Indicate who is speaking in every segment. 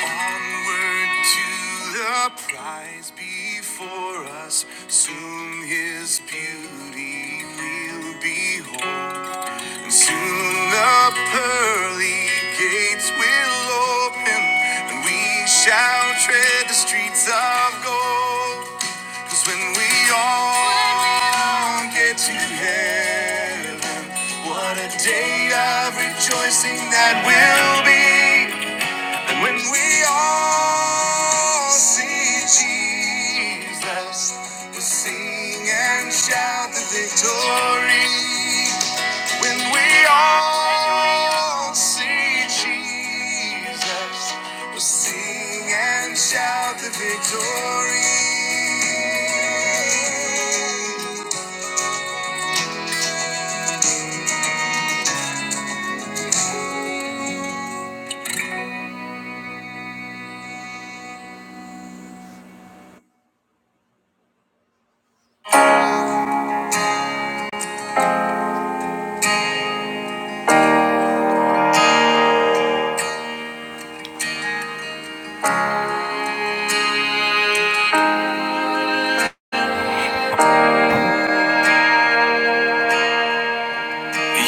Speaker 1: Onward to the prize before us. Soon his beauty we'll behold. And soon the pearly gates will open, and we shall tread the streets of gold. 'Cause when we all get to heaven, what a day of rejoicing that will be. When we all see Jesus, we'll sing and shout the victory. When we all see Jesus, we'll sing and shout the victory.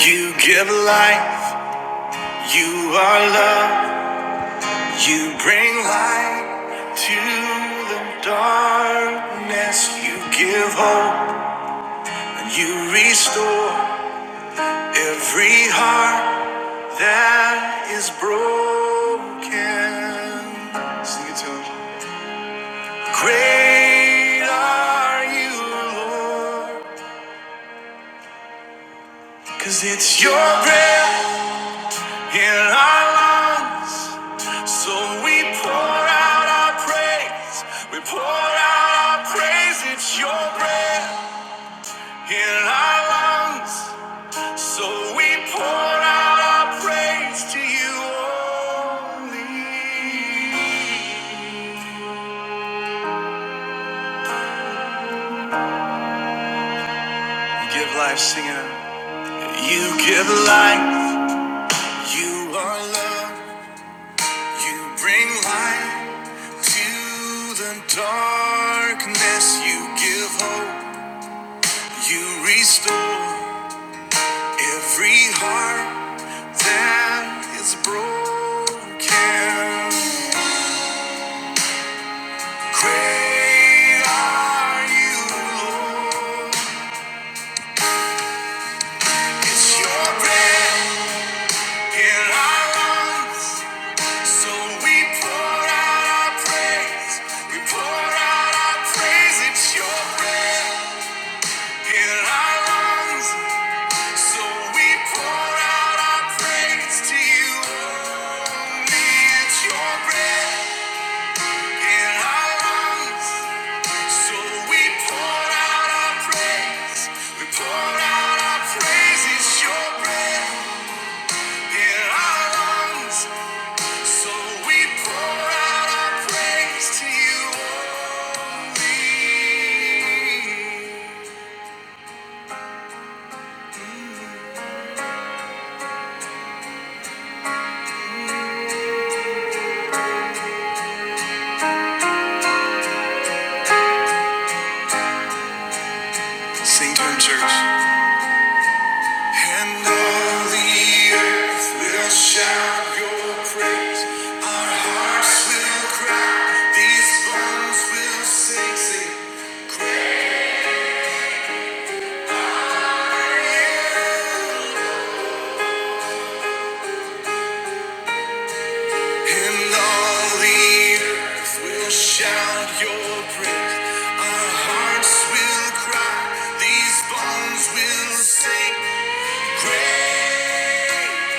Speaker 1: You give life, you are love. You bring light to the darkness. You give hope and you restore every heart that is broken. Sing it to him. Great are you, Lord, 'cause it's your breath in our lungs. So we pour out our praise. We pour out our praise. It's your breath. in our lungs. So we pour out our praise to you only. You give life, singer. You give life. You are love. You bring light to the darkness. You give hope. You restore every heart that is broken. Great are you, Lord. It's your breath in our lungs. So we pour out our praise. We pour out our praise. It's your breath in our lungs. So we pour out our praise to you only. It's your breath. our So So Sing to him, church. And all the earth will shout your praise. Our hearts will cry. These bones will sing. sing. And all the earth will shout your praise. Our hearts will cry. These bones will sing. Great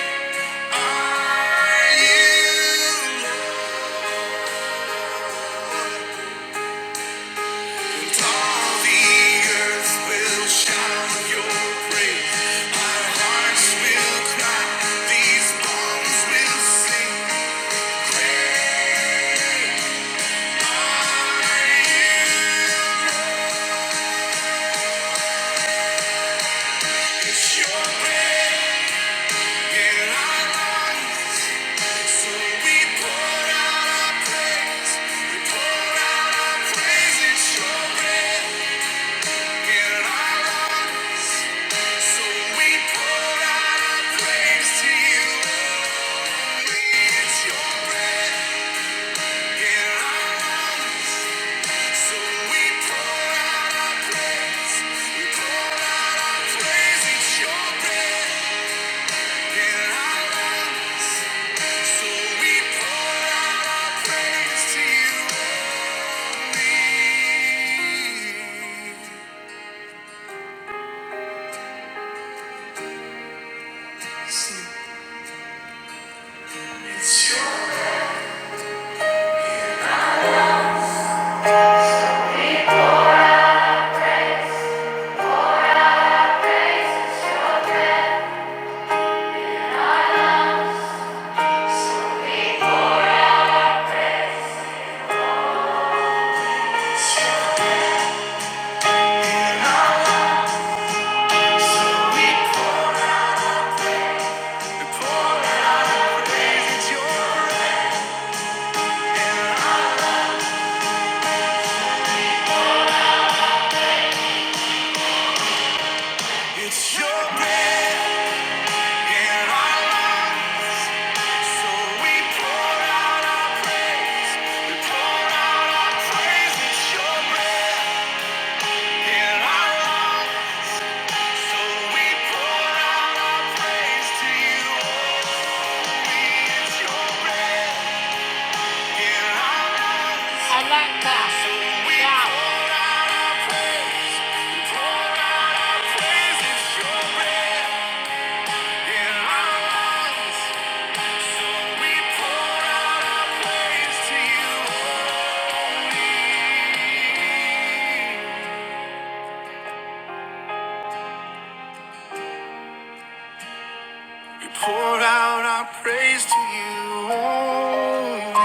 Speaker 1: are you. And all the earth will shout your praise. Our hearts will cry. These bones will sing. Great. Praise, it's your breath. It's your breath in our lungs. So we pour out our praise. We pour out our praise. It's your breath in our lungs. So we pour out our praise to you. Only it's your breath in our lungs. We out our praise. pour out our praise. It's your breath in our lungs. We pour out our praise to you. Oh, We pour out our praise to you. Only.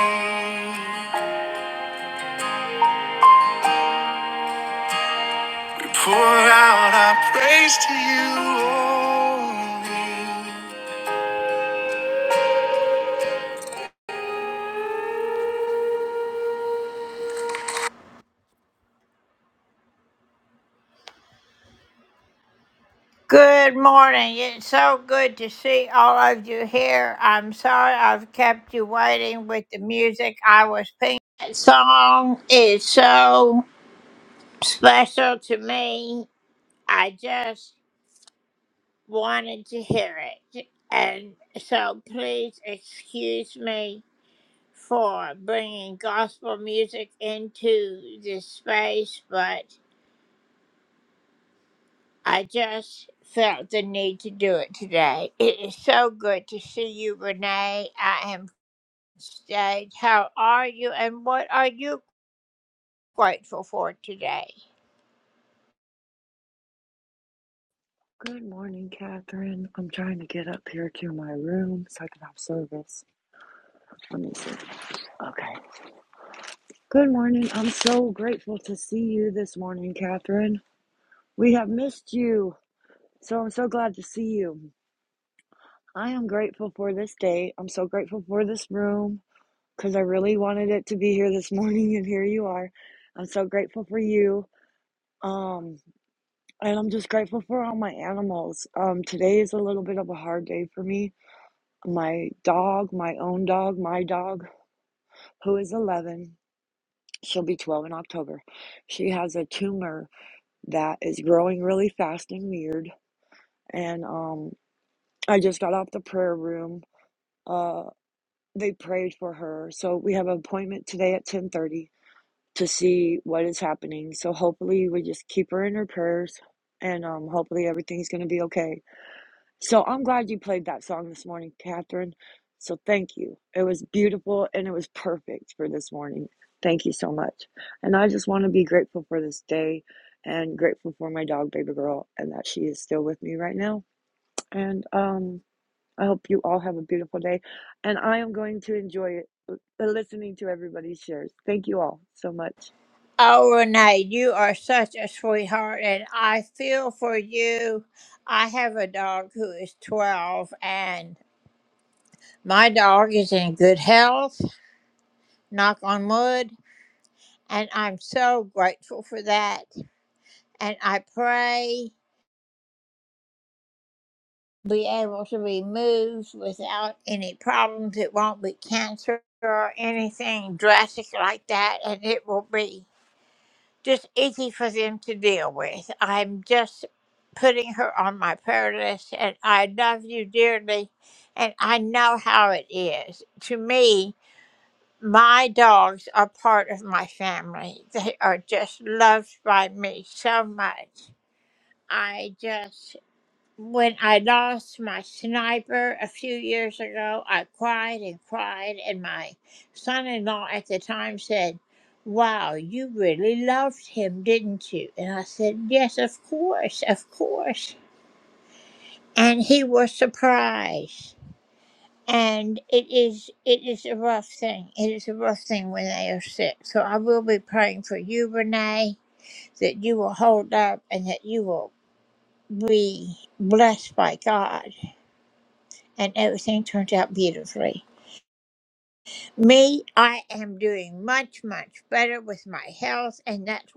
Speaker 1: Pour out our praise to you only.
Speaker 2: Good morning, Catherine. I'm trying to get up here to my room so I can have service. Let me see. Okay. Good morning. I'm so grateful to see you this morning, Catherine. We have missed you, so I'm so glad to see you. I am grateful for this day. I'm so grateful for this room because I really wanted it to be here this morning, and here you are. I'm so grateful for you. Um, and I'm just grateful for all my animals. Um, today is a little bit of a hard day for me my dog, my own dog, my dog, who is 11. She'll be 12 in October. She has a tumor that is growing really fast and weird. And um, I just got off the prayer room. Uh, they prayed for her, so we have an appointment today at 10:30 to see what is happening. So hopefully we just keep her in her prayers, and um, hopefully everything's going to be okay So I'm glad you played that song this morning, Catherine. So thank you. It was beautiful and it was perfect for this morning. Thank you so much. And I just want to be grateful for this day and grateful for my dog, baby girl, and that she is still with me right now. And um, I hope you all have a beautiful day. And I am going to enjoy it, listening to everybody's shares. Thank you all so much.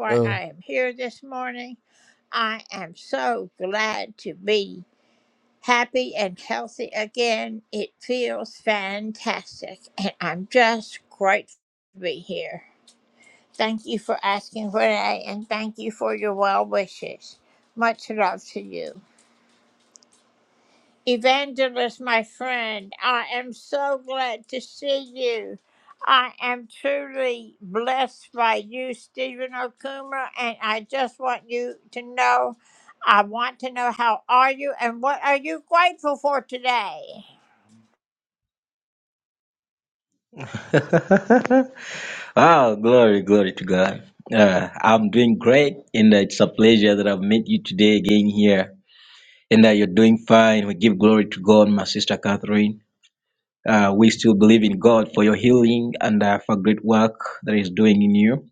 Speaker 3: Oh,
Speaker 4: wow, glory, glory to God. Uh, I'm doing great, and it's a pleasure that I've met you today again here, and that you're doing fine. We give glory to God, my sister Catherine. Uh, we still believe in God for your healing and uh, for great work that He's doing in you.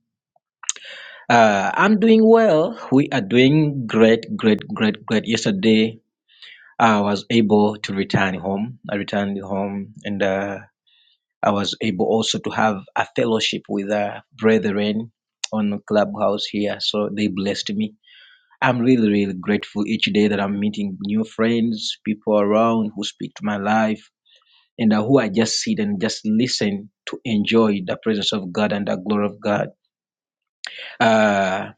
Speaker 4: Uh, I'm doing well. We are doing great, great, great, great. Yesterday, I was able to return home. I returned home, and uh, I was able also to have a fellowship with uh, brethren on Clubhouse here. So they blessed me. I'm really, really grateful each day that I'm meeting new friends, people around who speak to my life, and uh, who I just sit and just listen to enjoy the presence of God and the glory of God. Uh,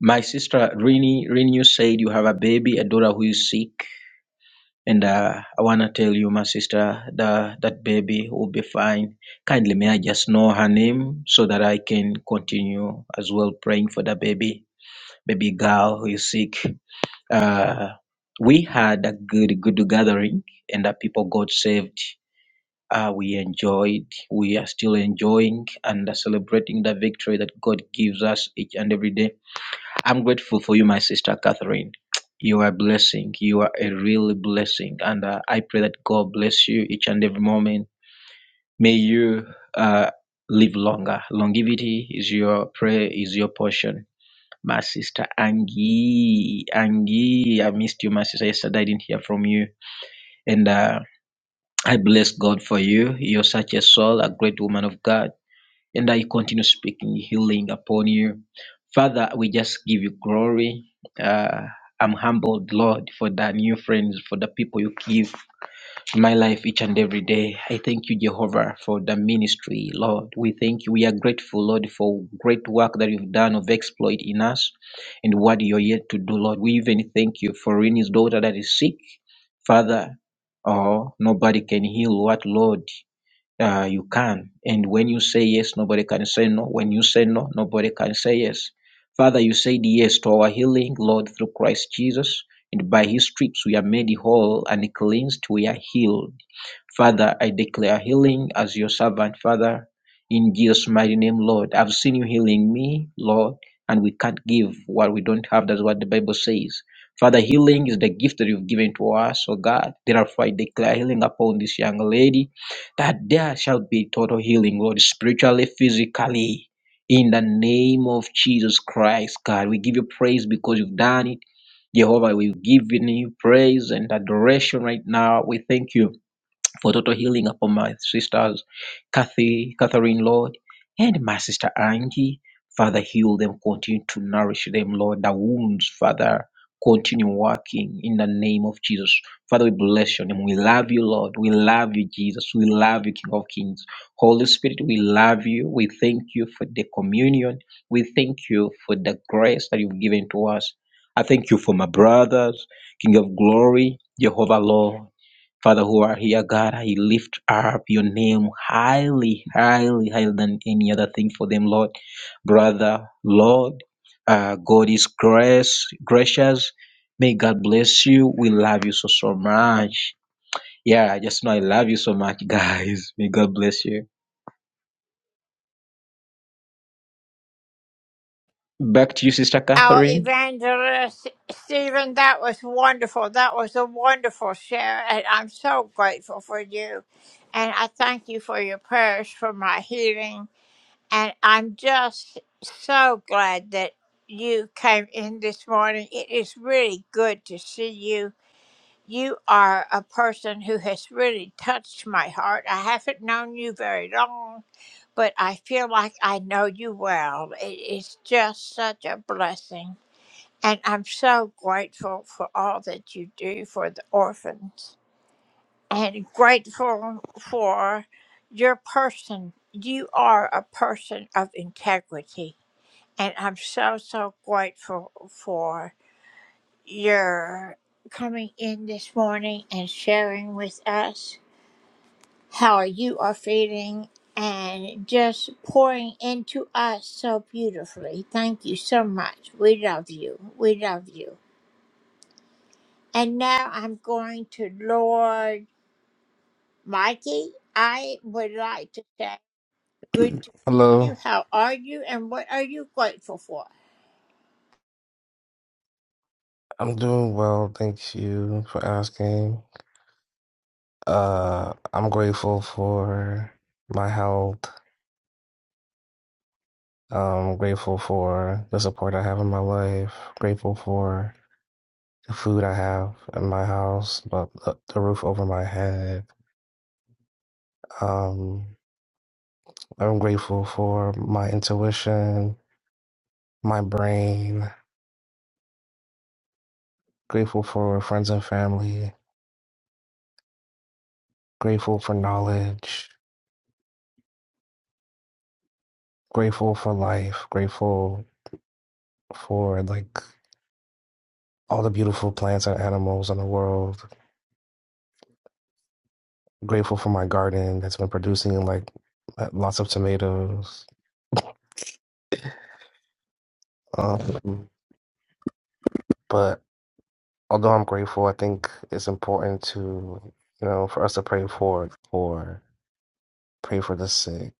Speaker 4: my sister Rini, Rini, you said you have a baby, a daughter who is sick. And uh, I want to tell you, my sister, that that baby will be fine. Kindly, may I just know her name so that I can continue as well praying for the baby, baby girl who is sick. Uh, we had a good, good gathering, and the people got saved. Uh, we enjoyed, we are still enjoying and celebrating the victory that God gives us each and every day. I'm grateful for you, my sister Catherine. You are a blessing. You are a real blessing. And uh, I pray that God bless you each and every moment. May you uh, live longer. Longevity is your prayer, is your portion. My sister Angie, Angie, I missed you, my sister. Yesterday I didn't hear from you. And uh, I bless God for you. You're such a soul, a great woman of God. And I continue speaking healing upon you. Father, we just give you glory. Uh, I'm humbled, Lord, for the new friends, for the people you give my life each and every day. I thank you, Jehovah, for the ministry, Lord. We thank you. We are grateful, Lord, for great work that you've done of exploit in us and what you're yet to do, Lord. We even thank you for Rini's daughter that is sick. Father, oh, nobody can heal what, Lord? uh, you can. And when you say yes, nobody can say no. When you say no, nobody can say yes. Father, you said yes to our healing, Lord, through Christ Jesus. And by his stripes we are made whole and cleansed, we are healed. Father, I declare healing as your servant, Father, in Jesus' mighty name, Lord. I've seen you healing me, Lord, and we can't give what we don't have. That's what the Bible says. Father, healing is the gift that you've given to us, oh God. Therefore, I declare healing upon this young lady that there shall be total healing, Lord, spiritually, physically. In the name of Jesus Christ, God, we give you praise because you've done it. Jehovah, we've given you praise and adoration right now. We thank you for total healing upon my sisters, Kathy, Catherine, Lord, and my sister Angie. Father, heal them, continue to nourish them, Lord. The wounds, Father, continue working in the name of Jesus. Father, we bless your name. We love you, Lord. We love you, Jesus. We love you, King of Kings. Holy Spirit, we love you. We thank you for the communion. We thank you for the grace that you've given to us. I thank you for my brothers, King of Glory, Jehovah Lord. Father, who are here, God, I lift up your name highly, highly, higher than any other thing for them, Lord. Brother, Lord, uh, God is grace, gracious. May God bless you. We love you so, so much. Yeah, I just know I love you so much, guys. May God bless you. Back to you, Sister Catherine.
Speaker 3: hello. I'm doing well. Thank you for asking. Uh, I'm grateful for my health. I'm grateful for the support I have in my life. Grateful for the food I have in my house, but the, the roof over my head. Um, I'm grateful for my intuition, my brain. Grateful for friends and family. Grateful for knowledge. Grateful for life. Grateful for like all the beautiful plants and animals in the world. I'm Grateful for my garden that's been producing like uh, lots of tomatoes. Um, but although I'm grateful, I think it's important to, you know, for us to pray for for pray for the sick,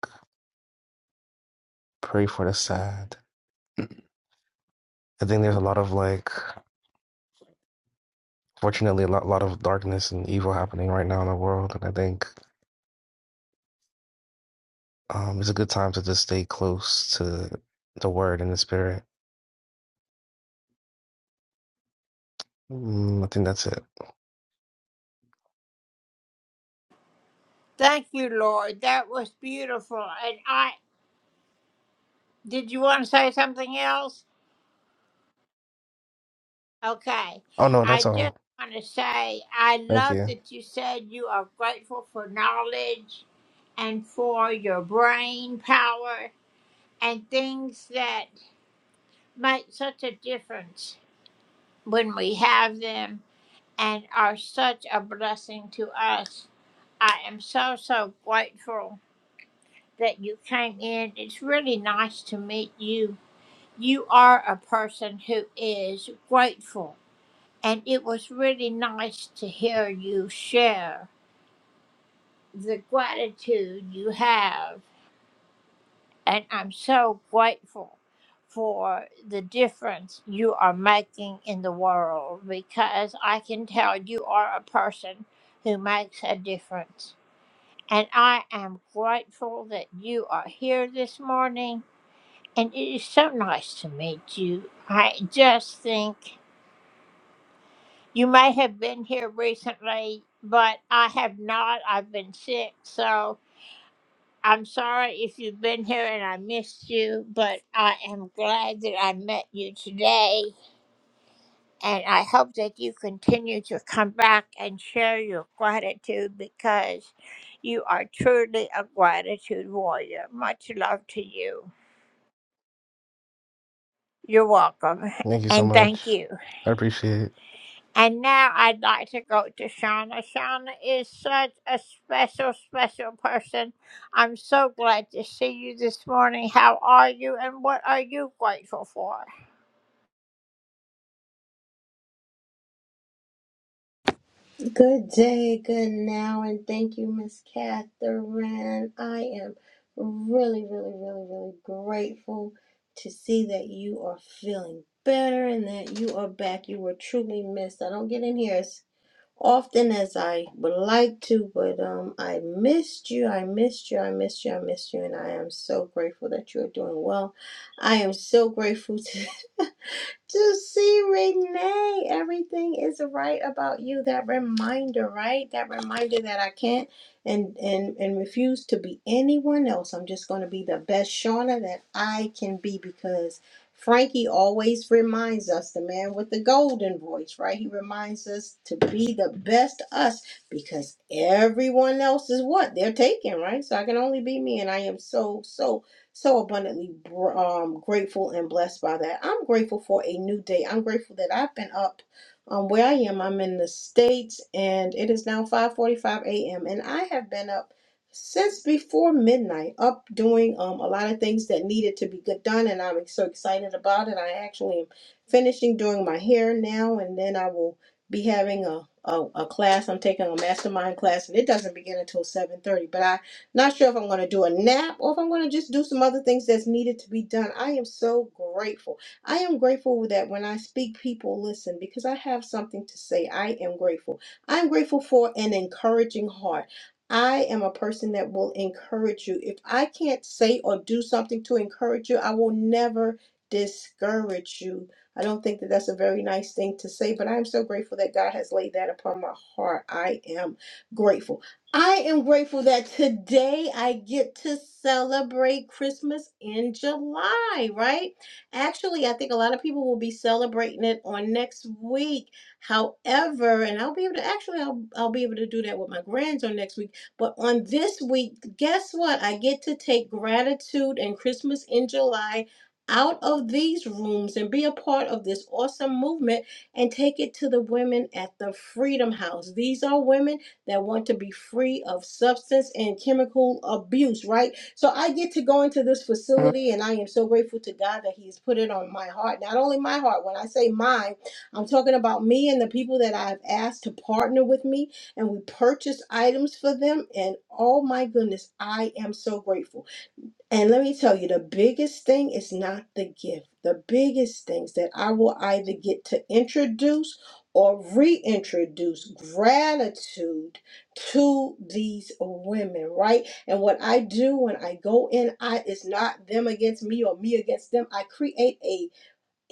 Speaker 3: pray for the sad. I think there's a lot of like, fortunately, a lot, lot of darkness and evil happening right now in the world, and I think um, it's a good time to just stay close to the word and the spirit. Mm, I think that's it. Oh no, that's all. Thank you. Thank you so much. I appreciate it.
Speaker 5: Good day, good now, and thank you, Miss Catherine. I am really, really, really, really grateful to see that you are feeling better and that you are back. You were truly missed. I don't get in here as often as I would like to, but um, I missed you. I missed you. I missed you. I missed you, and I am so grateful that you are doing well. I am so grateful to. to see Renee. Everything is right about you. That reminder, right? That reminder that I can't and and and refuse to be anyone else. I'm just going to be the best Shauna that I can be because Frankie always reminds us, the man with the golden voice, right? He reminds us to be the best us because everyone else is what they're taking, right? So I can only be me, and I am so so so abundantly um, grateful and blessed by that. I'm grateful for a new day. I'm grateful that I've been up um, where I am. I'm in the States and it is now 5.45 a.m. And I have been up since before midnight, up doing um, a lot of things that needed to be get done. And I'm so excited about it. I actually am finishing doing my hair now and then I will be having a, a, a class. I'm taking a mastermind class and it doesn't begin until 7.30, but I not sure if I'm going to do a nap or if I'm going to just do some other things that's needed to be done. I am so grateful. I am grateful that when I speak, people listen because I have something to say. I am grateful. I'm grateful for an encouraging heart. I am a person that will encourage you. If I can't say or do something to encourage you, I will never discourage you. I don't think that that's a very nice thing to say, but I am so grateful that God has laid that upon my heart. I am grateful. I am grateful that today I get to celebrate Christmas in July, right? Actually, I think a lot of people will be celebrating it on next week. However, and I'll be able to actually I'll, I'll be able to do that with my grands on next week, but on this week, guess what? I get to take gratitude and Christmas in July out of these rooms and be a part of this awesome movement and take it to the women at the Freedom House. These are women that want to be free of substance and chemical abuse, right? So I get to go into this facility and I am so grateful to God that He has put it on my heart. Not only my heart, when I say mine, I'm talking about me and the people that I've asked to partner with me and we purchase items for them. And oh my goodness, I am so grateful. And let me tell you, the biggest thing is not the gift. The biggest things that I will either get to introduce or reintroduce gratitude to these women, right? And what I do when I go in, I it's not them against me or me against them. I create a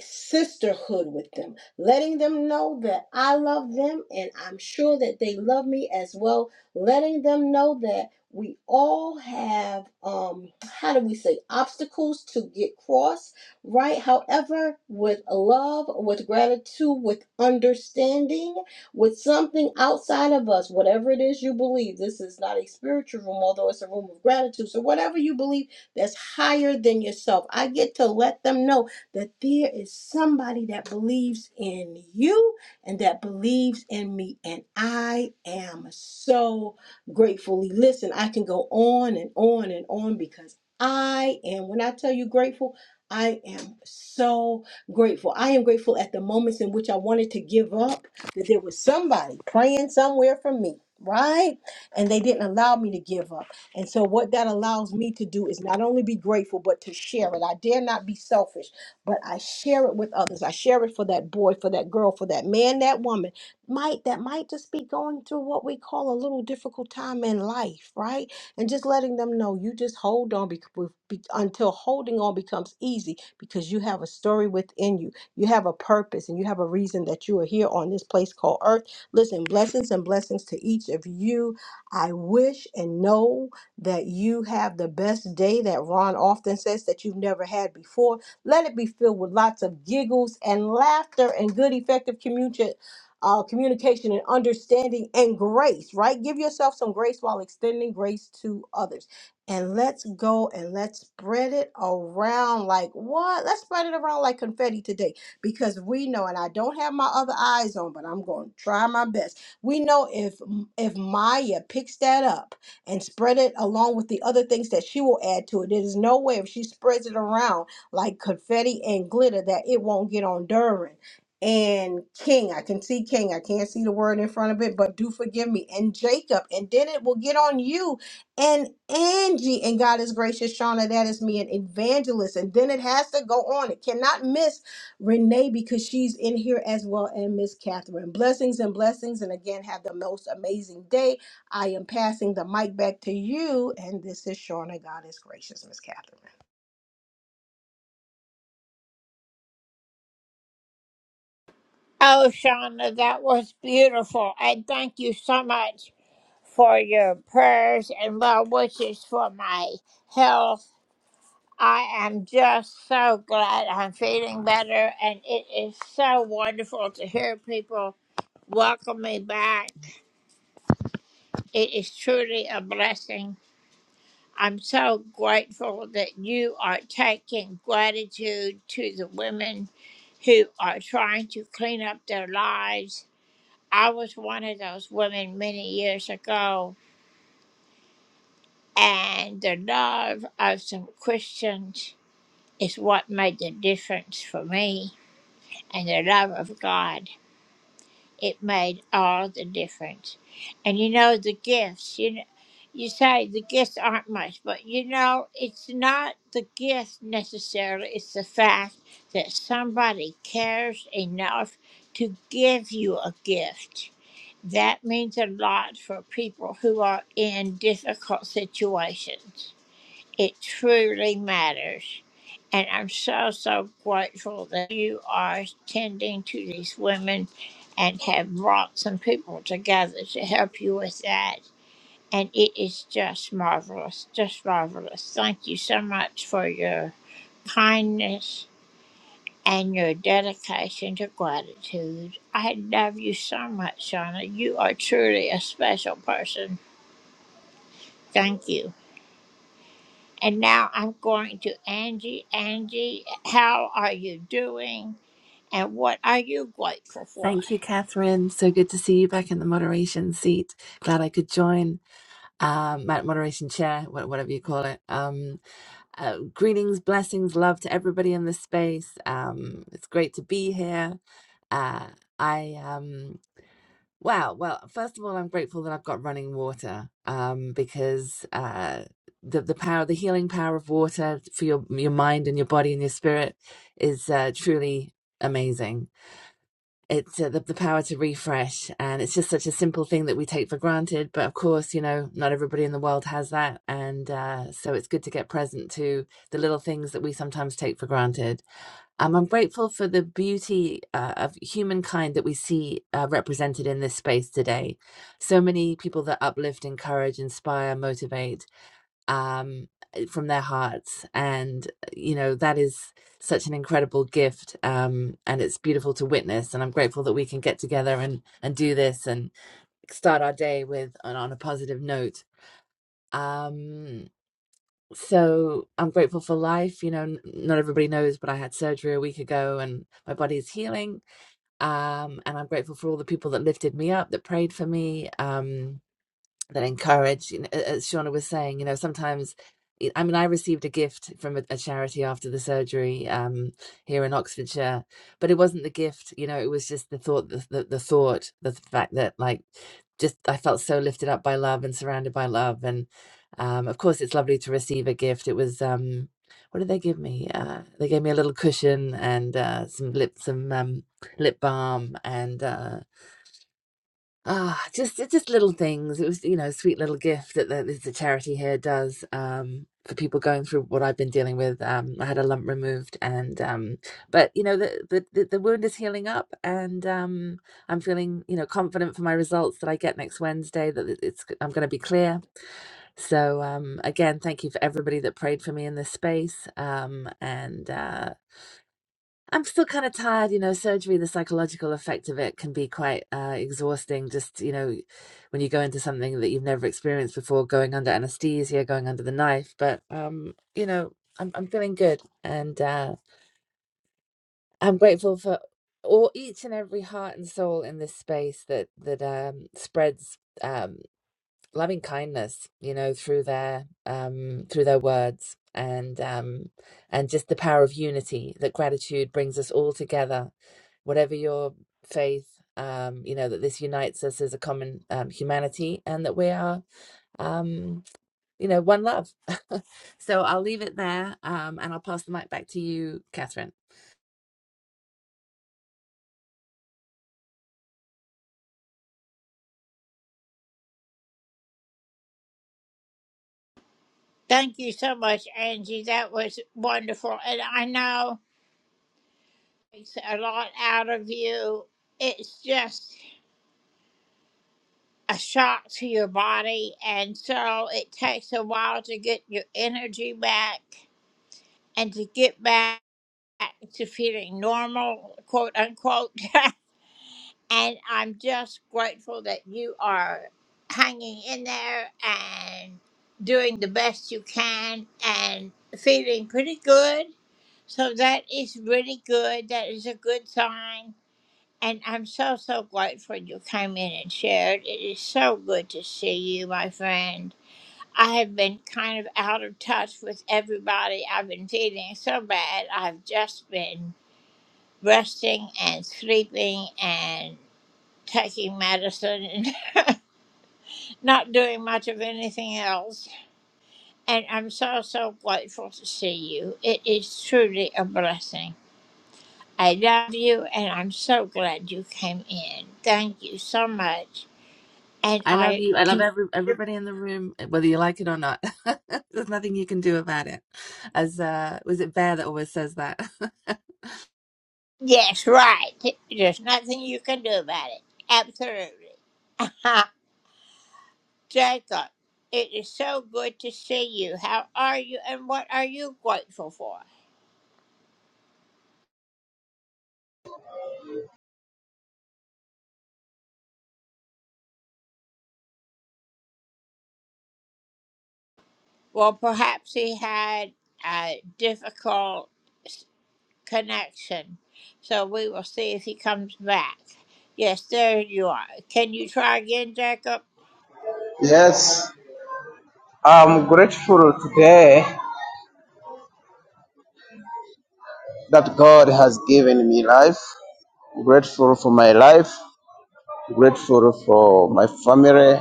Speaker 5: sisterhood with them, letting them know that I love them and I'm sure that they love me as well, letting them know that we all have um how do we say obstacles to get crossed, right however with love with gratitude with understanding with something outside of us whatever it is you believe this is not a spiritual room although it's a room of gratitude so whatever you believe that's higher than yourself i get to let them know that there is somebody that believes in you and that believes in me. And I am so gratefully. Listen, I can go on and on and on because I am, when I tell you grateful, I am so grateful. I am grateful at the moments in which I wanted to give up that there was somebody praying somewhere for me, right? And they didn't allow me to give up. And so, what that allows me to do is not only be grateful, but to share it. I dare not be selfish but I share it with others. I share it for that boy, for that girl, for that man, that woman might that might just be going through what we call a little difficult time in life, right? And just letting them know you just hold on because be, until holding on becomes easy because you have a story within you. You have a purpose and you have a reason that you are here on this place called earth. Listen, blessings and blessings to each of you. I wish and know that you have the best day that Ron often says that you've never had before let it be filled with lots of giggles and laughter and good, effective communication. Uh, communication and understanding and grace, right? Give yourself some grace while extending grace to others. And let's go and let's spread it around like what? Let's spread it around like confetti today because we know, and I don't have my other eyes on, but I'm going to try my best. We know if if Maya picks that up and spread it along with the other things that she will add to it. There is no way if she spreads it around like confetti and glitter that it won't get on Durin. And King, I can see King. I can't see the word in front of it, but do forgive me. And Jacob, and then it will get on you and Angie. And God is gracious, Shauna. That is me, an evangelist. And then it has to go on. It cannot miss Renee because she's in here as well, and Miss Catherine. Blessings and blessings. And again, have the most amazing day. I am passing the mic back to you. And this is Shauna. God is gracious, Miss Catherine.
Speaker 6: Thank you, Catherine. So good to see you back in the moderation seat. Glad I could join. Um, my moderation chair, wha- whatever you call it. Um, uh, greetings, blessings, love to everybody in this space. Um, it's great to be here. Uh, I um wow, well, first of all, I'm grateful that I've got running water um because uh the the power the healing power of water for your your mind and your body and your spirit is uh truly amazing it's uh, the, the power to refresh and it's just such a simple thing that we take for granted but of course you know not everybody in the world has that and uh, so it's good to get present to the little things that we sometimes take for granted um, i'm grateful for the beauty uh, of humankind that we see uh, represented in this space today so many people that uplift encourage inspire motivate um, eh, from their hearts. And, eh, you know, that is such an incredible gift. Um, and it's beautiful to witness. And I'm grateful that we can get together and, and do this and start our day with on, on a positive note. Um, so I'm grateful for life. You know, n- not everybody knows, but I had surgery a week ago and my body is healing. Um, and I'm grateful for all the people that lifted me up, that prayed for me. Um, that encourage you know, as shauna was saying you know sometimes i mean i received a gift from a, a charity after the surgery um here in oxfordshire but it wasn't the gift you know it was just the thought the, the, the thought the fact that like just i felt so lifted up by love and surrounded by love and um of course it's lovely to receive a gift it was um what did they give me uh they gave me a little cushion and uh some lip some um lip balm and uh Ah, just just little things. It was, you know, a sweet little gift that the, the charity here does um, for people going through what I've been dealing with. Um, I had a lump removed, and um, but you know, the, the the the wound is healing up, and um, I'm feeling, you know, confident for my results that I get next Wednesday. That it- it's I'm going to be clear. So um, again, thank you for everybody that prayed for me in this space, um, and. Uh, I'm still kind of tired, you know. Surgery, the psychological effect of it can be quite uh, exhausting. Just, you know, when you go into something that you've never experienced before, going under anesthesia, going under the knife. But, um, you know, I'm I'm feeling good, and uh, I'm grateful for all each and every heart and soul in this space that that um, spreads. um, loving kindness you know through their um through their words and um and just the power of unity that gratitude brings us all together whatever your faith um you know that this unites us as a common um, humanity and that we are um you know one love so i'll leave it there um and i'll pass the mic back to you catherine I love you. I love every everybody in the room, eh, whether you like it or not. There's nothing you can do about it. As uh was it Bear that always says that?
Speaker 7: Yes, I'm grateful today that God has given me life. Grateful for my life. Grateful for my family.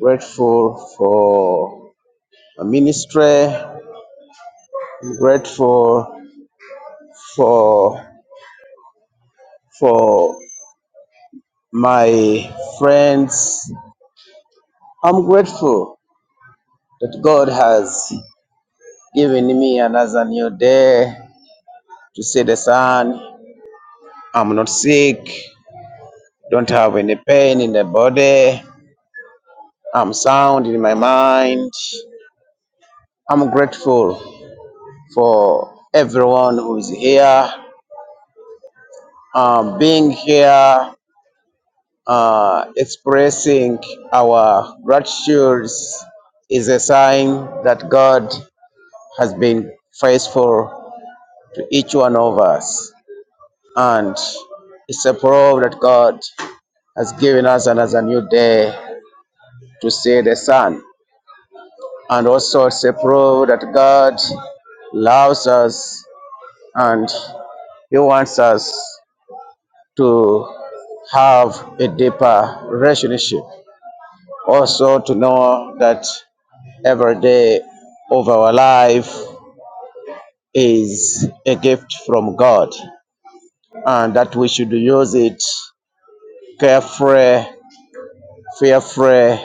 Speaker 7: Grateful for my ministry. I'm grateful for for my friends. I'm grateful that God has given me another new day to see the sun. I'm not sick. Don't have any pain in the body. I'm sound in my mind. I'm grateful for everyone who is here, uh, being here, uh, expressing our gratitude is a sign that God has been faithful to each one of us. And it's a proof that God has given us another new day to see the sun. And also it's a proof that God loves us and He wants us to have a deeper relationship. Also, to know that every day of our life is a gift from God and that we should use it carefree, fearfully,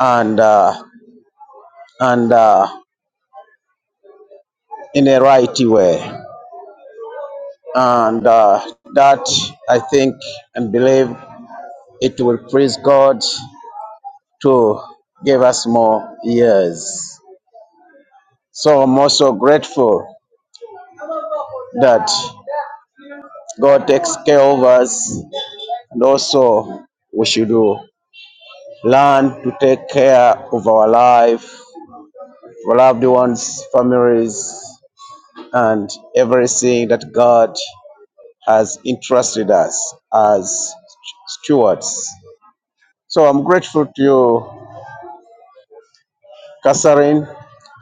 Speaker 7: and, uh, and uh, in a right way. And uh, that I think and believe it will please God to give us more years. So I'm also grateful that God takes care of us and also we should learn to take care of our life, our loved ones, families, and everything that God has entrusted us as stewards. So I'm grateful to you, Catherine.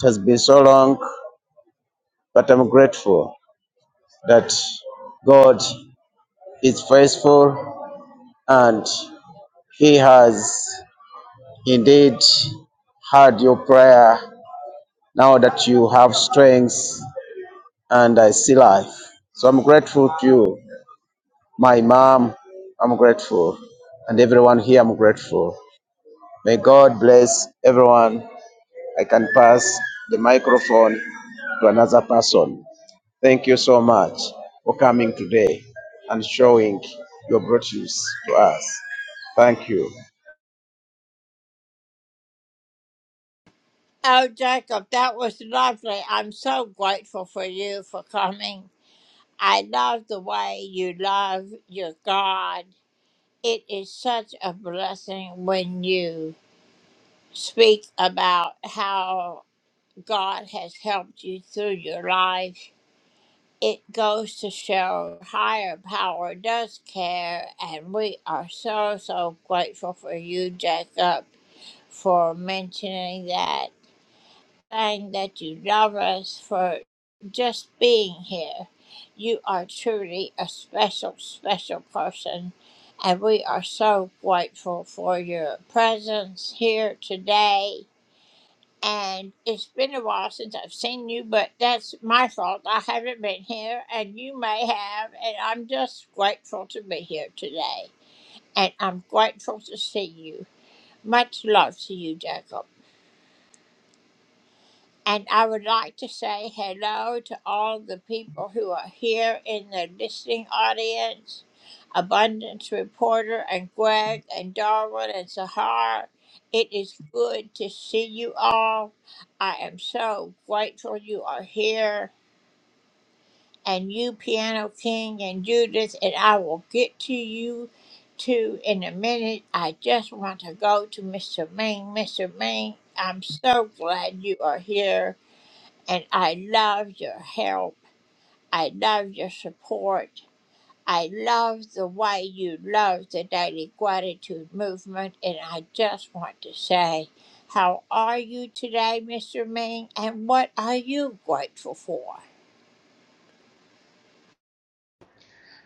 Speaker 7: It has been so long, but I'm grateful that God is faithful and He has indeed heard your prayer now that you have strength and I see life. So I'm grateful to you, my mom. I'm grateful. And everyone here, I'm grateful. May God bless everyone. I can pass the microphone to another person. Thank you so much for coming today and showing your virtues to us. Thank you.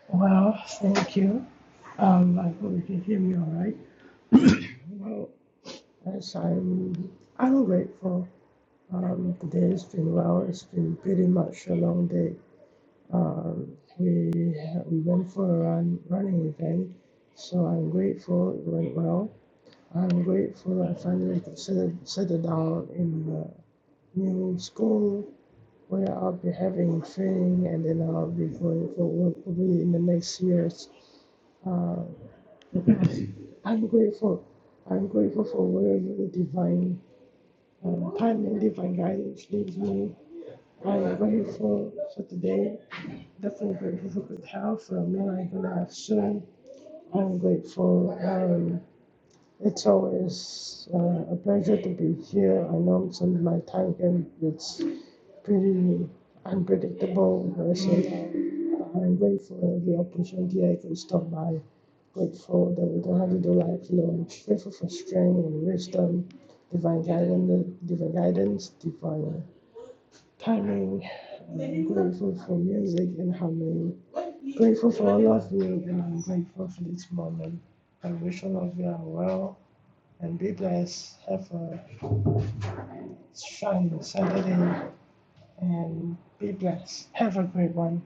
Speaker 8: Well, thank you. Um, I hope you can hear me all right. Well, as I'm, I'm grateful. Um, today has been well. It's been pretty much a long day. Um, we we went for a run running event, so I'm grateful it went well. I'm grateful I finally could settle settle down in the new school where I'll be having training, and then I'll be going for work probably in the next years. Uh, I'm grateful. I'm grateful for wherever the divine um, timing, divine guidance leads me. I'm grateful for today. Definitely grateful for good health, for a meal I'm going to have soon. I'm grateful. Um, it's always uh, a pleasure to be here. I know some of my time can it's pretty unpredictable. so I'm grateful for the opportunity I could stop by Grateful that we don't have to do life alone. Grateful for strength and wisdom, divine guidance, divine guidance, divine timing. I'm grateful for music and harmony. Grateful for all of you, and I'm grateful for this moment. I wish all of you are well and be blessed. Have a shining Saturday and be blessed. Have a great one.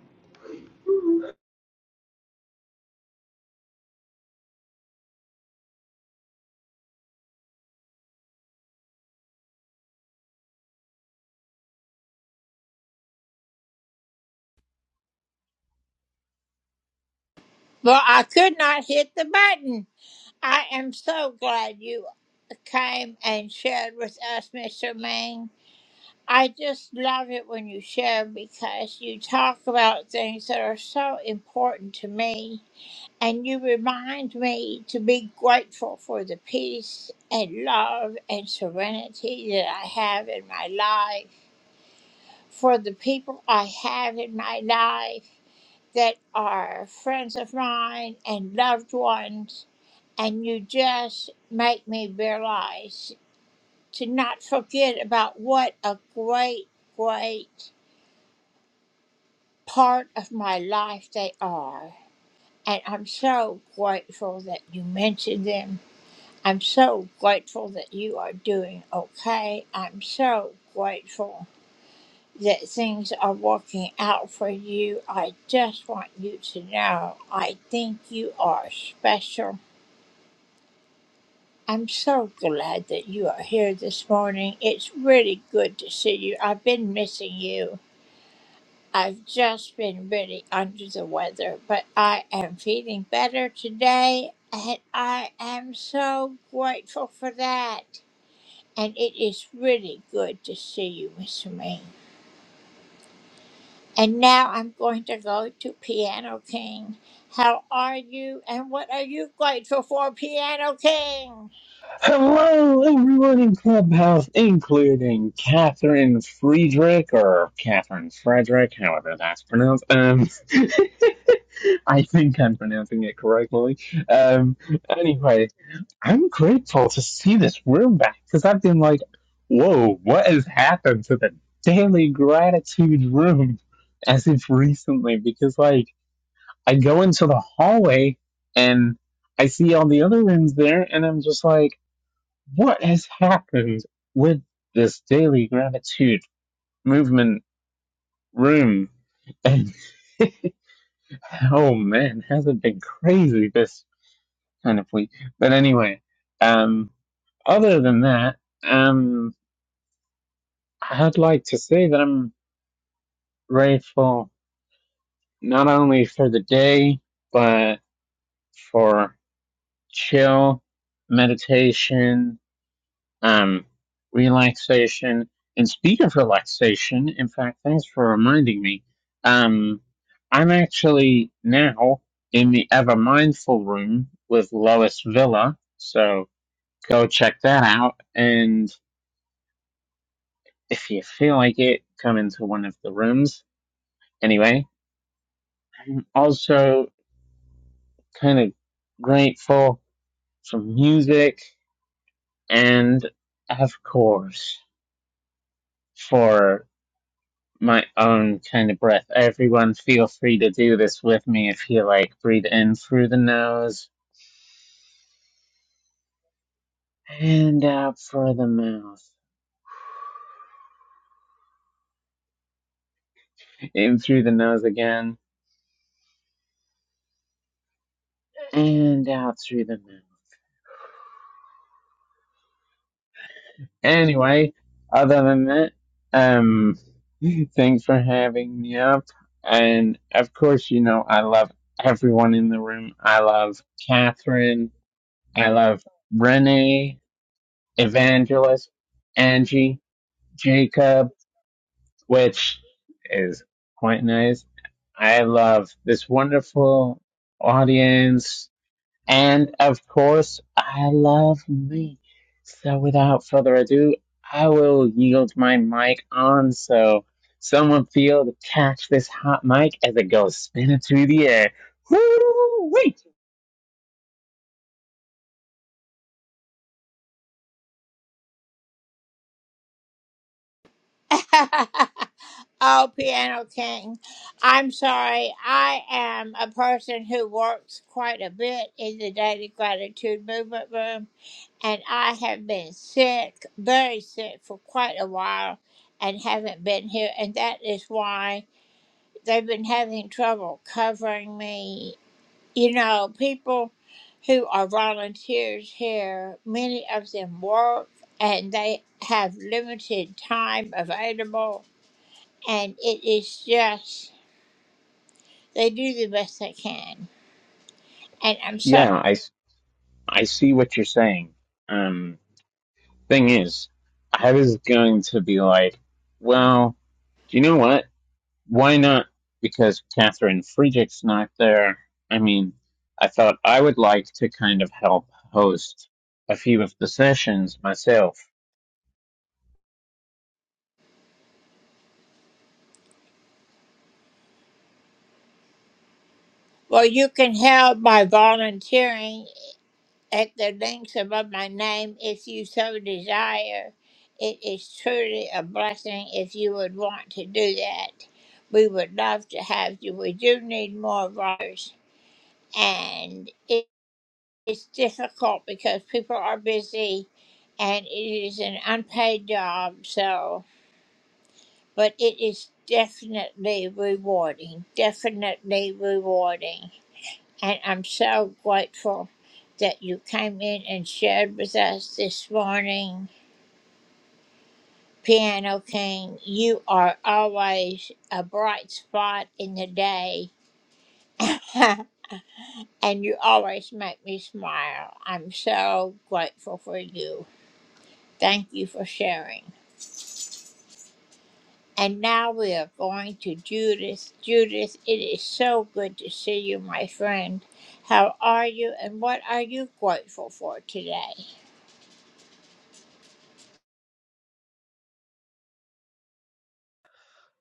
Speaker 9: Hello, everyone in Clubhouse, including Catherine Friedrich, or Catherine Frederick, however that's pronounced. Um, I think I'm pronouncing it correctly. Um, anyway, I'm grateful to see this room back because I've been like, whoa, what has happened to the daily gratitude room as if recently? Because, like, I go into the hallway and I see all the other rooms there, and I'm just like, what has happened with this daily gratitude movement room? And oh man, has it been crazy this kind of week? But anyway, um, other than that, um, I'd like to say that I'm grateful not only for the day, but for chill, meditation, um, relaxation. And speaking of relaxation, in fact, thanks for reminding me. Um, I'm actually now in the Ever Mindful room with Lois Villa. So go check that out. And if you feel like it, come into one of the rooms. Anyway, I'm also kind of grateful for music and, of course, for my own kind of breath. Everyone, feel free to do this with me if you like. Breathe in through the nose and out through the mouth. In through the nose again and out through the mouth. Anyway, other than that, um, thanks for having me up. And of course, you know, I love everyone in the room. I love Catherine. I love Renee, Evangelist, Angie, Jacob. which is quite nice. I love this wonderful audience. And of course, I love me. So without further ado, I will yield my mic on so someone feel to catch this hot mic as it goes spinning through the air. Woo-wee! Yeah, I, s- I see what you're saying. Um, thing is, I was going to be like, well, do you know what? Why not? Because Catherine Friedrich's not there. I mean, I thought I would like to kind of help host a few of the sessions myself.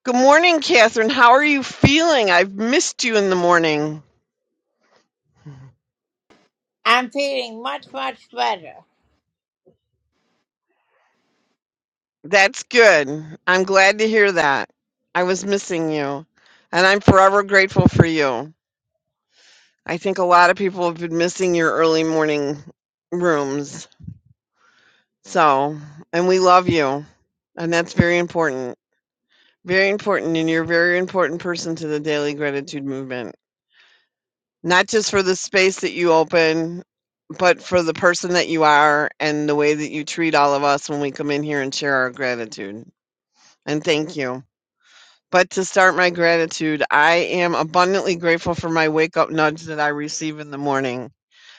Speaker 10: Good morning, Catherine. How are you feeling? I've missed you in the morning. That's good. I'm glad to hear that. I was missing you, and I'm forever grateful for you. I think a lot of people have been missing your early morning rooms. So, and we love you, and that's very important. Very important, and you're a very important person to the Daily Gratitude Movement. not just for the space that you open, but for the person that you are and the way that you treat all of us when we come in here and share our gratitude. And thank you. But to start my gratitude, I am abundantly grateful for my wake up nudge that I receive in the morning.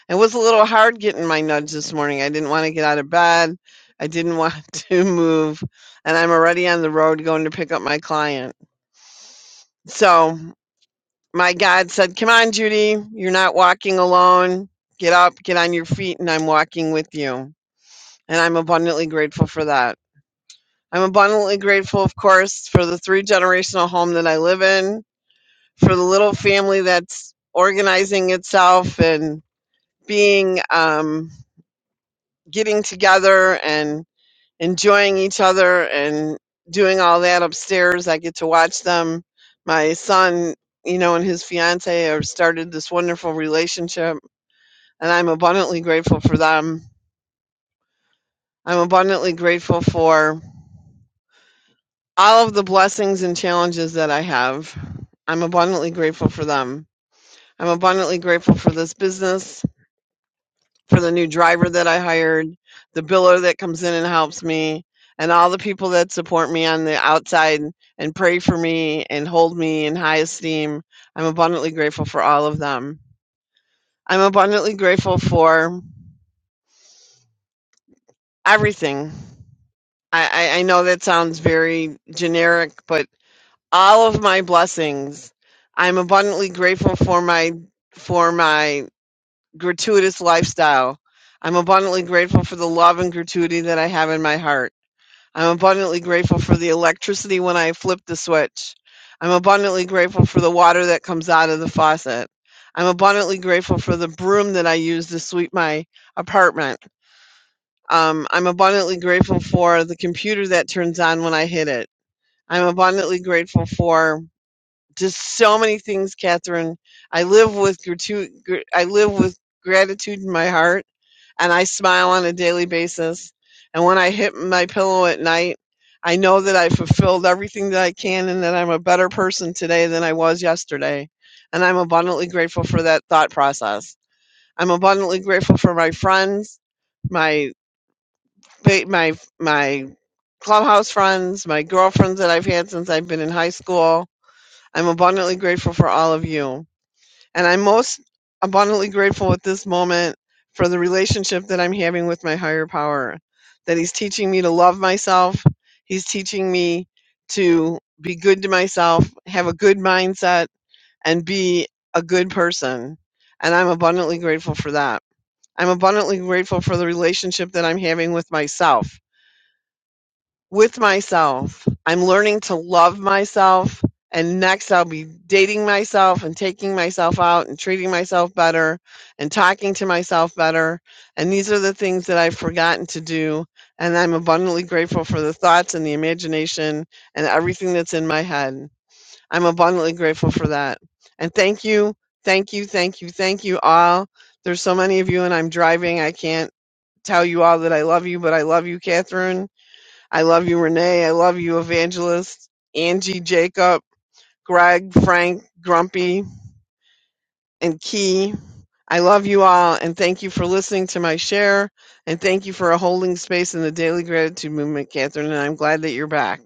Speaker 10: It was a little hard getting my nudge this morning. I didn't want to get out of bed. I didn't want to move. And I'm already on the road going to pick up my client. So my God said, Come on, Judy, you're not walking alone. Get up, get on your feet, and I'm walking with you. And I'm abundantly grateful for that. I'm abundantly grateful, of course, for the three generational home that I live in, for the little family that's organizing itself and being, um, getting together and enjoying each other and doing all that upstairs. I get to watch them. My son, you know, and his fiance have started this wonderful relationship and I'm abundantly grateful for them. I'm abundantly grateful for all of the blessings and challenges that I have. I'm abundantly grateful for them. I'm abundantly grateful for this business, for the new driver that I hired, the biller that comes in and helps me, and all the people that support me on the outside and pray for me and hold me in high esteem. I'm abundantly grateful for all of them. I'm abundantly grateful for everything. I, I, I know that sounds very generic, but all of my blessings, I'm abundantly grateful for my for my gratuitous lifestyle. I'm abundantly grateful for the love and gratuity that I have in my heart. I'm abundantly grateful for the electricity when I flip the switch. I'm abundantly grateful for the water that comes out of the faucet. I'm abundantly grateful for the broom that I use to sweep my apartment. Um, I'm abundantly grateful for the computer that turns on when I hit it. I'm abundantly grateful for just so many things, Catherine. I live with gratu- gr- I live with gratitude in my heart, and I smile on a daily basis. And when I hit my pillow at night, I know that I fulfilled everything that I can, and that I'm a better person today than I was yesterday. And I'm abundantly grateful for that thought process. I'm abundantly grateful for my friends, my fa- my my clubhouse friends, my girlfriends that I've had since I've been in high school I'm abundantly grateful for all of you. And I'm most abundantly grateful at this moment for the relationship that I'm having with my higher power, that He's teaching me to love myself. He's teaching me to be good to myself, have a good mindset, and be a good person. And I'm abundantly grateful for that. I'm abundantly grateful for the relationship that I'm having with myself with myself. I'm learning to love myself. And next, I'll be dating myself and taking myself out and treating myself better and talking to myself better. And these are the things that I've forgotten to do. And I'm abundantly grateful for the thoughts and the imagination and everything that's in my head. I'm abundantly grateful for that. And thank you, thank you, thank you, thank you all. There's so many of you, and I'm driving. I can't tell you all that I love you, but I love you, Catherine I love you, Renee. I love you, Evangelist, Angie, Jacob, Greg, Frank, Grumpy, and Key. I love you all, and thank you for listening to my share, and thank you for holding space in the Daily Gratitude Movement, Catherine. And I'm glad that you're back.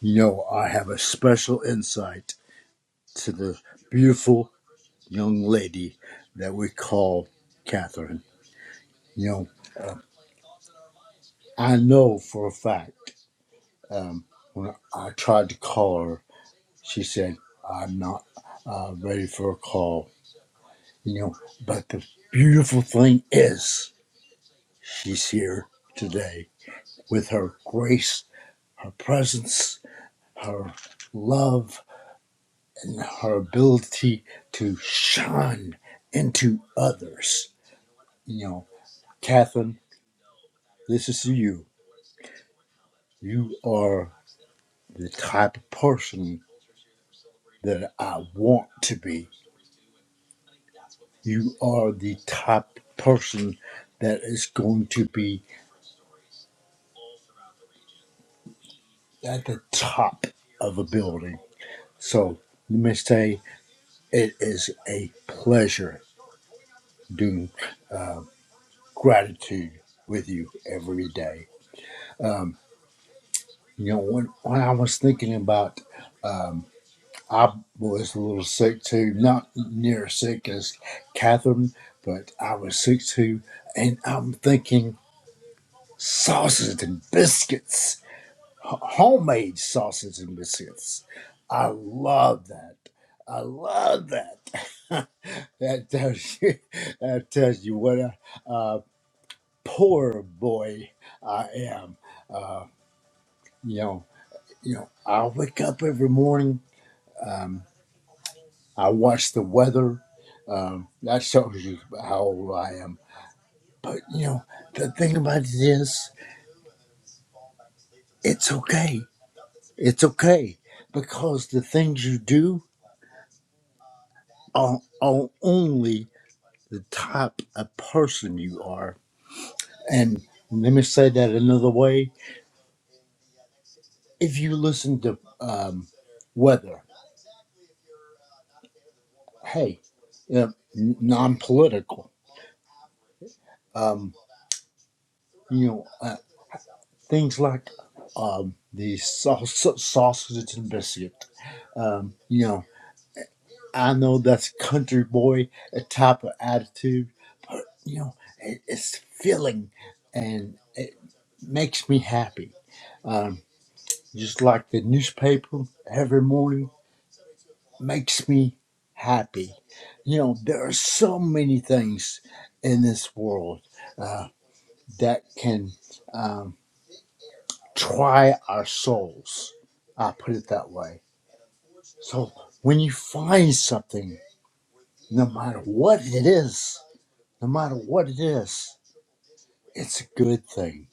Speaker 11: You know, I have a special insight to the beautiful young lady that we call Catherine. You know, I know for a fact um, when I tried to call her, she said, I'm not uh, ready for a call. You know, but the beautiful thing is, she's here today with her grace, her presence, her love, and her ability to shine into others you know, Catherine, this is you. You are the type of person that I want to be. You are the type of person that is going to be at the top of a building. So let me say it is a pleasure doing gratitude with you every day. You know, when, when I was thinking about um, I was a little sick too, not near as sick as Catherine, but I was sick too. And I'm thinking sausage and biscuits, h- homemade sausage and biscuits. I love that. I love that. that tells you, that tells you what a, a poor boy I am. Uh, you know, you know, I wake up every morning. um, I watch the weather. Um, that shows you how old I am. But you know, the thing about it is, it's okay. It's okay because the things you do are, are only the type of person you are. And let me say that another way. If you listen to um, weather, hey, you know, n- non-political, um, you know, uh, things like um, the saus sausage and biscuit. Um, you know, I know that's country boy a type of attitude, but you know, it, it's filling and it makes me happy. Um, just like the newspaper every morning makes me happy. You know, there are so many things in this world uh, that can um, try our souls. I put it that way. So when you find something no matter what it is, no matter what it is, it's a good thing.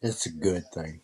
Speaker 11: It's a good thing.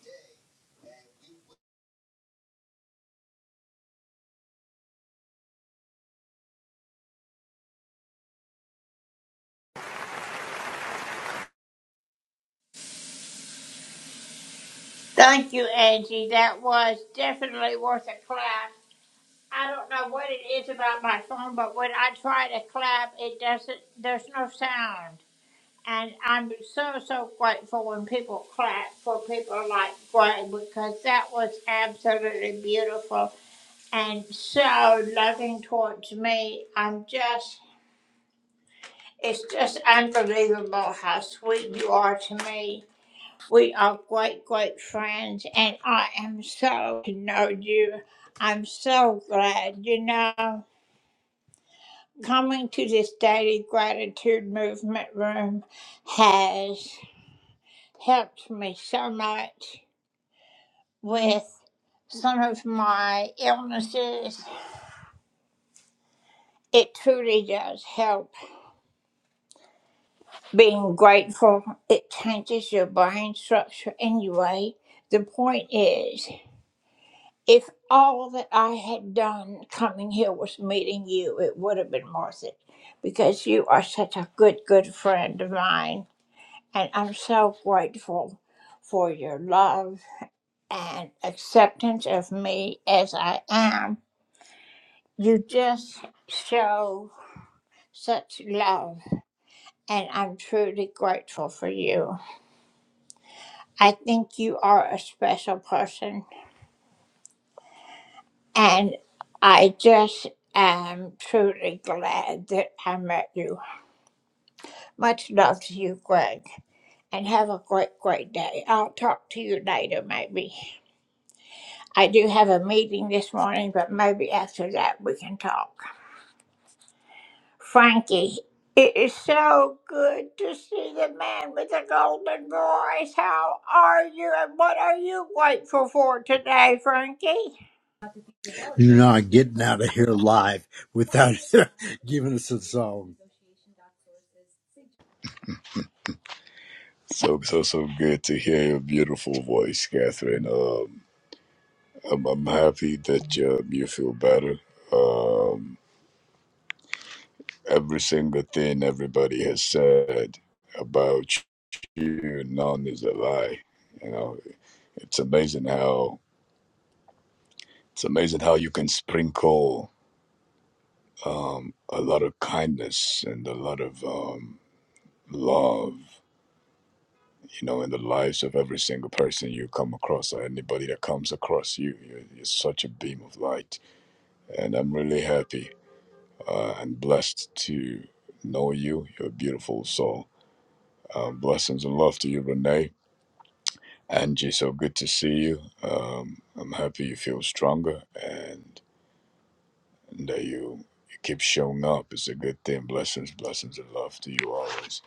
Speaker 11: You're not getting out of here alive without giving us a song.
Speaker 12: So so so good to hear your beautiful voice, Catherine. Um, I'm I'm happy that you you feel better. Um, every single thing everybody has said about you, none is a lie. You know, it's amazing how it's amazing how you can sprinkle um, a lot of kindness and a lot of um, love, you know, in the lives of every single person you come across or anybody that comes across you. You're, you're such a beam of light and I'm really happy uh, and blessed to know you. You're a beautiful soul. Um, blessings and love to you, Renee. Angie, so good to see you. Um, I'm happy you feel stronger and, and that you, you keep showing up. It's a good thing. Blessings, blessings and love to you always.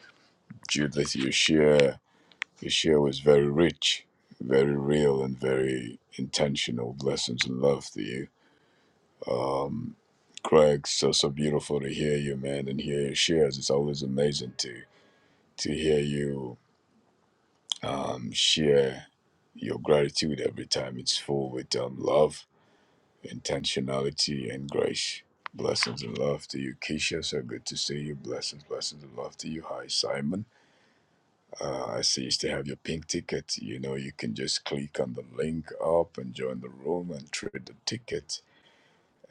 Speaker 12: Judith, your share, your share was very rich, very real, and very intentional. Blessings and love to you Um, Craig, so so beautiful to hear you, man, and hear your shares. It's always amazing to to hear you um, share your gratitude every time. It's full with um, love, intentionality, and grace. Blessings and love to you, Keisha. So good to see you. Blessings, blessings and love to you. Hi, Simon. Uh, I see you still have your pink ticket. You know, you can just click on the link up and join the room and trade the ticket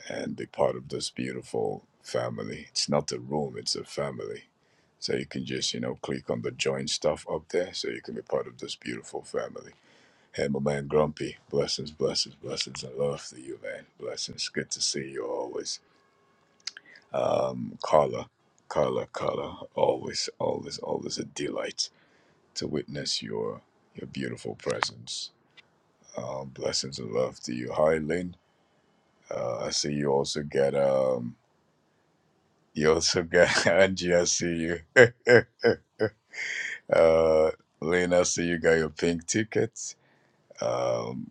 Speaker 12: and be part of this beautiful family. It's not a room, it's a family. So you can just, you know, click on the join stuff up there so you can be part of this beautiful family. Hey, my man Grumpy, blessings, blessings, blessings, and love to you, man. Blessings. Good to see you always. Um, Carla, Carla, Carla, always, always, always a delight to witness your your beautiful presence. Um, blessings and love to you. Hi, Lynn. Uh, I see you also get. um. You also got Angie, I see you. uh, Lena, I see you got your pink ticket. Um,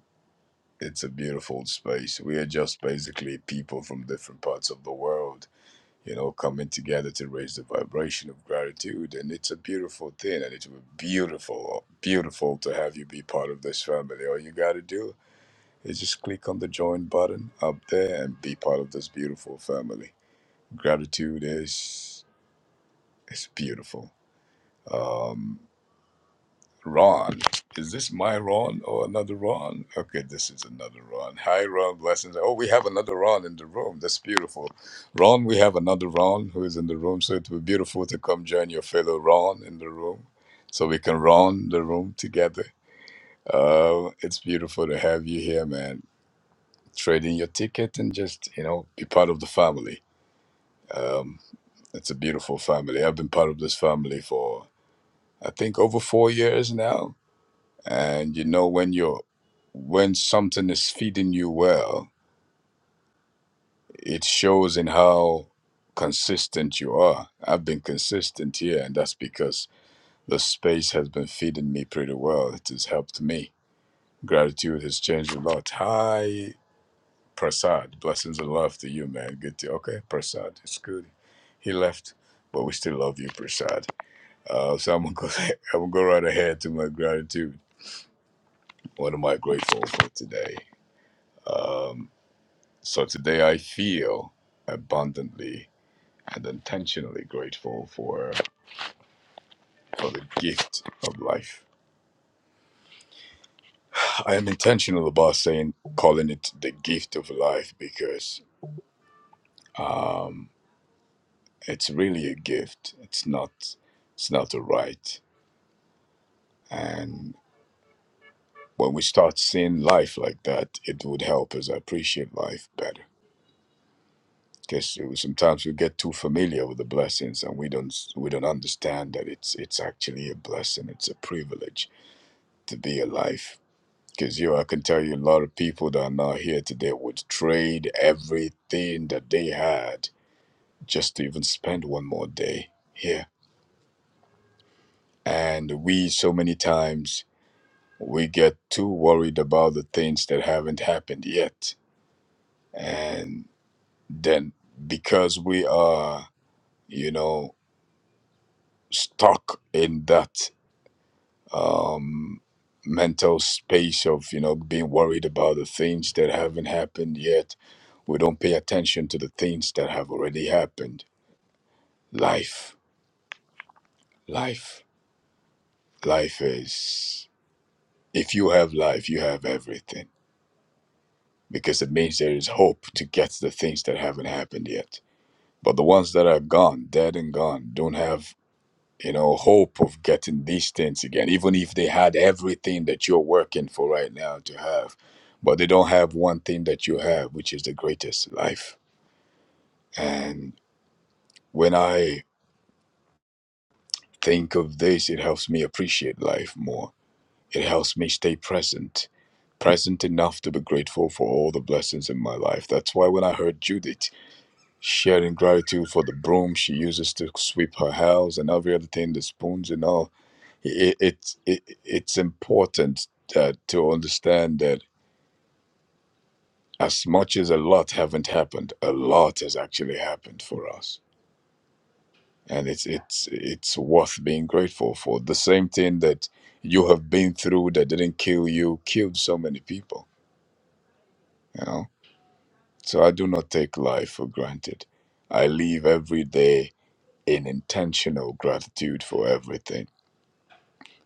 Speaker 12: it's a beautiful space. We are just basically people from different parts of the world, you know, coming together to raise the vibration of gratitude. And it's a beautiful thing. And it's beautiful, beautiful to have you be part of this family. All you got to do is just click on the join button up there and be part of this beautiful family. Gratitude is, is beautiful um, Ron. Is this my Ron or another Ron? Okay, this is another Ron. Hi, Ron. Blessings. Oh, we have another Ron in the room. That's beautiful. Ron, we have another Ron who is in the room. So it would be beautiful to come join your fellow Ron in the room so we can Ron the room together. Uh, it's beautiful to have you here, man. Trade in your ticket and just, you know, be part of the family. Um, it's a beautiful family. I've been part of this family for, I think, over four years now And you know when you're when something is feeding you well, it shows in how consistent you are. I've been consistent here, and that's because the space has been feeding me pretty well. It has helped me. Gratitude has changed a lot. Hi, Prasad. Blessings and love to you, man. Good to okay, Prasad. It's good. He left, but we still love you, Prasad. Uh, so I'm gonna go. I'm gonna go right ahead to my gratitude. What am I grateful for today? Um, So today I feel abundantly and intentionally grateful for for the gift of life. I am intentional about saying calling it the gift of life because um, it's really a gift. It's not it's not a right. And when we start seeing life like that, it would help us appreciate life better. Because sometimes we get too familiar with the blessings and we don't we don't understand that it's it's actually a blessing. It's a privilege to be alive, Because you, I can tell you, a lot of people that are not here today would trade everything that they had just to even spend one more day here. And we, so many times, we get too worried about the things that haven't happened yet. And then because we are, you know, stuck in that um, mental space of you know being worried about the things that haven't happened yet. We don't pay attention to the things that have already happened. Life, life, life is. If you have life, you have everything because it means there is hope to get the things that haven't happened yet. But the ones that are gone, dead and gone, don't have you know, hope of getting these things again, even if they had everything that you're working for right now to have. But they don't have one thing that you have, which is the greatest life. And when I think of this, it helps me appreciate life more. It helps me stay present, present enough to be grateful for all the blessings in my life. That's why when I heard Judith sharing gratitude for the broom she uses to sweep her house and every other thing, the spoons and all, it, it's it, it's important uh, to understand that as much as a lot haven't happened, a lot has actually happened for us, and it's it's it's worth being grateful for. The same thing that you have been through that didn't kill you killed so many people. You know, so I do not take life for granted. I live every day in intentional gratitude for everything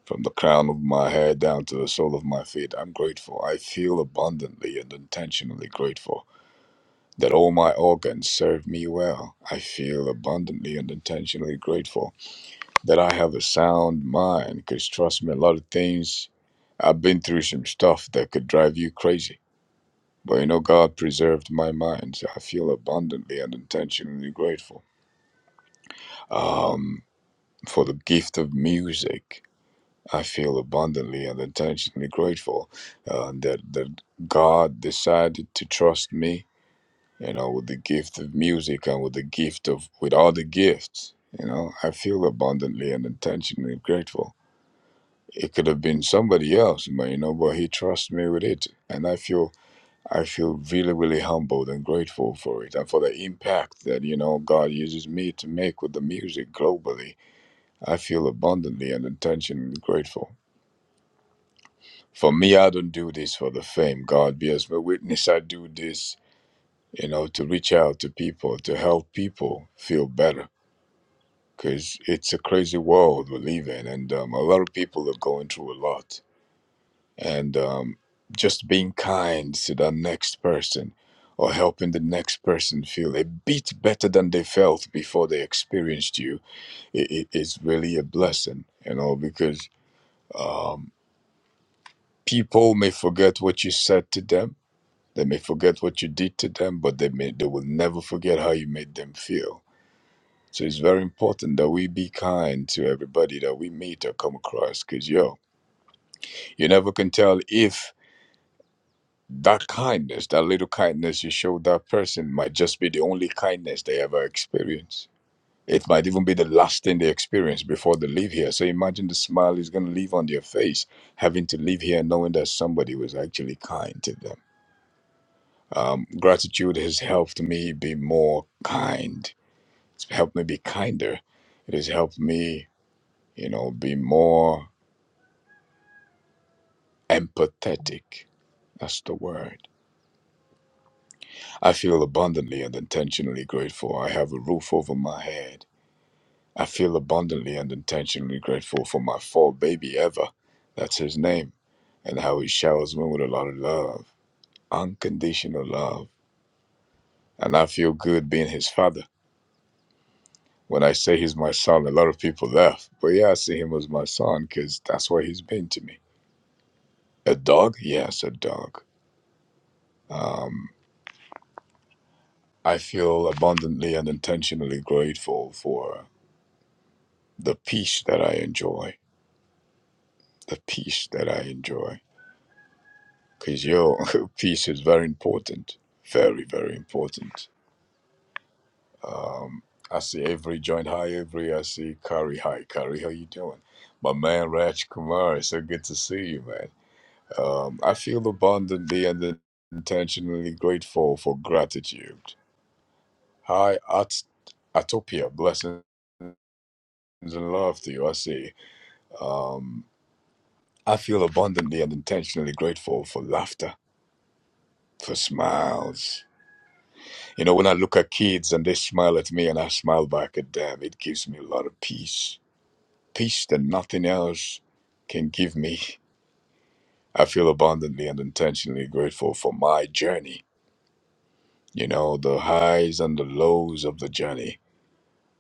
Speaker 12: From the crown of my head down to the sole of my feet, I'm grateful. I feel abundantly and intentionally grateful that all my organs serve me well. I feel abundantly and intentionally grateful that I have a sound mind because, trust me, a lot of things I've been through some stuff that could drive you crazy. But you know, God preserved my mind. So I feel abundantly and intentionally grateful um, for the gift of music. I feel abundantly and intentionally grateful uh, that that God decided to trust me, you know, with the gift of music and with the gift of with all the gifts. You know, I feel abundantly and intentionally grateful. It could have been somebody else, but you know, but he trusts me with it, and I feel I feel really, really humbled and grateful for it, and for the impact that you know God uses me to make with the music globally. I feel abundantly and intentionally grateful. For me, I don't do this for the fame. God be as my witness. I do this, you know, to reach out to people, to help people feel better. Because it's a crazy world we live in. And um, a lot of people are going through a lot. And um, just being kind to the next person or helping the next person feel a bit better than they felt before they experienced you it, it is really a blessing, you know, because um, people may forget what you said to them They may forget what you did to them, but they may they will never forget how you made them feel. So it's very important that we be kind to everybody that we meet or come across, because yo, you never can tell if that kindness, that little kindness you show that person might just be the only kindness they ever experience. It might even be the last thing they experience before they leave here. So imagine the smile is going to leave on their face, having to leave here knowing that somebody was actually kind to them. Um, gratitude has helped me be more kind. It's helped me be kinder. It has helped me, you know, be more empathetic. That's the word. I feel abundantly and intentionally grateful. I have a roof over my head. I feel abundantly and intentionally grateful for my four baby ever. That's his name. And how he showers me with a lot of love, unconditional love. And I feel good being his father. When I say he's my son, a lot of people laugh. But yeah, I see him as my son because that's what he's been to me. A dog? Yes, a dog. Um, I feel abundantly and intentionally grateful for the peace that I enjoy. The peace that I enjoy. Because your peace is very important. Very, very important. Um, I see Avery joined. Hi, Avery. I see Kari. Hi, Kari. How you doing? My man, Raj Kumar. It's so good to see you, man. Um, I feel abundantly and intentionally grateful for gratitude. Hi, At- Atopia. Blessings and love to you. I say, um, I feel abundantly and intentionally grateful for laughter, for smiles. You know, when I look at kids and they smile at me and I smile back at them, it gives me a lot of peace. Peace that nothing else can give me. I feel abundantly and intentionally grateful for my journey you know, the highs and the lows of the journey.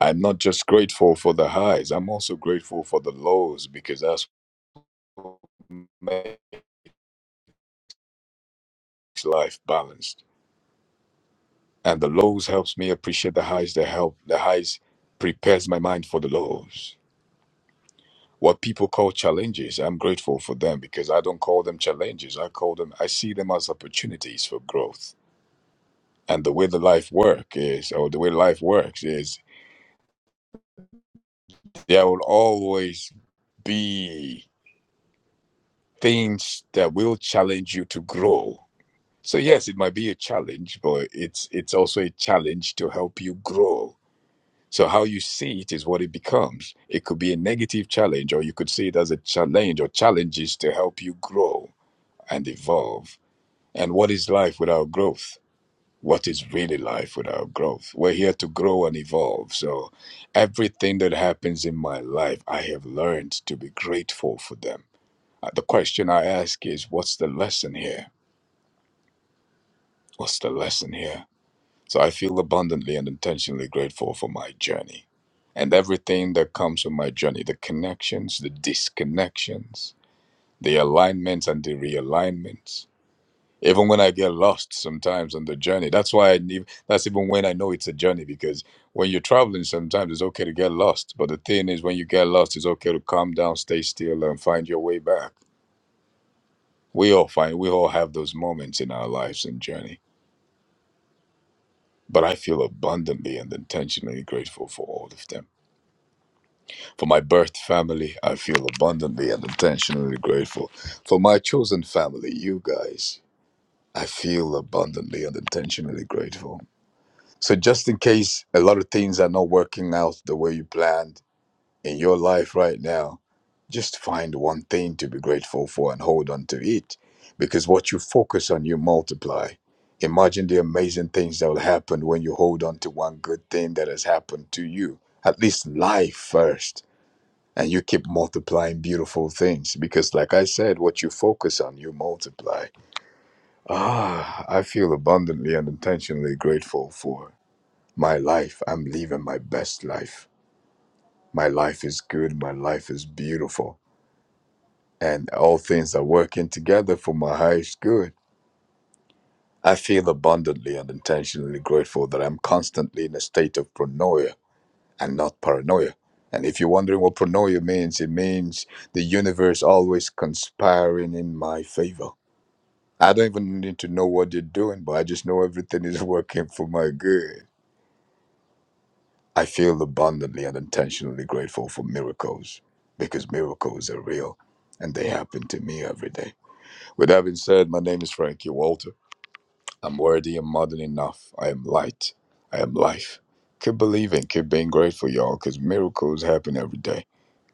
Speaker 12: I'm not just grateful for the highs, I'm also grateful for the lows because that's what makes life balanced. And the lows helps me appreciate the highs that help the highs prepares my mind for the lows. What people call challenges, I'm grateful for them because I don't call them challenges. I call them I see them as opportunities for growth. And the way the life work is or the way life works is there will always be things that will challenge you to grow. So yes, it might be a challenge, but it's it's also a challenge to help you grow. So how you see it is what it becomes. It could be a negative challenge, or you could see it as a challenge or challenges to help you grow and evolve. And what is life without growth? What is really life without growth? We're here to grow and evolve. So everything that happens in my life, I have learned to be grateful for them uh, The question I ask is, what's the lesson here? What's the lesson here? So I feel abundantly and intentionally grateful for my journey and everything that comes with my journey the connections, the disconnections, the alignments, and the realignments. Even when I get lost sometimes on the journey, that's why I need that's even when I know it's a journey because when you're traveling, sometimes it's okay to get lost. But the thing is, when you get lost, it's okay to calm down, stay still, and find your way back We all find we all have those moments in our lives and journey. But I feel abundantly and intentionally grateful for all of them. For my birth family, I feel abundantly and intentionally grateful. For my chosen family, you guys, I feel abundantly and intentionally grateful. So just in case a lot of things are not working out the way you planned in your life right now, Just find one thing to be grateful for and hold on to it. Because what you focus on, you multiply. Imagine the amazing things that will happen when you hold on to one good thing that has happened to you. At least life first. And you keep multiplying beautiful things. Because, like I said, what you focus on, you multiply. Ah, I feel abundantly and intentionally grateful for my life. I'm living my best life. My life is good. My life is beautiful. and all things are working together for my highest good. I feel abundantly and intentionally grateful that I'm constantly in a state of pronoia and not paranoia. And if you're wondering what pronoia means, it means the universe always conspiring in my favor. I don't even need to know what you're doing, but I just know everything is working for my good. I feel abundantly and intentionally grateful for miracles because miracles are real and they happen to me every day. With that being said, my name is Frankie Walter I'm worthy and more than enough. I am light. I am life. Keep believing. Keep being grateful, y'all, because miracles happen every day.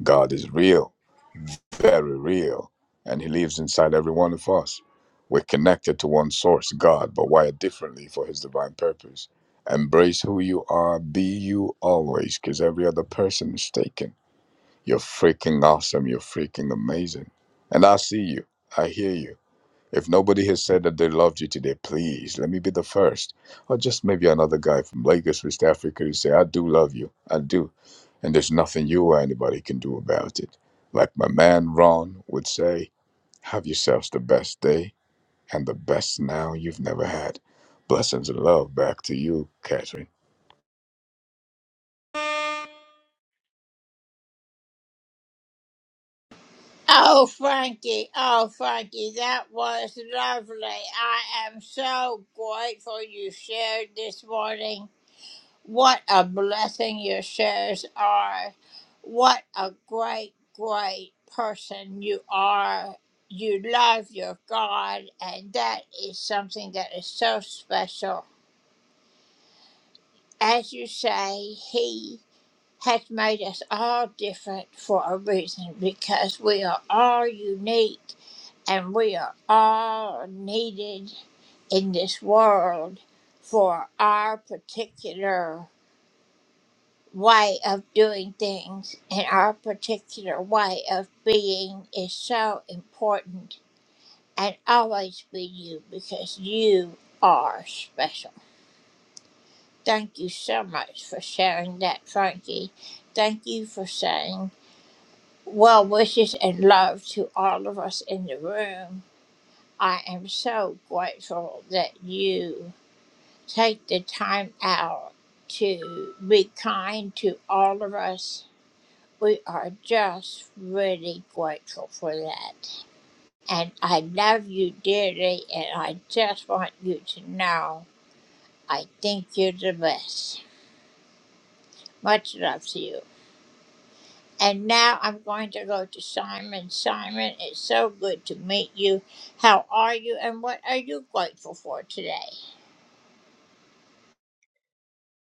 Speaker 12: God is real, very real, and He lives inside every one of us. We're connected to one source, God, but wired differently for His divine purpose. Embrace who you are. Be you always, because every other person is taken. You're freaking awesome. You're freaking amazing. And I see you. I hear you. If nobody has said that they loved you today, please let me be the first. Or just maybe another guy from Lagos, West Africa, who say, I do love you. I do. And there's nothing you or anybody can do about it. Like my man Ron would say, have yourselves the best day and the best now you've never had. Blessings and love back to you, Catherine.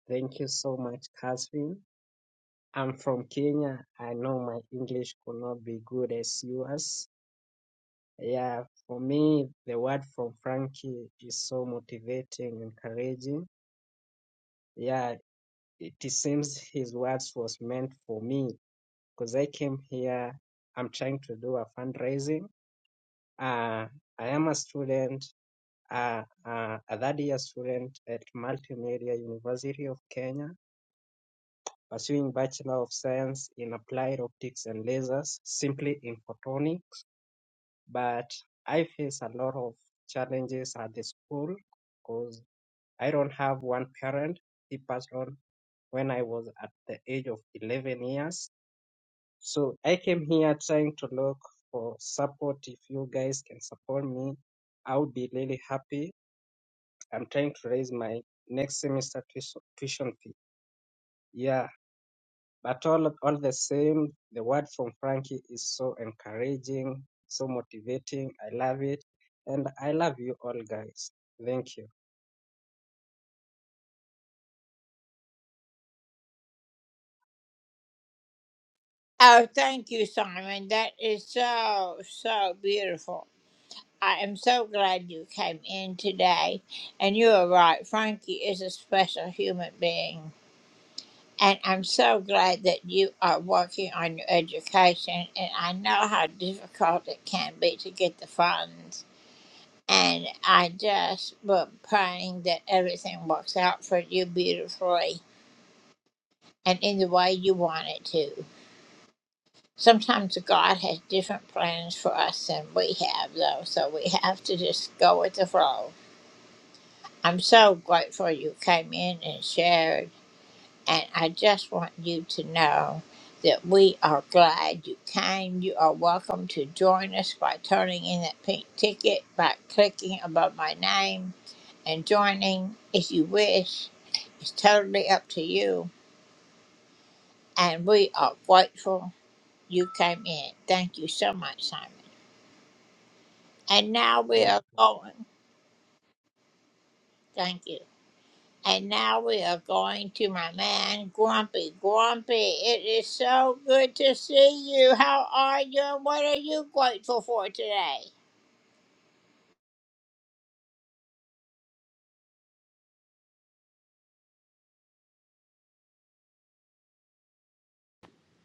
Speaker 13: Thank you so much, Catherine. I'm from Kenya. I know my English could not be good as yours. Yeah, for me, the word from Frankie is so motivating, encouraging. Yeah, it it seems his words was meant for me because I came here. I'm trying to do a fundraising. Uh, I am a student, uh, uh, a third year student at Multimedia University of Kenya pursuing Bachelor of Science in Applied Optics and Lasers, simply in photonic. But I face a lot of challenges at the school because I don't have one parent. He passed on when I was at the age of 11 years. So I came here trying to look for support. If you guys can support me, I would be really happy. I'm trying to raise my next semester tuition tuition fee. Yeah, But all all the same, the word from Frankie is so encouraging, so motivating. I love it, and I love you all, guys. Thank you. Well.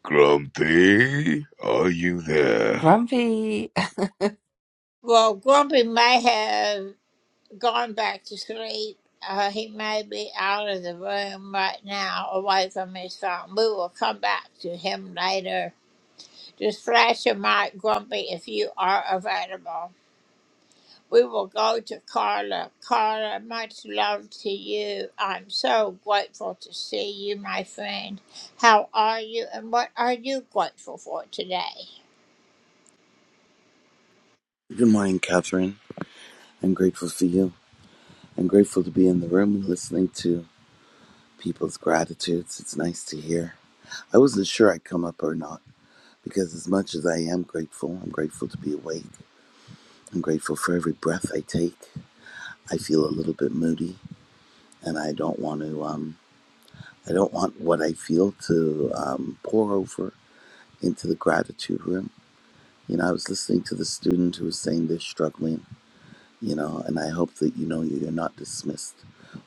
Speaker 12: Grumpy, are you there?
Speaker 6: Grumpy.
Speaker 14: Good morning, Catherine. I'm grateful for you. I'm grateful to be in the room and listening to people's gratitudes. It's nice to hear. I wasn't sure I'd come up or not because, as much as I am grateful, I'm grateful to be awake. I'm grateful for every breath I take. I feel a little bit moody, and I don't want to. Um, I don't want what I feel to um, pour over into the gratitude room. You know, I was listening to the student who was saying they're struggling you know and i hope that you know you're not dismissed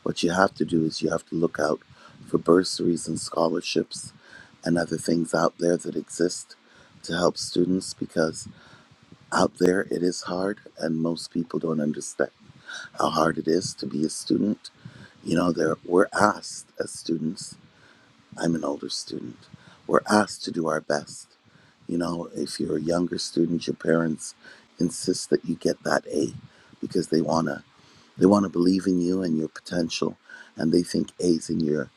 Speaker 14: what you have to do is you have to look out for bursaries and scholarships and other things out there that exist to help students because out there it is hard and most people don't understand how hard it is to be a student you know there we're asked as students i'm an older student we're asked to do our best you know if you're a younger student your parents insist that you get that a because they want to they want to believe in you and your potential, and they think A's in your,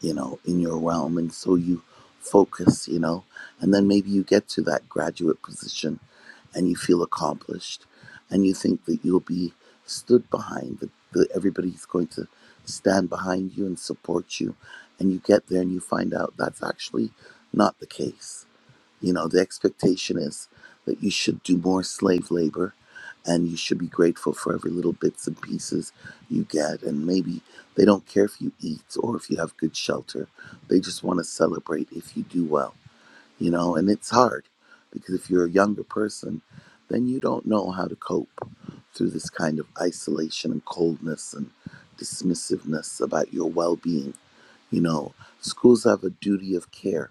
Speaker 14: you know, in your realm, and so you focus, you know, and then maybe you get to that graduate position, and you feel accomplished, and you think that you'll be stood behind that, that everybody's going to stand behind you and support you, and you get there and you find out that's actually not the case you know, the expectation is that you should do more slave labor and you should be grateful for every little bits and pieces you get. And maybe they don't care if you eat or if you have good shelter. They just want to celebrate if you do well, you know, and it's hard because if you're a younger person, then you don't know how to cope through this kind of isolation and coldness and dismissiveness about your well being. You know, schools have a duty of care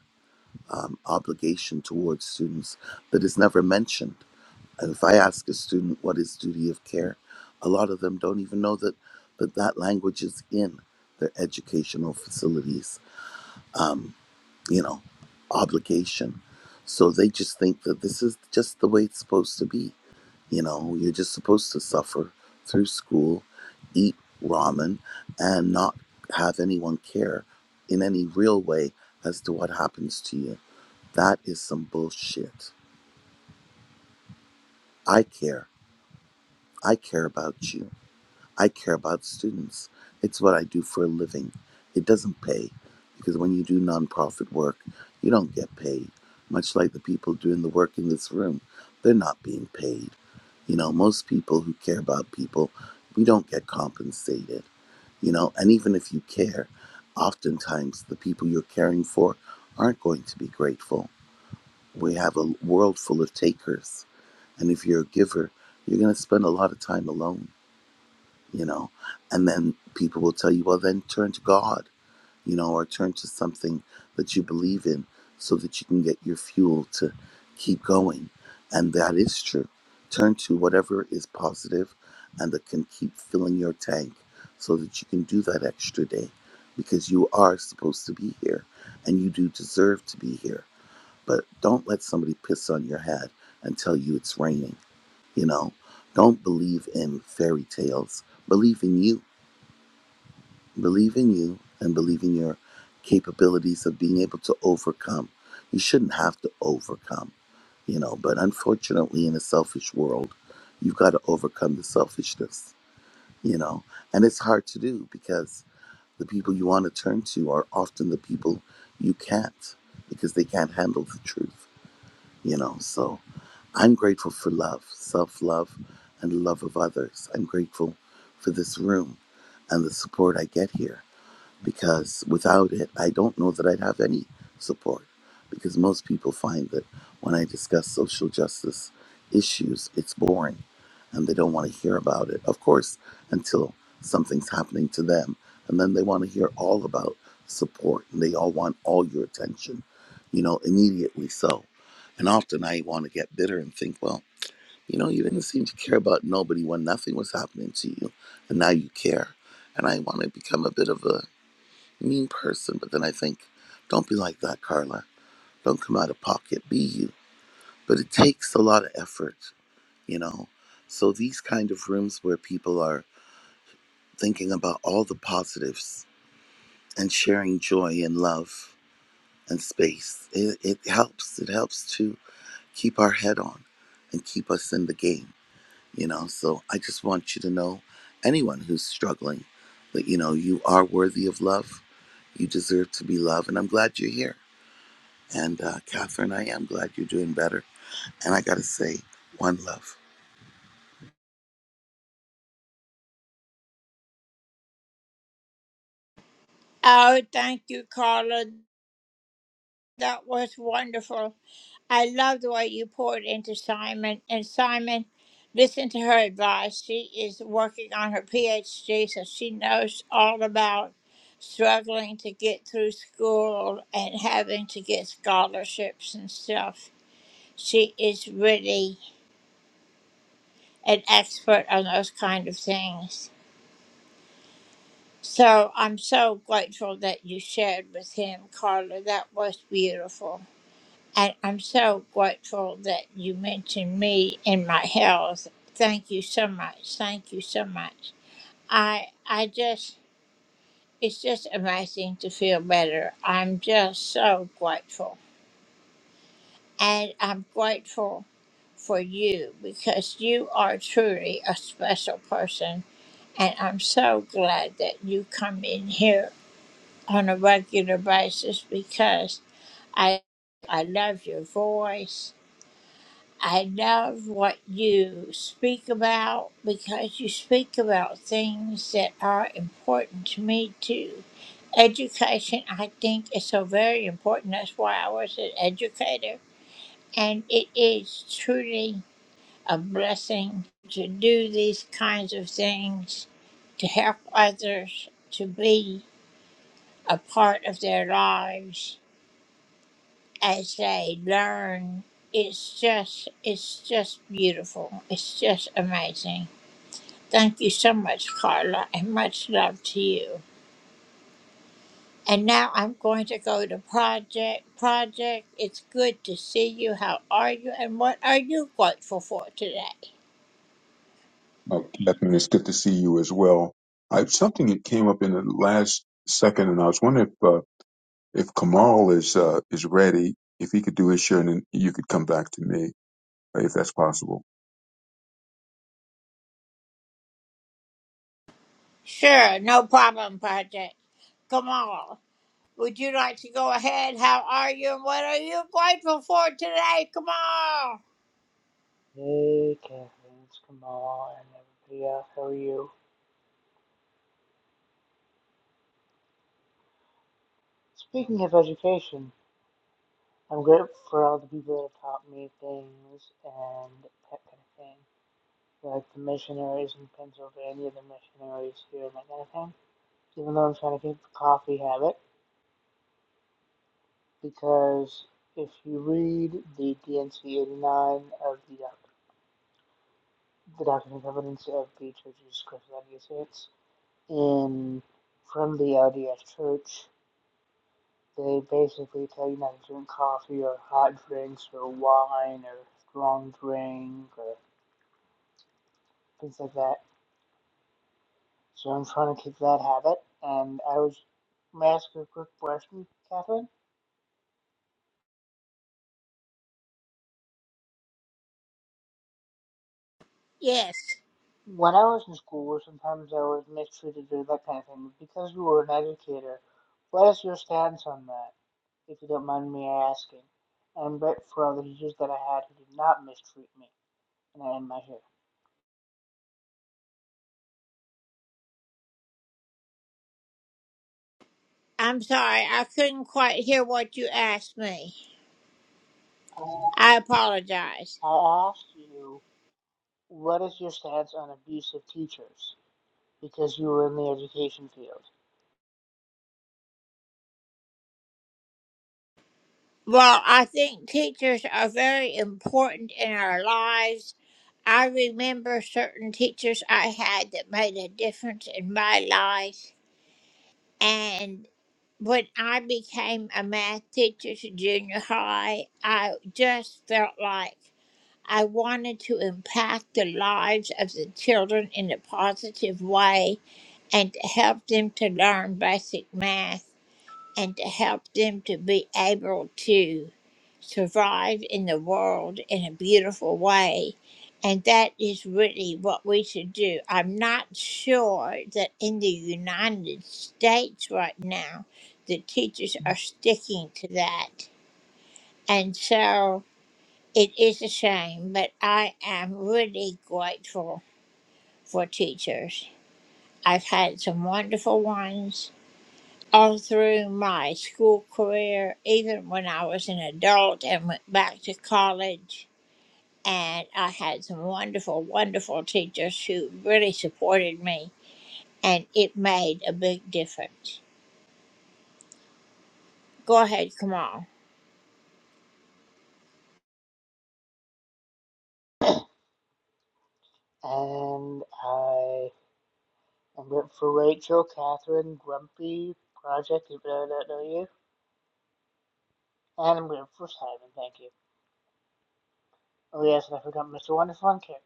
Speaker 14: um, obligation towards students, but is never mentioned. And if I ask a student what is duty of care, a lot of them don't even know that that, that language is in their educational facilities, um, you know, obligation. So they just think that this is just the way it's supposed to be. You know, you're just supposed to suffer through school, eat ramen, and not have anyone care in any real way as to what happens to you that is some bullshit. I care. I care about you. I care about students. It's what I do for a living. It doesn't pay because when you do nonprofit work, you don't get paid. Much like the people doing the work in this room, they're not being paid. You know, most people who care about people, we don't get compensated. You know, and even if you care, oftentimes the people you're caring for aren't going to be grateful. We have a world full of takers And if you're a giver, you're going to spend a lot of time alone, you know. And then people will tell you, well, then turn to God, you know, or turn to something that you believe in so that you can get your fuel to keep going. And that is true. Turn to whatever is positive and that can keep filling your tank so that you can do that extra day because you are supposed to be here and you do deserve to be here. But don't let somebody piss on your head and tell you it's raining you know, don't believe in fairy tales. Believe in you. Believe in you and believe in your capabilities of being able to overcome. You shouldn't have to overcome, you know, but unfortunately, in a selfish world, you've got to overcome the selfishness, you know, and it's hard to do because the people you want to turn to are often the people you can't because they can't handle the truth, you know, so. I'm grateful for love, self love, and the love of others. I'm grateful for this room and the support I get here because without it, I don't know that I'd have any support. Because most people find that when I discuss social justice issues, it's boring and they don't want to hear about it. Of course, until something's happening to them. And then they want to hear all about support and they all want all your attention, you know, immediately so. And often I want to get bitter and think, well, you know, you didn't seem to care about nobody when nothing was happening to you. And now you care. And I want to become a bit of a mean person, but then I think, don't be like that, Carla. Don't come out of pocket. Be you. But it takes a lot of effort, you know. So these kind of rooms where people are thinking about all the positives and sharing joy and love and space, it, it helps. It helps to keep our head on and keep us in the game, you know. So I just want you to know, anyone who's struggling, that you know you are worthy of love. You deserve to be loved, and I'm glad you're here And uh, Catherine, I am glad you're doing better. And I got to say, one love.
Speaker 15: Oh, Catherine, it's good to see you as well. I something that came up in the last second, and I was wondering if uh, if Kamal is uh, is ready, if he could do his share, and then you could come back to me uh, if that's possible.
Speaker 16: Hey, Kathleen, it's Kamal, and everybody else. How are you? Speaking of education, I'm grateful for all the people that have taught me things and that kind of thing, like the missionaries in Pennsylvania, the missionaries here, and that kind of thing. Even though I'm trying to keep the coffee habit, because if you read the DNC 89 of the doc- the document of evidence of the Church of Jesus Christ of Latter-day Saints in from the LDS Church. They basically tell you not to drink coffee or hot drinks or wine or strong drink or things like that. So I'm trying to kick that habit. And I was, may I ask you a quick question, Catherine? When I was in school, sometimes I was mistreated or that kind of thing. Because you were an educator, what is your stance on that, if you don't mind me asking? And but for all the teachers that I had who did not mistreat me, and I end my here. I I asked you What is your stance on abusive teachers? Because you were in the education field. And I am grateful for Rachel, Catherine, Grumpy, Project, even though I don't know you. And I'm grateful for Simon, thank you. Oh yes, and I forgot Mr. Wonderful and Karen.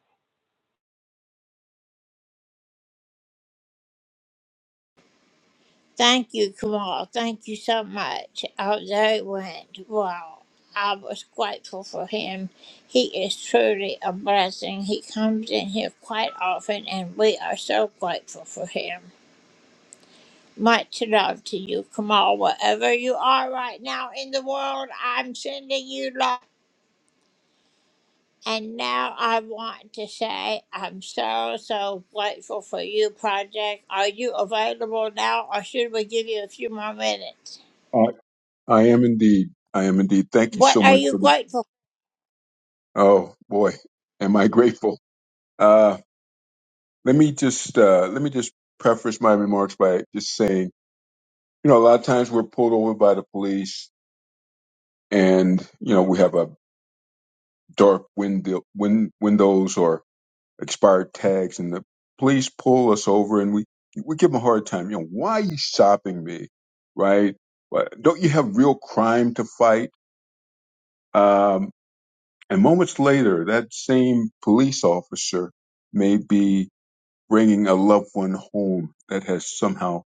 Speaker 15: I I am indeed. I am indeed. Thank you so much for the. Oh boy, am I grateful. Uh, let me just uh, let me just preface my remarks by just saying, you know, a lot of times we're pulled over by the police, and you know we have a dark window, win, windows or expired tags and the police pull us over and we we give them a hard time. You know, why are you stopping me? Right? Why- Don't you have real crime to fight? Um, and moments later, that same police officer may be bringing a loved one home that has somehow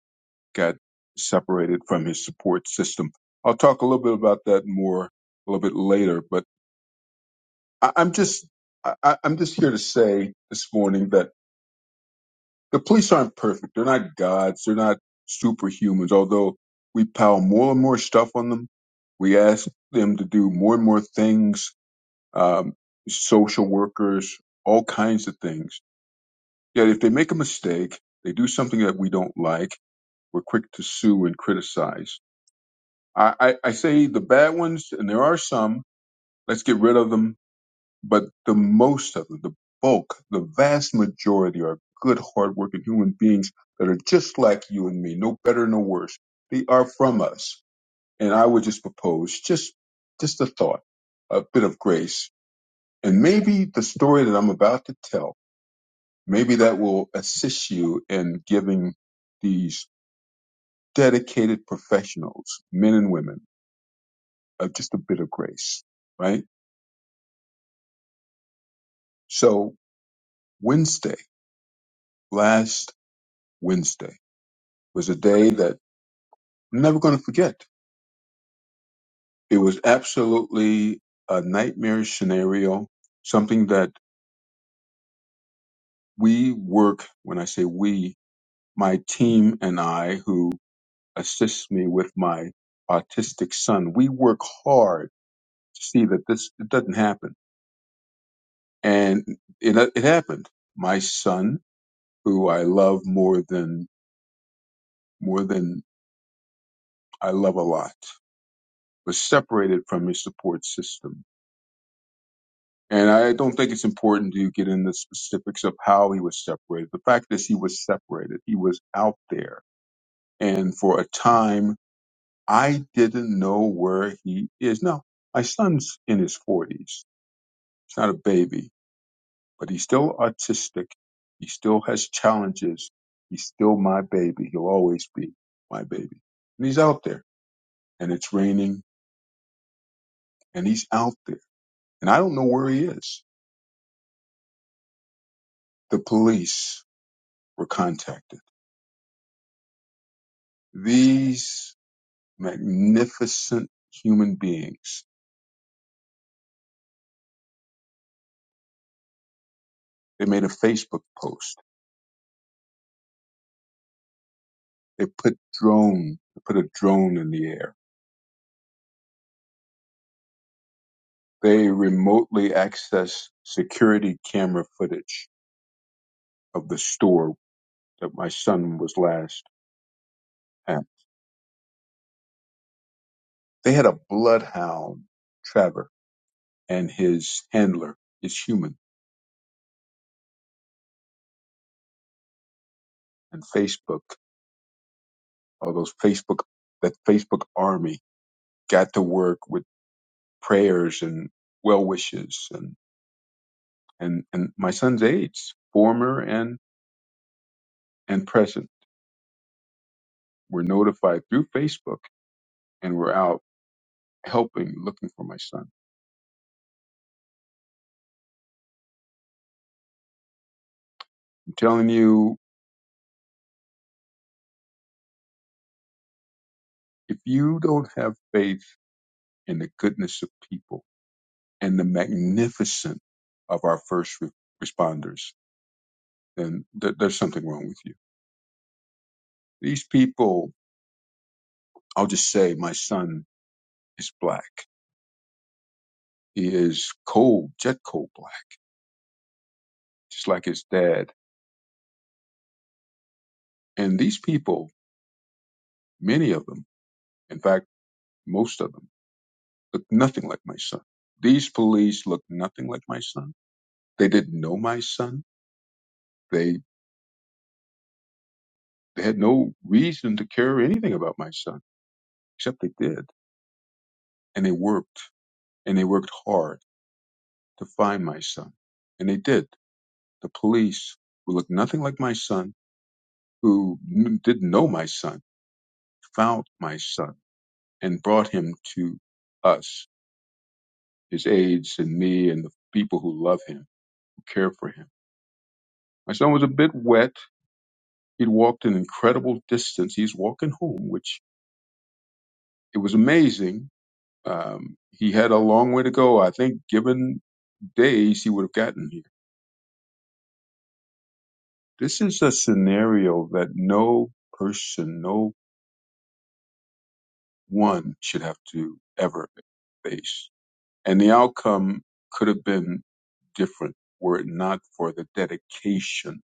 Speaker 15: got separated from his support system. I'll talk a little bit about that more a little bit later, but I, I'm just I, I- I'm just here to say this morning that the police aren't perfect. They're not gods. They're not superhumans. Although we pile more and more stuff on them, we ask them to do more and more things. Um, social workers, all kinds of things. Yet if they make a mistake, they do something that we don't like. We're quick to sue and criticize. I, I, I say the bad ones, and there are some. Let's get rid of them but the most of them, the bulk, the vast majority are good, hardworking human beings that are just like you and me, no better, no worse. They are from us. And I would just propose just, just a thought, a bit of grace. And maybe the story that I'm about to tell, maybe that will assist you in giving these dedicated professionals, men and women, uh, just a bit of grace, right? So Wednesday, last Wednesday was a day that I'm never going to forget. It was absolutely a nightmarish scenario, something that we work, when I say we, my team and I, who assists me with my autistic son, we work hard to see that this it doesn't happen. And it, it happened. My son, who I love more than, more than I love a lot, was separated from his support system And I don't think it's important to get into specifics of how he was separated. The fact is, he was separated. He was out there. And for a time, I didn't know where he is. Now, my son's in his 40s. He's not a baby, but he's still autistic. He still has challenges. He's still my baby. He'll always be my baby. And he's out there. And it's raining. And he's out there. And I don't know where he is. The police were contacted. These magnificent human beings. They made a Facebook post. They put drone, they put a drone in the air. They remotely accessed security camera footage of the store that my son was last at. They had a bloodhound, Trevor, and his handler is human. And Facebook, all those Facebook, that Facebook army got to work with prayers and well wishes and, and my son's aides, former and, and present, were notified through Facebook and were out helping, looking for my son. I'm telling you, if you don't have faith in the goodness of people and the magnificence of our first re- responders, then th- there's something wrong with you. These people, I'll just say my son is black. He is cold, jet cold black, just like his dad. And these people, many of them, in fact, most of them looked nothing like my son. These police looked nothing like my son. They didn't know my son. They, they had no reason to care anything about my son, except they did. And they worked, and they worked hard to find my son. And they did. The police, who looked nothing like my son, who n- didn't know my son, found my son and brought him to us, his aides and me and the people who love him, who care for him. My son was a bit wet He'd walked an incredible distance. He's walking home, which it was amazing. Um, he had a long way to go. I think, given days, he would have gotten here. This is a scenario that no person, no one should have to ever face. And the outcome could have been different were it not for the dedication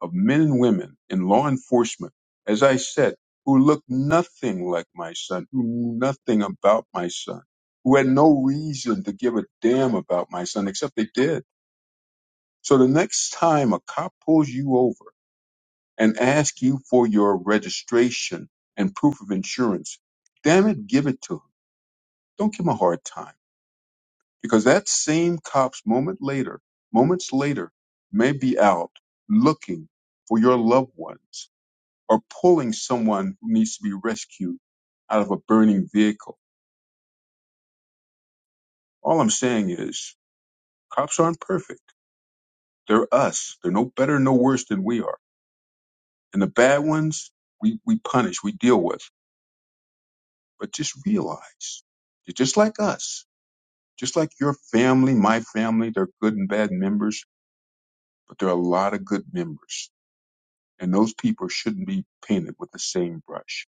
Speaker 15: of men and women in law enforcement, as I said, who looked nothing like my son, who knew nothing about my son, who had no reason to give a damn about my son, except they did. So the next time a cop pulls you over and asks you for your registration and proof of insurance, damn it, give it to him. Don't give him a hard time because that same cops moment later moments later may be out looking for your loved ones or pulling someone who needs to be rescued out of a burning vehicle all i'm saying is cops aren't perfect they're us they're no better no worse than we are and the bad ones we, we punish we deal with but just realize they're just like us just like your family my family they're good and bad members but there are a lot of good members and those people shouldn't be painted with the same brush.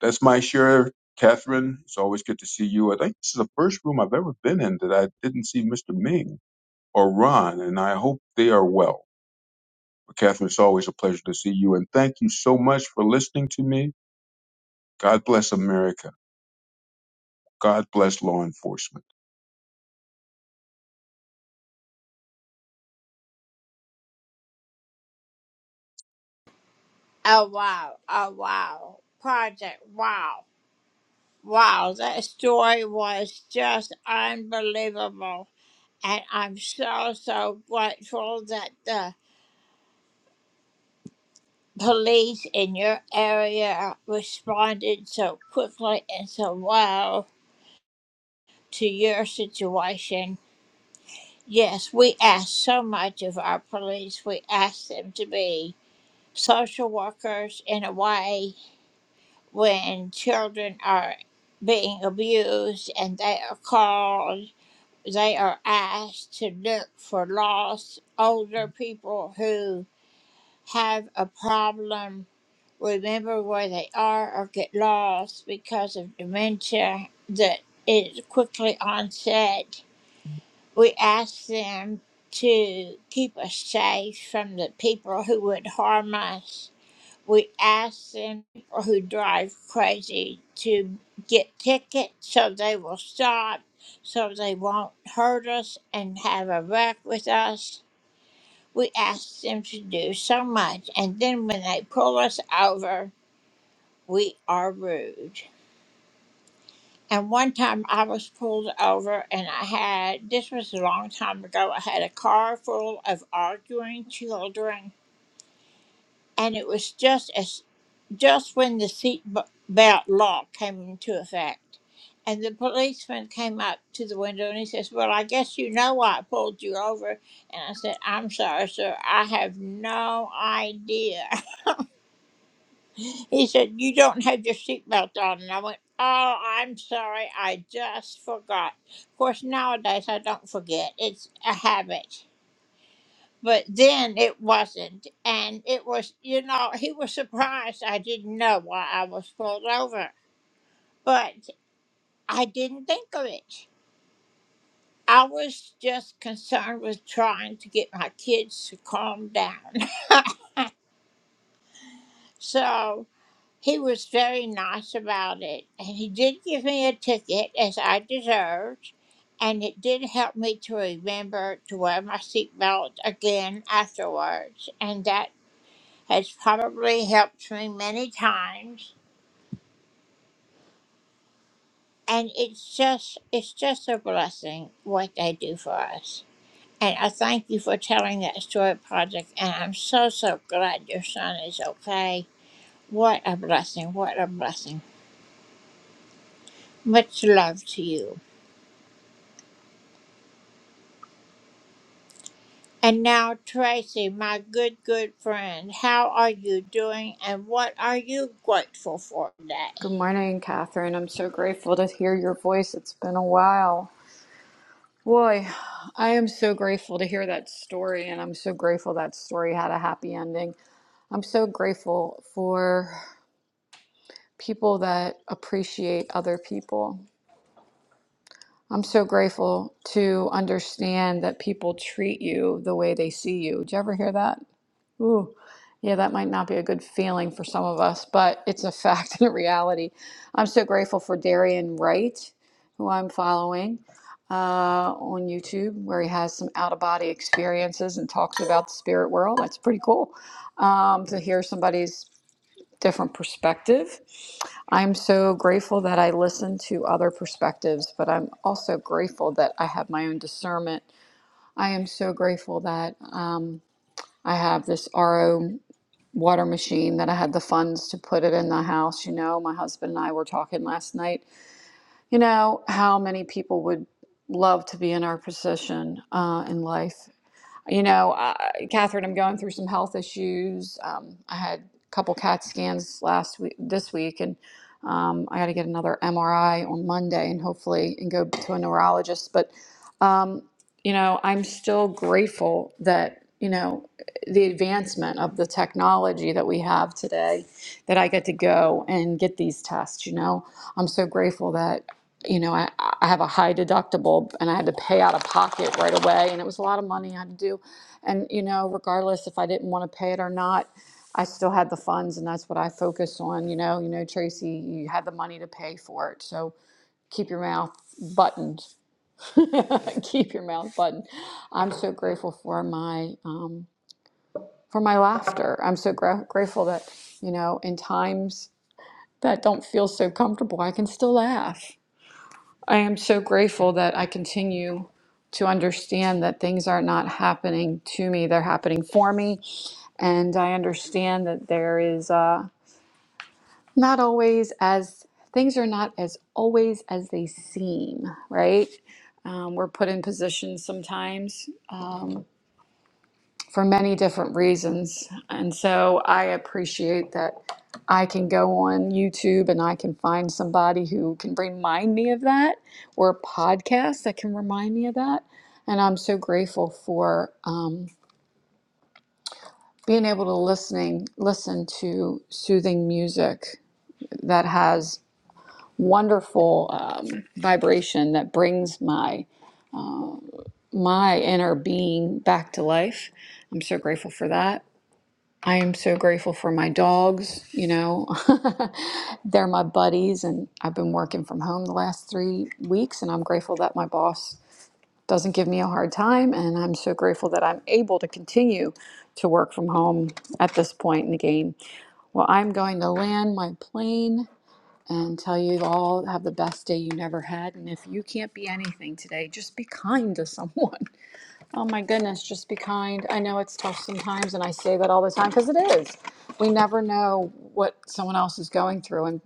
Speaker 15: That's my share, Catherine. It's always good to see you. I think this is the first room I've ever been in that I didn't see Mr. Ming or Ron, and I hope they are well. But Catherine, it's always a pleasure to see you, and thank you so much for listening to me. God bless America. God bless law enforcement.
Speaker 17: Good morning, Catherine. I'm so grateful to hear your voice. It's been a while. Boy, I am so grateful to hear that story, and I'm so grateful that story had a happy ending. I'm so grateful for people that appreciate other people. I'm so grateful to understand that people treat you the way they see you. Did you ever hear that? Ooh, yeah, that might not be a good feeling for some of us, but it's a fact and a reality. I'm so grateful for Darian Wright, who I'm following uh, on YouTube, where he has some out of body experiences and talks about the spirit world. That's pretty cool um, to hear somebody's different perspective. I'm so grateful that I listen to other perspectives, but I'm also grateful that I have my own discernment. I am so grateful that um, I have this RO water machine that I had the funds to put it in the house. You know, my husband and I were talking last night, you know, how many people would love to be in our position uh, in life you know, uh, Catherine, I'm going through some health issues. Um, I had a couple CAT scans last week, this week, and um, I got to get another MRI on Monday, and hopefully, and go to a neurologist. But um, you know, I'm still grateful that you know the advancement of the technology that we have today. That I get to go and get these tests. You know, I'm so grateful that you know, I, I have a high deductible and I had to pay out of pocket right away. And it was a lot of money I had to do. And, you know, regardless if I didn't want to pay it or not, I still had the funds and that's what I focus on. You know, you know, Tracy, you had the money to pay for it. So keep your mouth buttoned. keep your mouth buttoned. I'm so grateful for my, um, for my laughter. I'm so gra- grateful that, you know, in times that don't feel so comfortable, I can still laugh. I am so grateful that I continue to understand that things are not happening to me, they're happening for me. And I understand that there is uh, not always as things are not as always as they seem, right? Um, we're put in positions sometimes. Um, for many different reasons. And so I appreciate that I can go on YouTube and I can find somebody who can remind me of that or a podcast that can remind me of that. And I'm so grateful for um, being able to listening listen to soothing music that has wonderful um, vibration that brings my my inner being back to life. I'm so grateful for that. I am so grateful for my dogs, you know. They're my buddies and I've been working from home the last 3 weeks and I'm grateful that my boss doesn't give me a hard time and I'm so grateful that I'm able to continue to work from home at this point in the game. Well, I'm going to land my plane and tell you all have the best day you never had and if you can't be anything today, just be kind to someone. Oh my goodness, just be kind. I know it's tough sometimes, and I say that all the time because it is. We never know what someone else is going through, and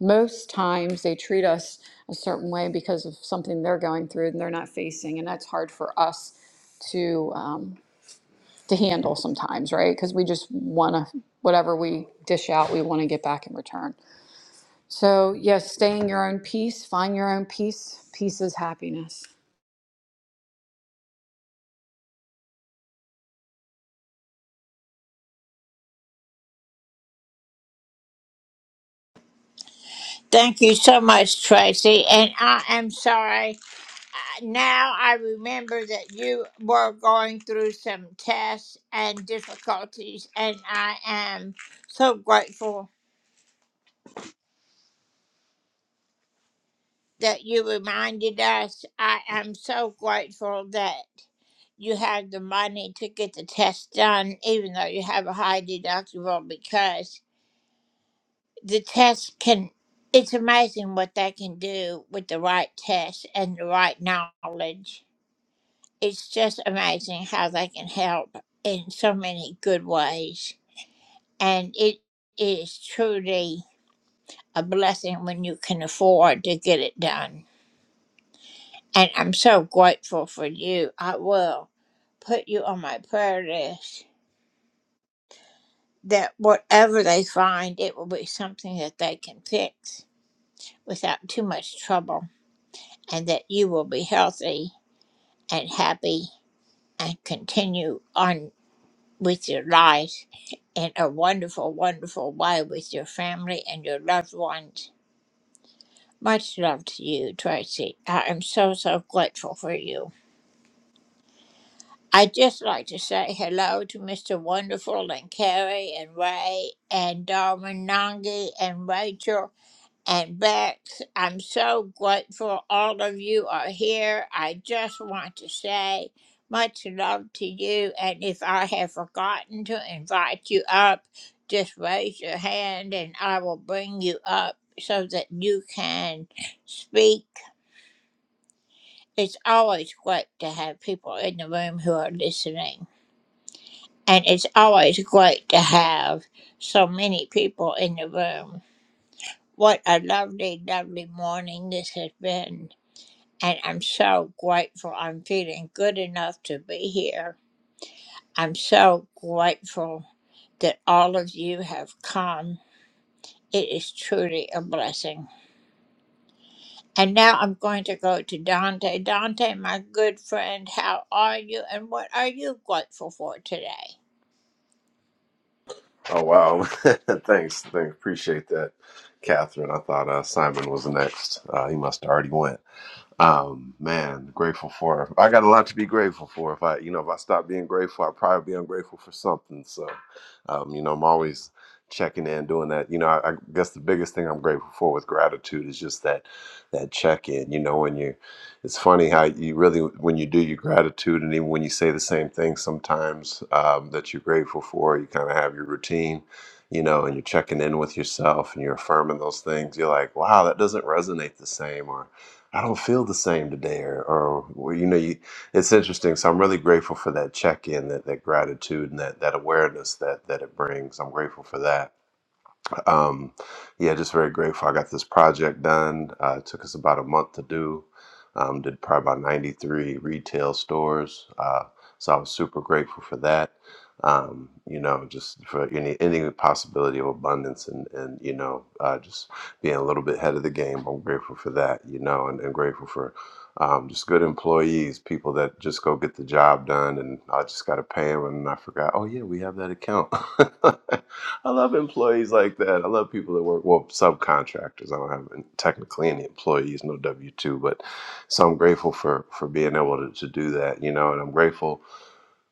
Speaker 17: most times they treat us a certain way because of something they're going through and they're not facing, and that's hard for us to um, to handle sometimes, right? Because we just want to whatever we dish out, we want to get back in return. So yes, stay in your own peace, find your own peace. Peace is happiness.
Speaker 18: Oh wow! thanks, thanks. Appreciate that, Catherine. I thought uh, Simon was next. Uh, he must have already went. Um, man, grateful for. I got a lot to be grateful for. If I, you know, if I stop being grateful, I'd probably be ungrateful for something. So, um, you know, I'm always checking in, doing that. You know, I, I guess the biggest thing I'm grateful for with gratitude is just that, that check in. You know, when you, it's funny how you really when you do your gratitude, and even when you say the same thing sometimes um, that you're grateful for, you kind of have your routine. You know, and you're checking in with yourself, and you're affirming those things. You're like, wow, that doesn't resonate the same, or I don't feel the same today, or, or well, you know, you, it's interesting. So I'm really grateful for that check in, that that gratitude, and that that awareness that that it brings. I'm grateful for that. Um, yeah, just very grateful. I got this project done. Uh, it took us about a month to do. Um, did probably about 93 retail stores. Uh, so I was super grateful for that. Um, you know, just for any any possibility of abundance and and you know, uh, just being a little bit ahead of the game. I'm grateful for that. You know, and, and grateful for um, just good employees, people that just go get the job done, and I just got to pay them, and I forgot. Oh yeah, we have that account. I love employees like that. I love people that work well subcontractors. I don't have technically any employees, no W two, but so I'm grateful for for being able to, to do that. You know, and I'm grateful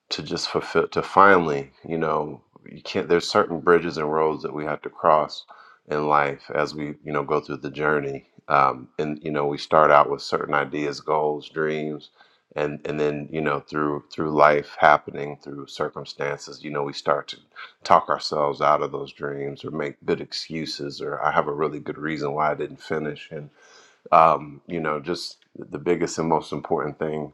Speaker 18: to just fulfill to finally you know you can't there's certain bridges and roads that we have to cross in life as we you know go through the journey um, and you know we start out with certain ideas goals dreams and and then you know through through life happening through circumstances you know we start to talk ourselves out of those dreams or make good excuses or i have a really good reason why i didn't finish and um, you know, just the biggest and most important thing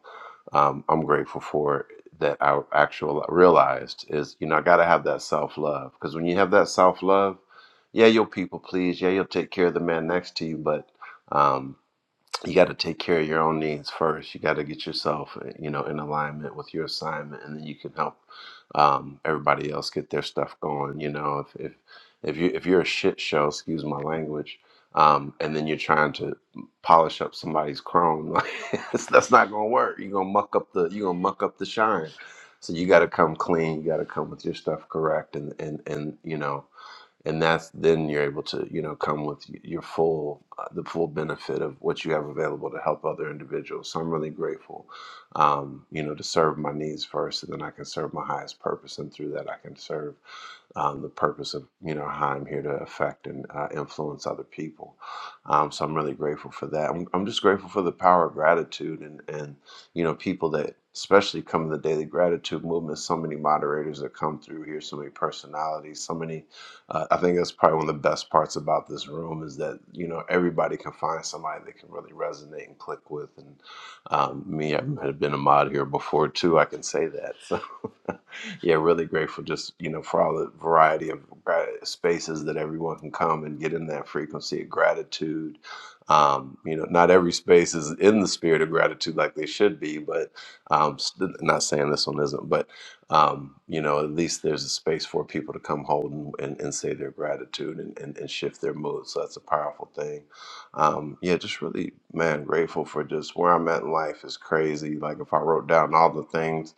Speaker 18: um, I'm grateful for that I actually realized is, you know, I got to have that self love because when you have that self love, yeah, you'll people please, yeah, you'll take care of the man next to you, but um, you got to take care of your own needs first. You got to get yourself, eh, you know, in alignment with your assignment, and then you can help um, everybody else get their stuff going. You know, if if if you if you're a shit show, excuse my language, um, and then you're trying to polish up somebody's chrome, like that's that's not gonna work. You're gonna muck up the you're gonna muck up the shine. So you got to come clean. You got to come with your stuff correct, and and and you know and that's then you're able to you know come with your full uh, the full benefit of what you have available to help other individuals so i'm really grateful um, you know to serve my needs first and then i can serve my highest purpose and through that i can serve um, the purpose of you know how I'm here to affect and uh, influence other people. Um, so I'm really grateful for that. I'm, I'm just grateful for the power of gratitude and and you know people that especially come in the daily gratitude movement. So many moderators that come through here, so many personalities, so many. Uh, I think that's probably one of the best parts about this room is that you know everybody can find somebody they can really resonate and click with. And um, me, I have been a mod here before too. I can say that. So. yeah, really grateful just, you know, for all the variety of gra- spaces that everyone can come and get in that frequency of gratitude. Um, you know, not every space is in the spirit of gratitude like they should be, but um, st- not saying this one isn't, but, um, you know, at least there's a space for people to come hold and, and, and say their gratitude and, and, and shift their mood. So that's a powerful thing. Um, yeah, just really, man, grateful for just where I'm at in life is crazy. Like if I wrote down all the things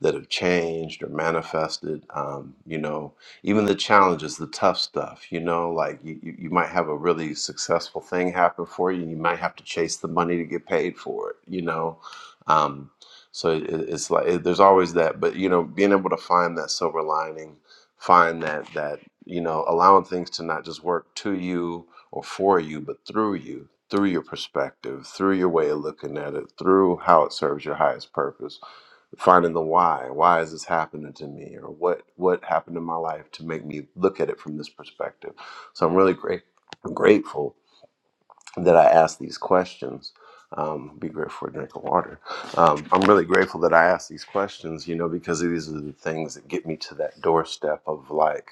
Speaker 18: that have changed or manifested. Um, you know, even the challenges, the tough stuff, you know, like you, you you might have a really successful thing happen for you and you might have to chase the money to get paid for it, you know. Um, so it, it- it's like it, there's always that, but you know, being able to find that silver lining, find that that you know, allowing things to not just work to you or for you, but through you, through your perspective, through your way of looking at it, through how it serves your highest purpose finding the why why is this happening to me or what what happened in my life to make me look at it from this perspective so i'm really great I'm grateful that i asked these questions um, be grateful for a drink of water um, i'm really grateful that i asked these questions you know because these are the things that get me to that doorstep of like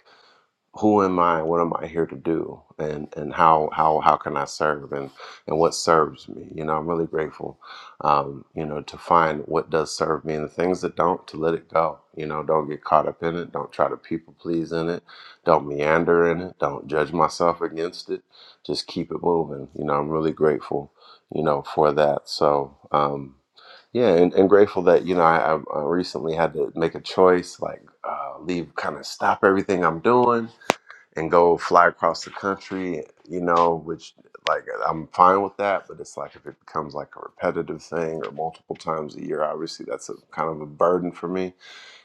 Speaker 18: who am I? What am I here to do? And and how how how can I serve? And and what serves me? You know, I'm really grateful. Um, you know, to find what does serve me and the things that don't, to let it go. You know, don't get caught up in it. Don't try to people please in it. Don't meander in it. Don't judge myself against it. Just keep it moving. You know, I'm really grateful. You know, for that. So. Um, yeah, and, and grateful that you know I, I I recently had to make a choice, like uh, leave, kind of stop everything I'm doing, and go fly across the country, you know, which like I'm fine with that, but it's like if it becomes like a repetitive thing or multiple times a year, obviously that's a kind of a burden for me.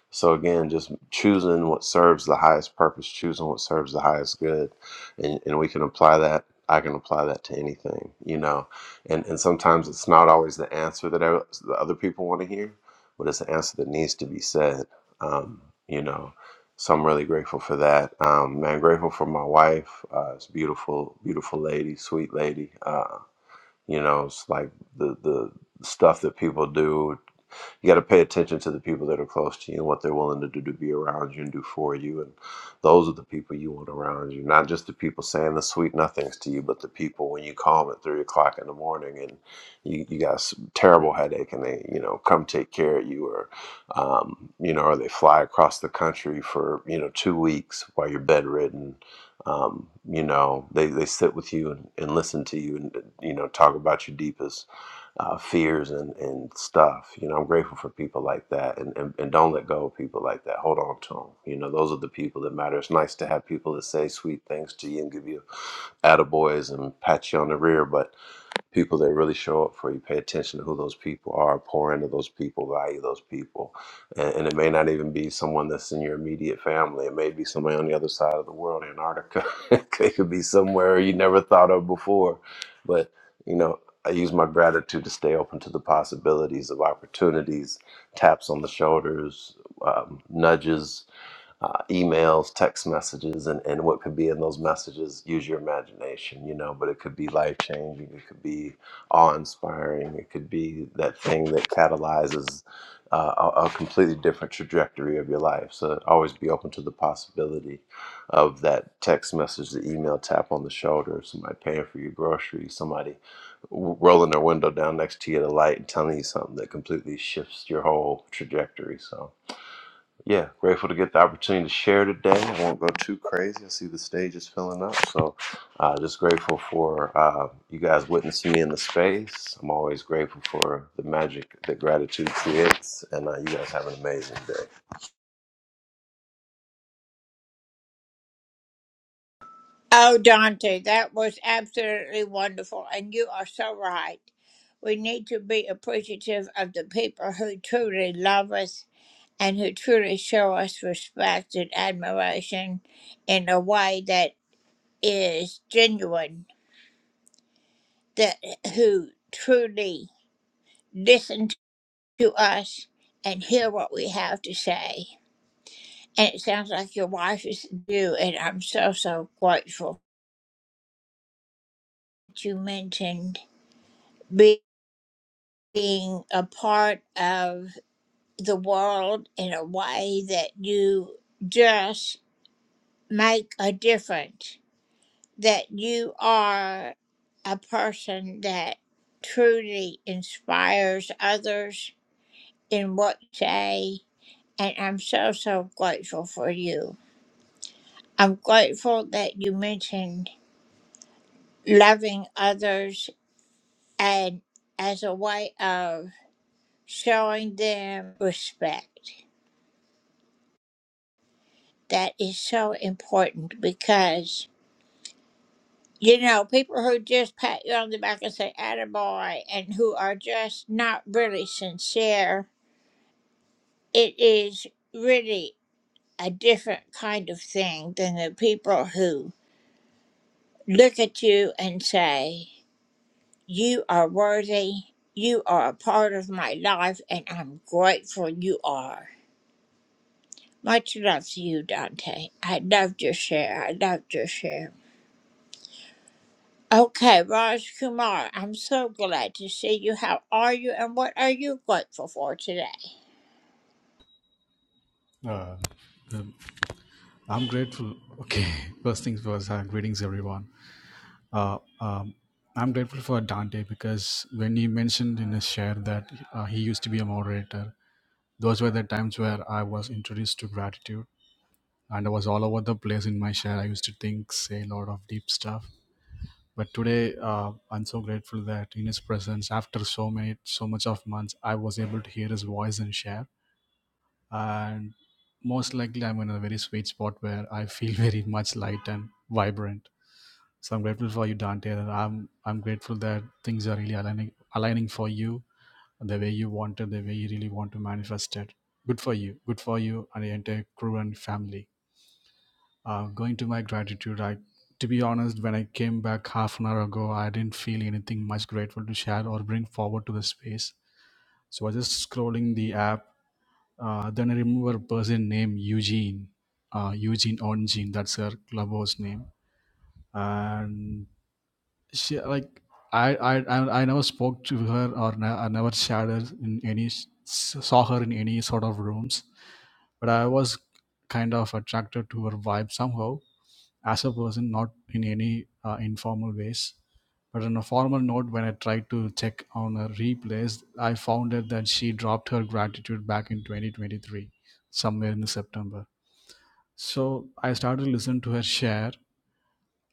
Speaker 18: So again, just choosing what serves the highest purpose, choosing what serves the highest good, and and we can apply that. I can apply that to anything, you know. And and sometimes it's not always the answer that I, the other people want to hear, but it's the answer that needs to be said. Um, you know, so I'm really grateful for that. Um, man, grateful for my wife. Uh, it's beautiful, beautiful lady, sweet lady. Uh, you know, it's like the the stuff that people do you got to pay attention to the people that are close to you and what they're willing to do to be around you and do for you. And those are the people you want around you, not just the people saying the sweet nothings to you, but the people when you call them at three o'clock in the morning and you, you got a terrible headache and they, you know, come take care of you or, um, you know, or they fly across the country for, you know, two weeks while you're bedridden. Um, you know, they, they sit with you and, and listen to you and, you know, talk about your deepest uh, fears and, and stuff. You know, I'm grateful for people like that and, and, and don't let go of people like that. Hold on to them. You know, those are the people that matter. It's nice to have people that say sweet things to you and give you attaboys and pat you on the rear, but people that really show up for you. Pay attention to who those people are, pour into those people, value those people. And, and it may not even be someone that's in your immediate family. It may be somebody on the other side of the world, Antarctica. it could be somewhere you never thought of before. But, you know, I use my gratitude to stay open to the possibilities of opportunities, taps on the shoulders, um, nudges uh, emails, text messages, and, and what could be in those messages. Use your imagination, you know, but it could be life changing, it could be awe inspiring, it could be that thing that catalyzes uh, a, a completely different trajectory of your life. So always be open to the possibility of that text message, the email tap on the shoulder, somebody paying for your groceries, somebody w- rolling their window down next to you at a light and telling you something that completely shifts your whole trajectory. So yeah, grateful to get the opportunity to share today. I won't go too crazy. I see the stage is filling up, so uh, just grateful for uh, you guys witnessing me in the space. I'm always grateful for the magic that gratitude creates, and uh, you guys have an amazing day.
Speaker 19: Uh, um, I'm grateful. Okay, first things first. Uh, greetings, everyone. Uh, um, I'm grateful for Dante because when he mentioned in his share that uh, he used to be a moderator, those were the times where I was introduced to gratitude, and I was all over the place in my share. I used to think, say a lot of deep stuff. But today, uh, I'm so grateful that in his presence, after so many, so much of months, I was able to hear his voice and share and most likely I'm in a very sweet spot where I feel very much light and vibrant. So I'm grateful for you, Dante. And I'm I'm grateful that things are really aligning aligning for you the way you want it, the way you really want to manifest it. Good for you. Good for you and the entire crew and family. Uh, going to my gratitude, I to be honest, when I came back half an hour ago, I didn't feel anything much grateful to share or bring forward to the space. So I was just scrolling the app uh, then I remember a person named Eugene, uh, Eugene Onjin. That's her clubhouse name. And she like I I I I never spoke to her or ne- I never shared her in any s- saw her in any sort of rooms, but I was kind of attracted to her vibe somehow as a person, not in any uh, informal ways. But on a formal note, when I tried to check on her replays, I found out that she dropped her gratitude back in 2023, somewhere in September. So I started to listen to her share,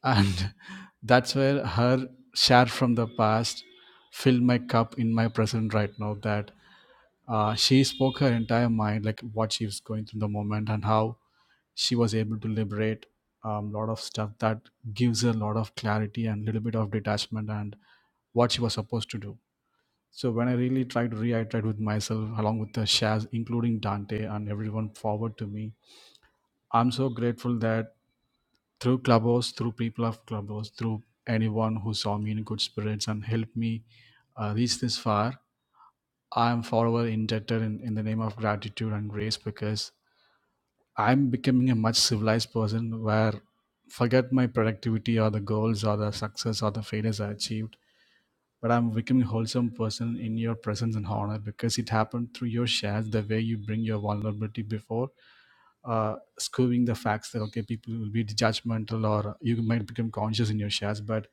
Speaker 19: and that's where her share from the past filled my cup in my present right now. That uh, she spoke her entire mind, like what she was going through in the moment, and how she was able to liberate a um, lot of stuff that gives her a lot of clarity and little bit of detachment and what she was supposed to do so when i really tried to reiterate with myself along with the shaz, including dante and everyone forward to me i'm so grateful that through clubhouse through people of clubhouse through anyone who saw me in good spirits and helped me uh, reach this far i am forever indebted in, in the name of gratitude and grace because I'm becoming a much civilized person where forget my productivity or the goals or the success or the failures I achieved. But I'm becoming a wholesome person in your presence and honor because it happened through your shares, the way you bring your vulnerability before uh, skewing the facts that, okay, people will be judgmental or you might become conscious in your shares. But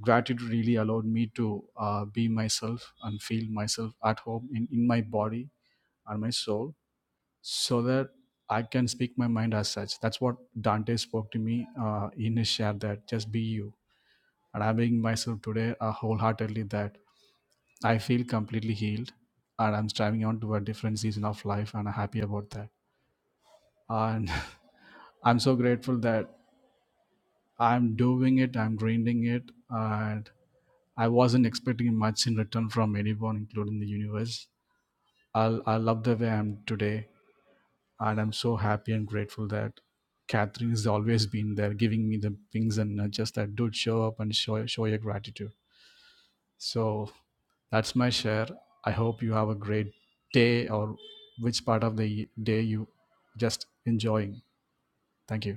Speaker 19: gratitude really allowed me to uh, be myself and feel myself at home in, in my body and my soul so that I can speak my mind as such. That's what Dante spoke to me uh, in his share that just be you. And I'm being myself today uh, wholeheartedly that I feel completely healed and I'm striving on to a different season of life and I'm happy about that. And I'm so grateful that I'm doing it, I'm grinding it, and I wasn't expecting much in return from anyone, including the universe. I'll, I love the way I'm today and I'm so happy and grateful that Catherine has always been there, giving me the things and uh, just that dude show up and show show your gratitude. So that's my share. I hope you have a great day or which part of the day you just enjoying. Thank you.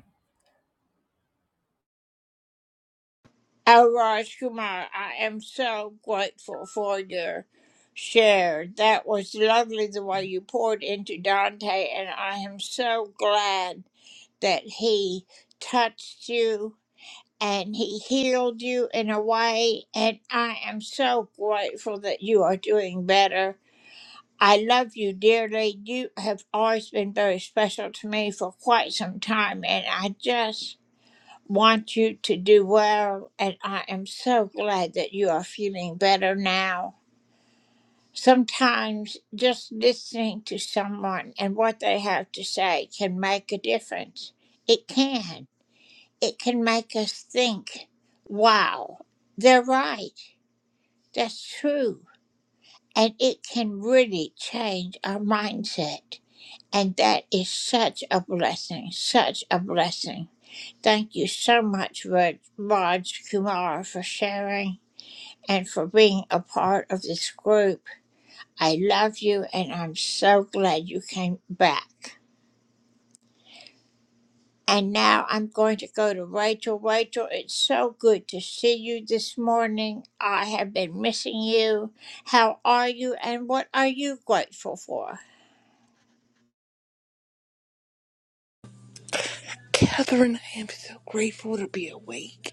Speaker 20: Catherine, I am so grateful to be awake.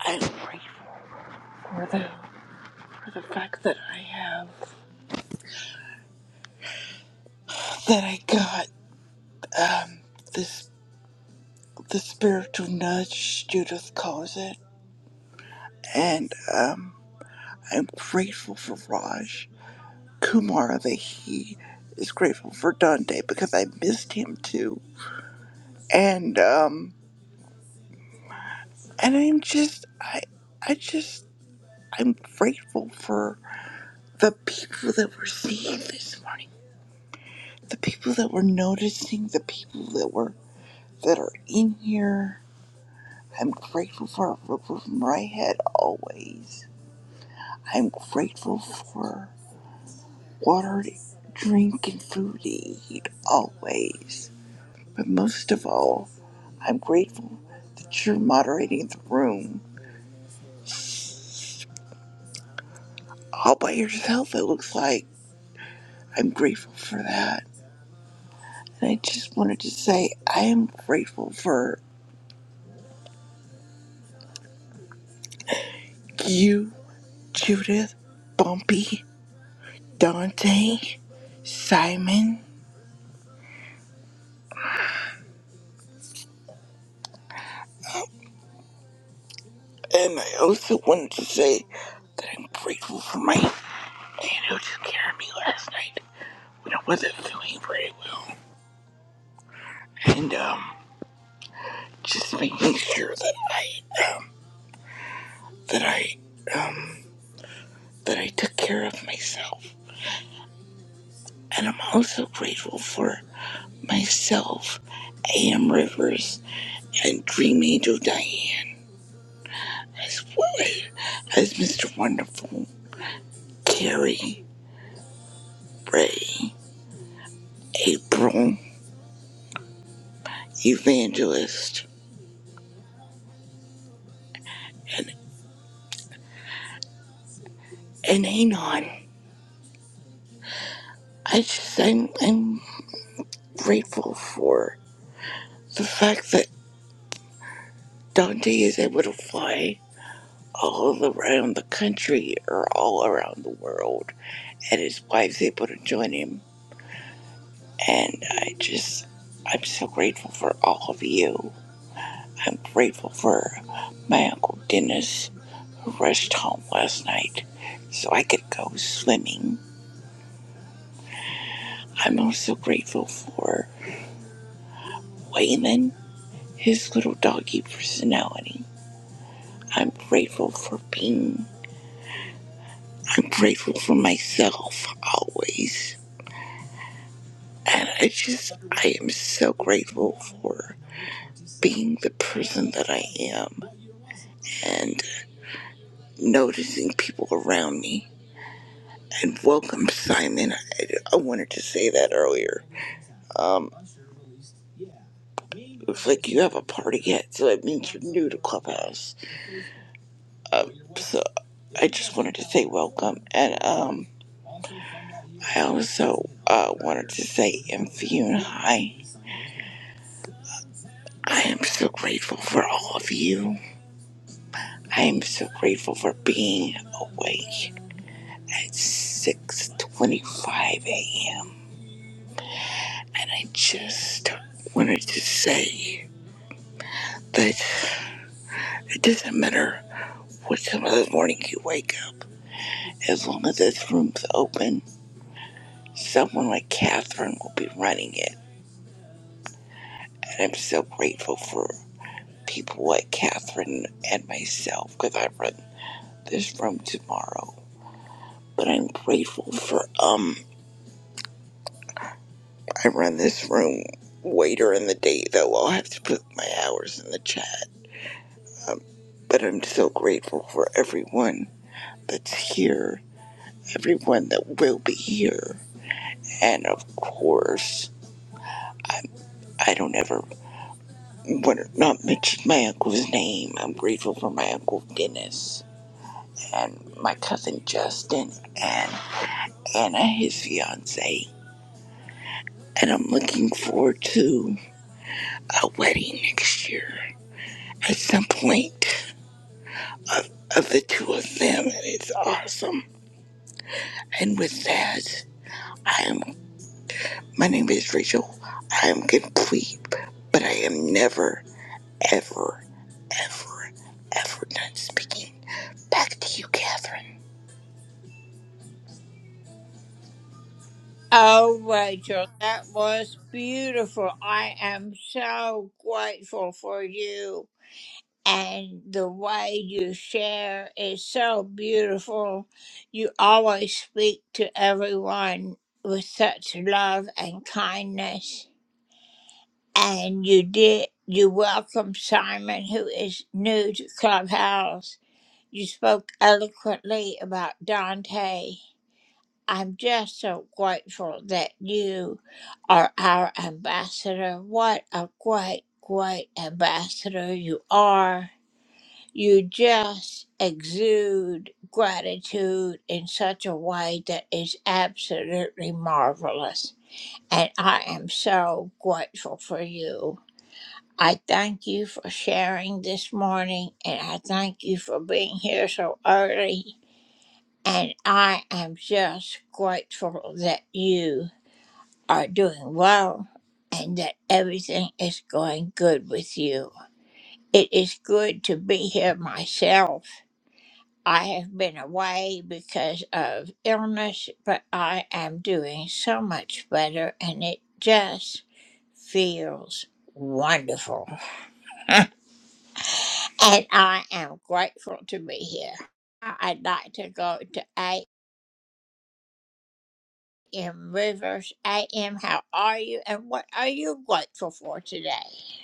Speaker 20: I'm grateful for the for the fact that I have that I got this the spiritual nudge Judith calls it, and um, I'm grateful for Raj Kumar that he is grateful for Dante because I missed him too, and um, and I'm just I I just I'm grateful for the people that were seeing this morning. the people that were noticing, the people that were that are in here. I'm grateful for a roof over my head always. I'm grateful for water to drink and food to eat always. But most of all, I'm grateful that you're moderating the room all by yourself, it looks like. I'm grateful for that. And I just wanted to say I am grateful for you, Judith, Bumpy, Dante, Simon, and I also wanted to say that I'm grateful for my man who took care of me last night when I wasn't feeling very well, and um, just making sure that that I um that I took care of myself, and I'm also grateful for myself, A.M. Rivers, and Dream Angel Diane, as well as Mr. Wonderful, Carrie, Ray, April. evangelist and, and Anon. I just I'm I'm grateful for the fact that Dante is able to fly all around the country or all around the world and his wife's able to join him. And I just I'm so grateful for all of you. I'm grateful for my Uncle Dennis who rushed home last night so I could go swimming. I'm also grateful for Wayman his little doggy personality. I'm grateful for being. I'm grateful for myself always. And I just, I am so grateful for being the person that I am and noticing people around me. And welcome, Simon. I, wanted to say that earlier. Um, looks like you have a party yet, so it means you're new to Clubhouse. Um, so I just wanted to say welcome. And, um, I also uh, wanted to say, Infune, hi. I am so grateful for all of you. I am so grateful for being awake at 6.25 a.m. And I just wanted to say that it doesn't matter what time of the morning you wake up. As long as this room's open, someone like Catherine will be running it. And I'm so grateful for people like Catherine and myself because I've run. this room tomorrow. But I'm grateful for um I run this room later in the day though I'll have to put my hours in the chat. Um, but I'm so grateful for everyone that's here, everyone that will be here, and of course I don't ever want to not mention my uncle's name. I'm grateful for my uncle Dennis and my cousin Justin and Anna his fiance. And I'm looking forward to a wedding next year at some point of, of the two of them, and it's awesome. And with that, I am. My name is Rachel. I am complete, but I am never, ever, ever, ever done speaking. Back to you, Catherine.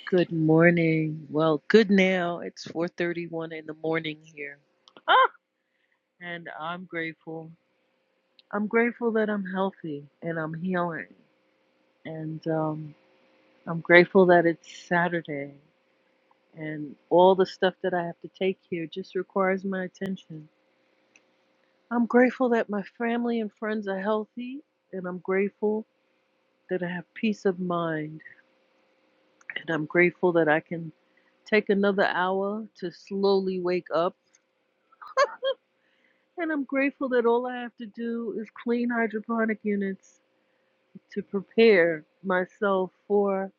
Speaker 21: Good morning. Well, good now. It's 4:31 in the morning here. Ah, and I'm grateful. I'm grateful that I'm healthy and I'm healing. And um, I'm grateful that it's Saturday and all the stuff that I have to take here just requires my attention. I'm grateful that my family and friends are healthy and I'm grateful that I have peace of mind and I'm grateful that I can take another hour to slowly wake up And I'm grateful that all I have to do is clean hydroponic units to prepare myself for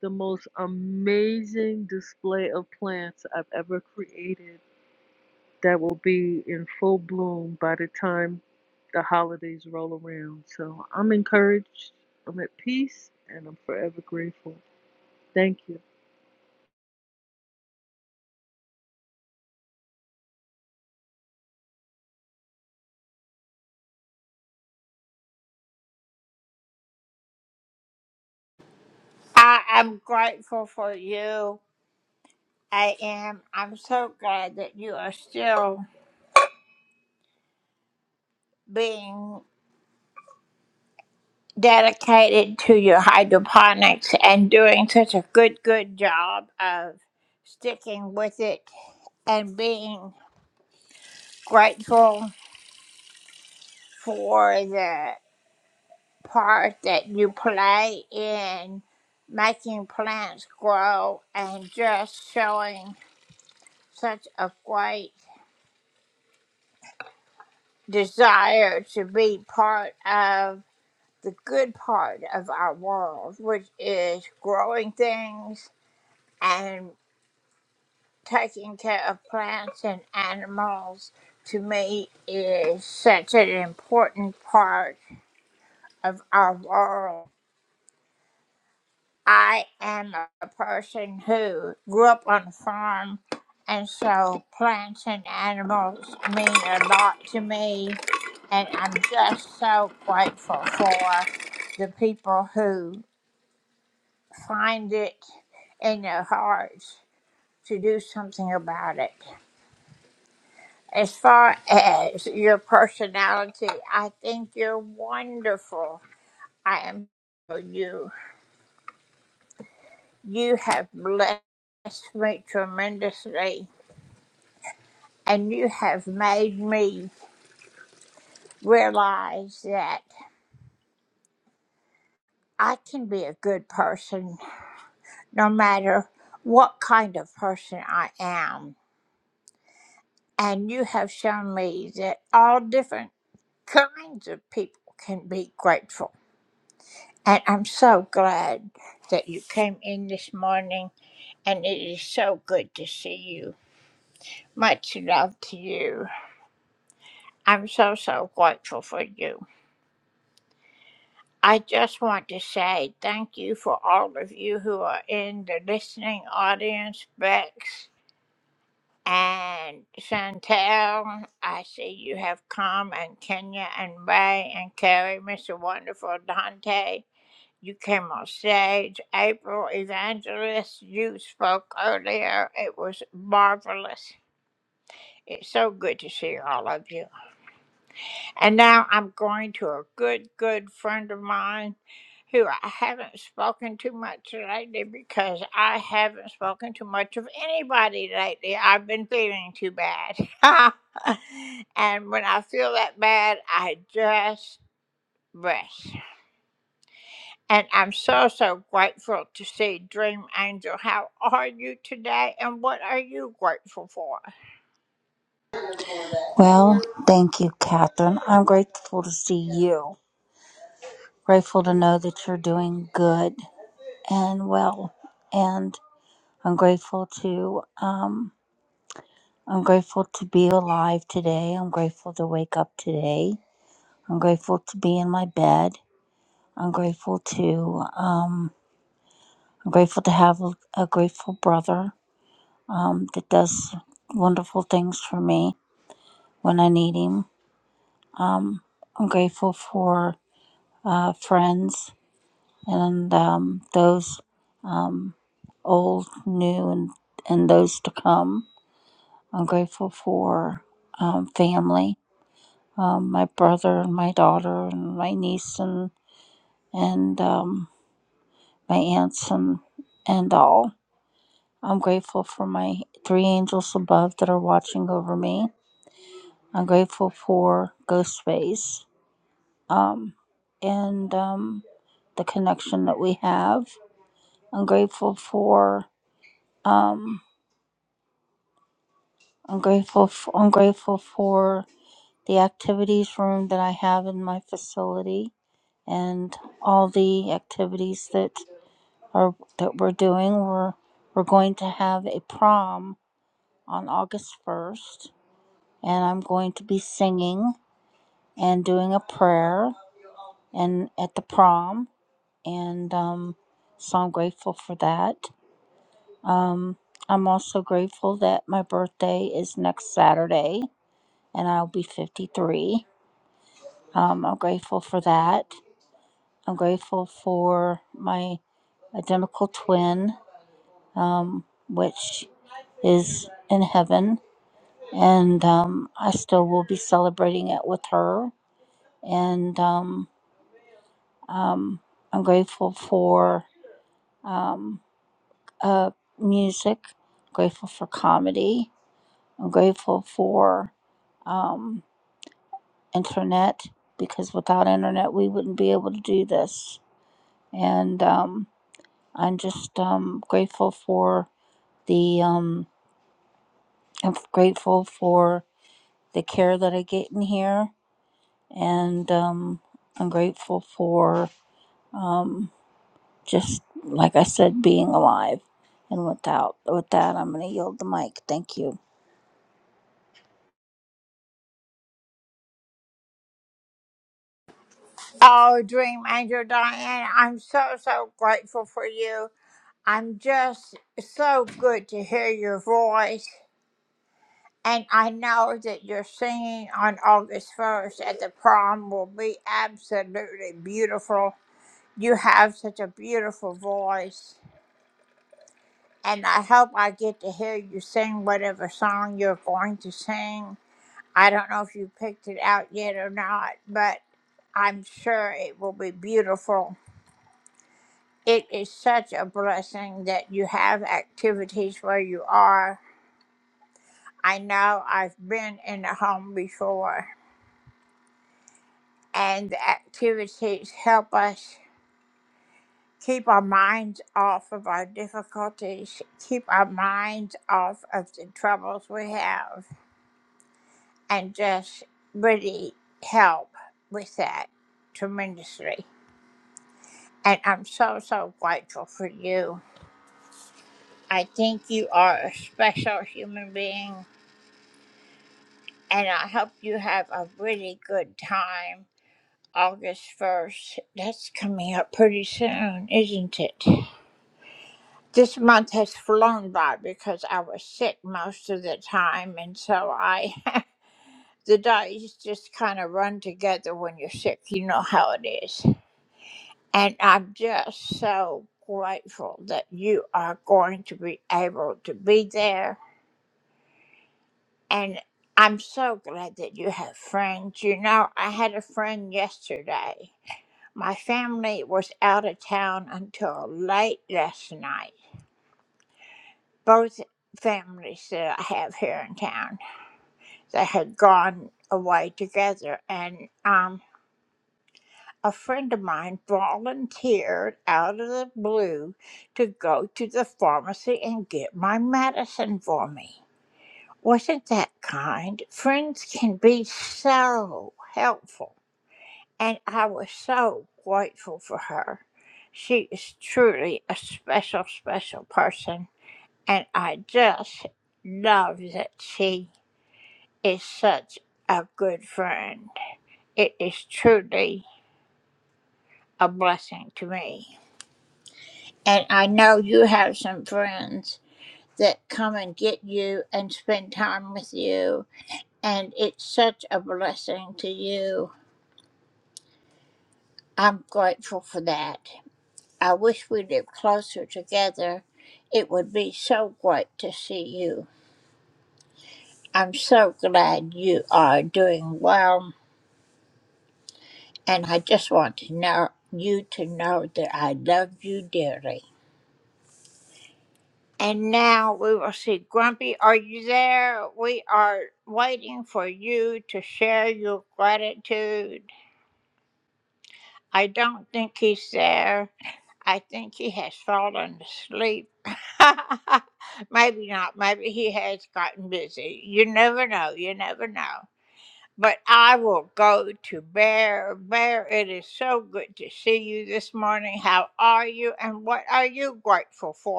Speaker 21: the most amazing display of plants I've ever created that will be in full bloom by the time the holidays roll around. So I'm encouraged, I'm at peace, and I'm forever grateful. Thank you.
Speaker 22: Well, thank you, Catherine. I'm grateful to see you. Grateful to know that you're doing good and well. And I'm grateful to um I'm grateful to be alive today. I'm grateful to wake up today. I'm grateful to be in my bed. I'm grateful to um, I'm grateful to have a, a grateful brother um, that does wonderful things for me when I need him. Um, I'm grateful for uh, friends and um, those um, old, new, and, and those to come. I'm grateful for um, family, um, my brother and my daughter and my niece and and um, my aunts and and all. I'm grateful for my three angels above that are watching over me. I'm grateful for Ghost Space um, and um, the connection that we have. I'm grateful for. Um, I'm grateful. f I'm grateful for the activities room that I have in my facility and all the activities that are that we're doing. We're we're going to have a prom on August first, and I'm going to be singing and doing a prayer and at the prom, and um, so I'm grateful for that. Um, I'm also grateful that my birthday is next Saturday, and I'll be 53 Um, I'm grateful for that. I'm grateful for my identical twin, um, which is in heaven, and um, I still will be celebrating it with her. And um, um, I'm grateful for um, uh, music, grateful for comedy, I'm grateful for um, internet because without internet we wouldn't be able to do this. And um, I'm just um, grateful for the um, I'm grateful for the care that I get in here, and um, I'm grateful for um, just like I said, being alive. And without with that, I'm going to yield the mic. Thank you.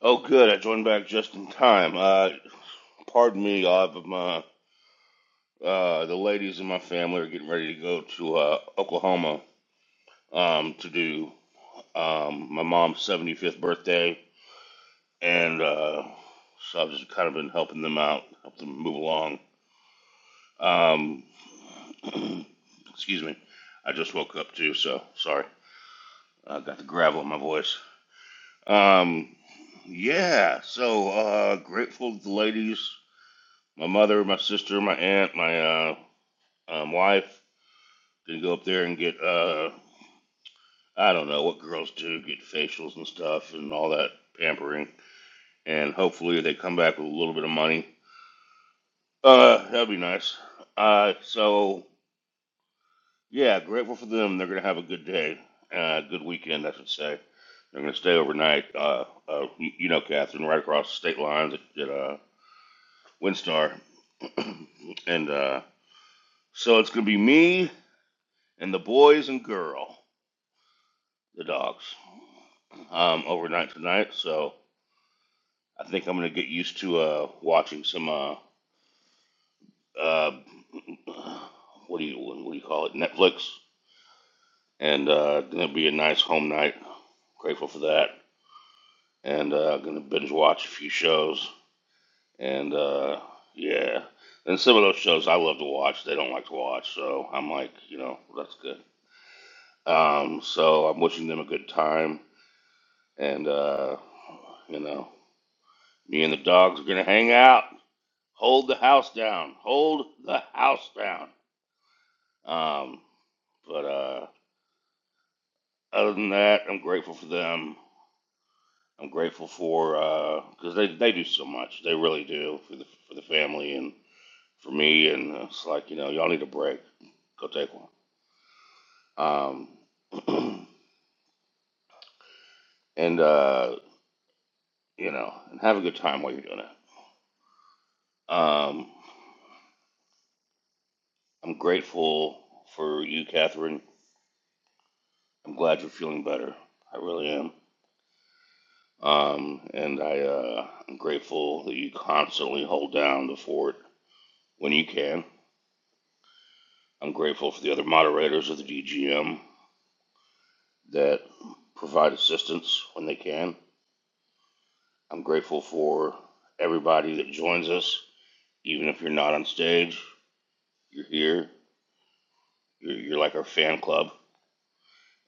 Speaker 23: Oh, good. I joined back just in time. Uh, pardon me. I've my uh, the ladies in my family are getting ready to go to uh, Oklahoma um, to do um, my mom's seventy fifth birthday, and uh, so I've just kind of been helping them out, help them move along. Um, excuse me. I just woke up too, so sorry. I got the gravel in my voice. Um, yeah. So uh, grateful to the ladies My mother, my sister, my aunt, my uh, um, wife can go up there and get uh, I don't know what girls do, get facials and stuff and all that pampering, and hopefully they come back with a little bit of money. Uh, that'd be nice. Uh, so yeah, grateful for them. They're gonna have a good day, uh, good weekend, I should say. They're gonna stay overnight. Uh, uh, you know, Catherine, right across the state lines at, at uh, Windstar, and uh, so it's gonna be me and the boys and girl. the dogs um, overnight tonight, so I think I'm gonna get used to uh, watching some uh, uh, what do you what do you call it Netflix, and uh, gonna be a nice home night. Grateful for that, and uh, gonna binge watch a few shows, and uh, yeah, and some of those shows I love to watch, they don't like to watch, so I'm like, you know, that's good. Um, so I'm wishing them a good time, and uh, you know, me and the dogs are gonna hang out. hold the house down, hold the house down. Um, but uh, other than that, I'm grateful for them. I'm grateful for because uh, they they do so much. They really do for the for the family and for me. And uh, it's like you know, y'all need a break. Go take one. Um, and uh, you know, and have a good time while you're doing it. Um, I'm grateful for you, Catherine. I'm glad you're feeling better. I really am. Um, and I, uh, I'm grateful that you constantly hold down the fort when you can. I'm grateful for the other moderators of the DGM that provide assistance when they can. I'm grateful for everybody that joins us, even if you're not on stage. You're here. You're, you're like our fan club,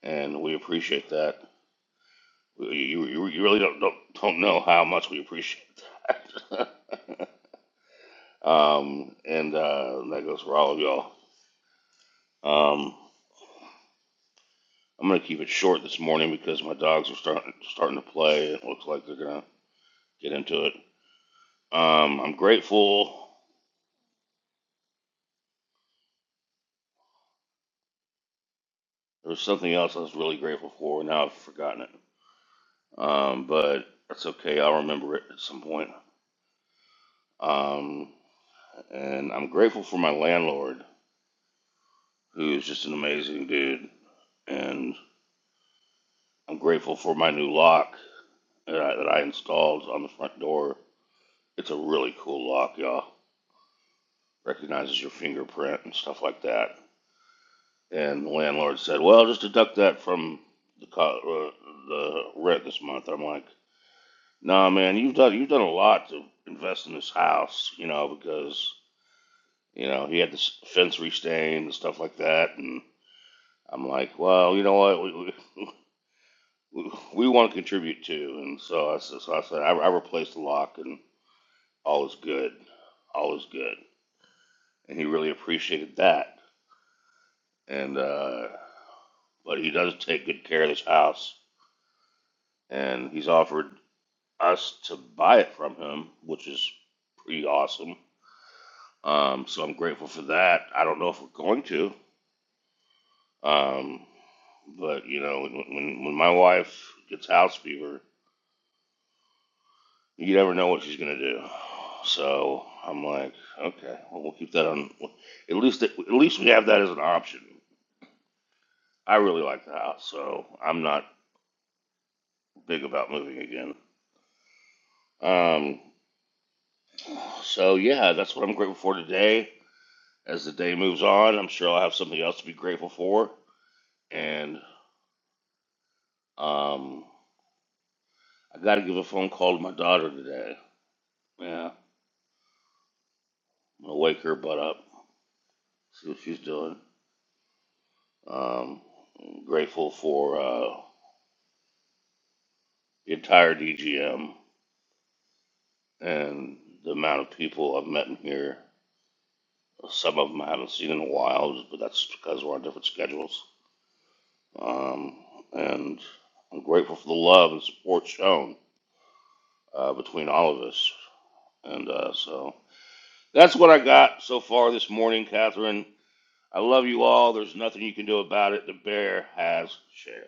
Speaker 23: and we appreciate that. Well, You, you, you really don't, don't don't know how much we appreciate that. um, and uh, that goes for all of y'all. Um, I'm gonna keep it short this morning because my dogs are starting starting to play. It looks like they're gonna get into it. Um, I'm grateful. There was something else I was really grateful for. and Now I've forgotten it. Um, but that's okay. I'll remember it at some point. Um, and I'm grateful for my landlord, who is just an amazing dude. And I'm grateful for my new lock that I, that I installed on the front door. It's a really cool lock, y'all. Recognizes your fingerprint and stuff like that. And the landlord said, "Well, just deduct that from the co- uh, the rent this month." I'm like, "Nah, man, you've done you've done a lot to invest in this house, you know, because you know he had this fence restained and stuff like that." And I'm like, "Well, you know what? We we, we want to contribute too." And so I said, so I, said I, I replaced the lock, and all is good, all is good. And he really appreciated that. And uh, but he does take good care of this house, and he's offered us to buy it from him, which is pretty awesome. Um, so I'm grateful for that. I don't know if we're going to, um, but you know, when, when my wife gets house fever, you never know what she's gonna do. So I'm like, okay, well we'll keep that on. At least at least we have that as an option. I really like the house, so I'm not big about moving again. Um, so yeah, that's what I'm grateful for today. As the day moves on, I'm sure I'll have something else to be grateful for. And um, I got to give a phone call to my daughter today. Yeah, I'm gonna wake her butt up, see what she's doing. Um, I'm grateful for uh, the entire DGM and the amount of people I've met in here. Some of them I haven't seen in a while, but that's because we're on different schedules. Um, and I'm grateful for the love and support shown uh, between all of us. And uh, so That's what I got so far this morning, Catherine. I love you all. There's nothing you can do about it. The bear has shared.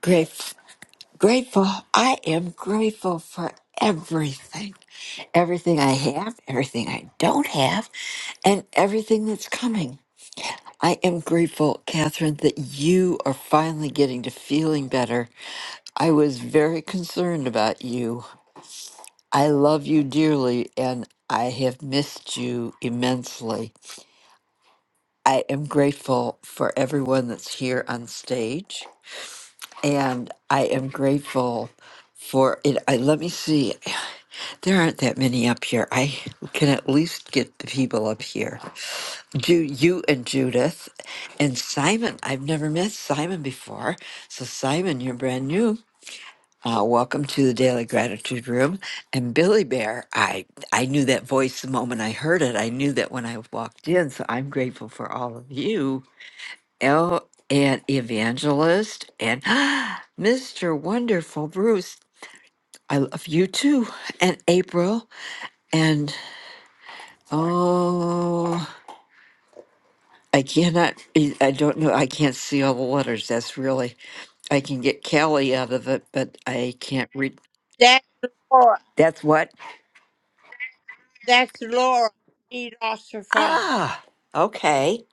Speaker 24: Grateful, grateful. I am grateful for everything, everything I have, everything I don't have, and everything that's coming. I am grateful, Catherine, that you are finally getting to feeling better. I was very concerned about you. I love you dearly, and I have missed you immensely. I am grateful for everyone that's here on stage. and I am grateful for it. I, let me see. There aren't that many up here. I can at least get the people up here. Ju- you and Judith and Simon. I've never met Simon before. So, Simon, you're brand new. Uh, welcome to the Daily Gratitude Room. And Billy Bear, I, I knew that voice the moment I heard it. I knew that when I walked in. So I'm grateful for all of you El and Evangelist and Mr. Wonderful Bruce. I love you too. And April and oh I cannot I I don't know I can't see all the letters. That's really I can get Kelly out of it, but I can't read that's what? Ah okay.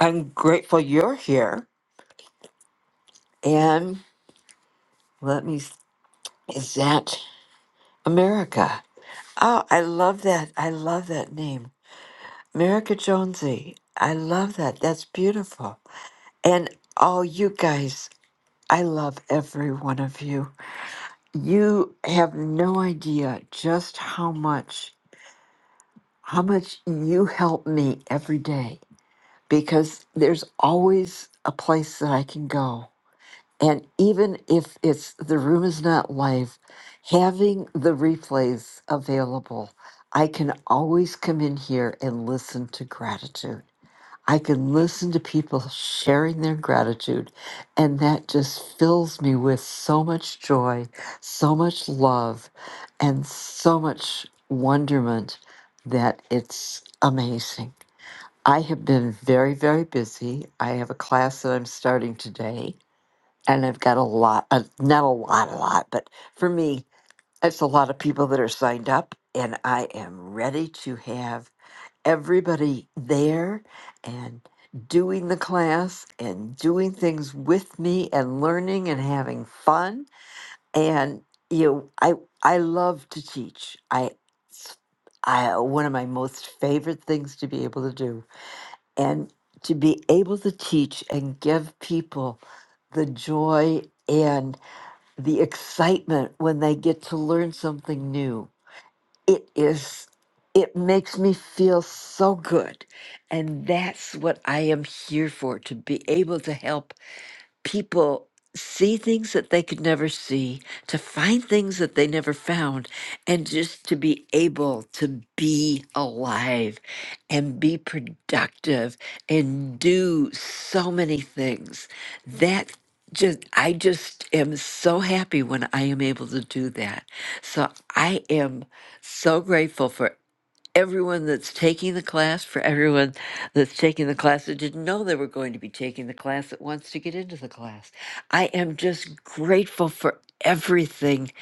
Speaker 24: I'm grateful you're here. And let me is that America. Oh, I love that. I love that name. Miracle Jonesy, I love that. That's beautiful. And all you guys, I love every one of you. You have no idea just how much how much you help me every day because there's always a place that I can go. And even if it's the room is not live, having the replays available, I can always come in here and listen to gratitude. I can listen to people sharing their gratitude, and that just fills me with so much joy, so much love, and so much wonderment that it's amazing. I have been very, very busy. I have a class that I'm starting today, and I've got a lot, uh, not a lot, a lot, but for me, it's a lot of people that are signed up, and I am ready to have everybody there and doing the class and doing things with me and learning and having fun and you know, I I love to teach. I s- I one of my most favorite things to be able to do and to be able to teach and give people the joy and the excitement when they get to learn something new it is it makes me feel so good and that's what i am here for to be able to help people see things that they could never see, to find things that they never found, and just to be able to be alive and be productive and do so many things. That just I just am so happy when I am able to do that. So I am so grateful for everyone that's taking the class, for everyone that's taking the class that didn't know they were going to be taking the class that wants to get into the class. I am just grateful for everything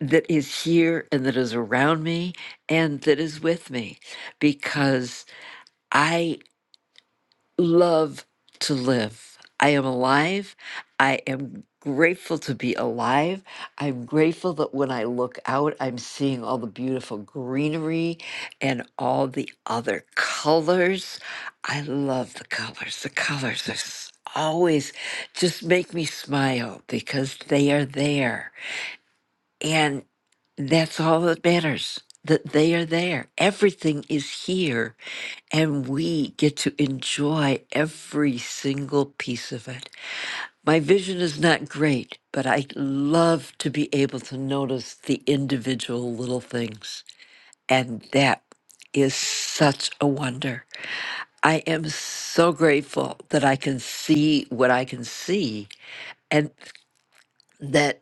Speaker 24: that is here and that is around me and that is with me because. I love to live. I am alive. I am grateful to be alive. I'm grateful that when I look out, I'm seeing all the beautiful greenery and all the other colors. I love the colors. The colors are s- always just make me smile because they are there. And that's all that matters that they are there. Everything is here and we get to enjoy every single piece of it. My vision is not great, but I love to be able to notice the individual little things. And that is such a wonder. I am so grateful that I can see what I can see and that.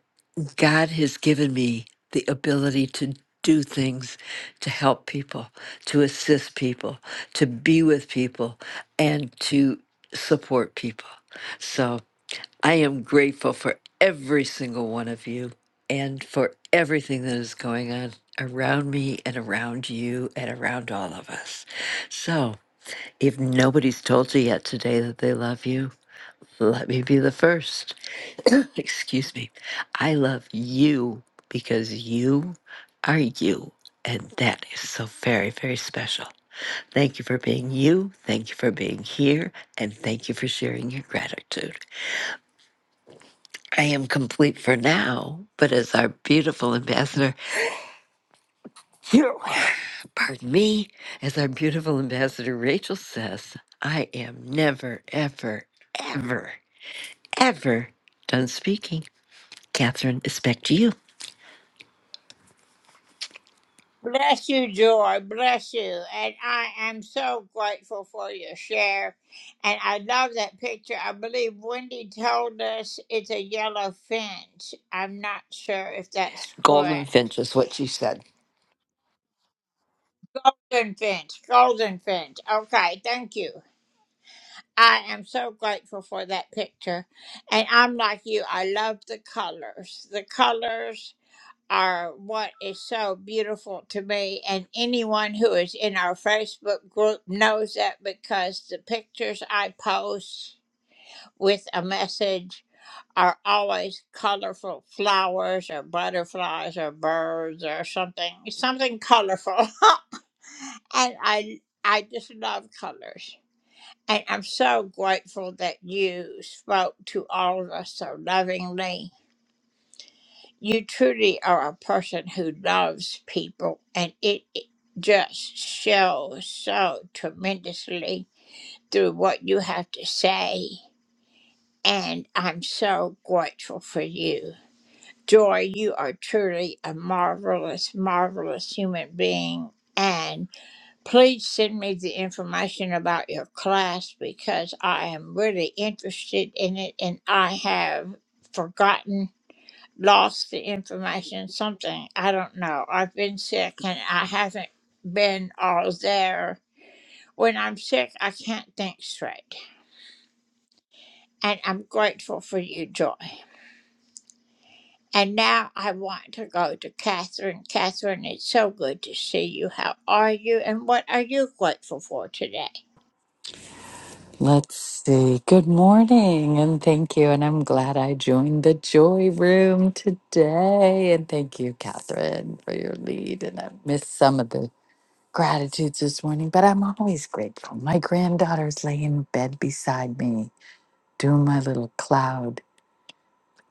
Speaker 24: God has given me the ability to do things to help people, to assist people, to be with people, and to support people. So I am grateful for every single one of you and for everything that is going on around me and around you and around all of us. So if nobody's told you yet today that they love you, let me be the first. Excuse me. I love you because you are you. And that is so very, very special. Thank you for being you. Thank you for being here. And thank you for sharing your gratitude. I am complete for now, but as our beautiful ambassador, pardon me, as our beautiful ambassador Rachel says, I am never, ever, ever, ever done speaking. Catherine, it's back to you. Golden Finch is what she said.
Speaker 25: Let's see. Good morning and thank you. And I'm glad I joined the joy room today. And thank you, Catherine, for your lead. And I missed some of the gratitudes this morning, but I'm always grateful. My granddaughter's laying in bed beside me doing my little cloud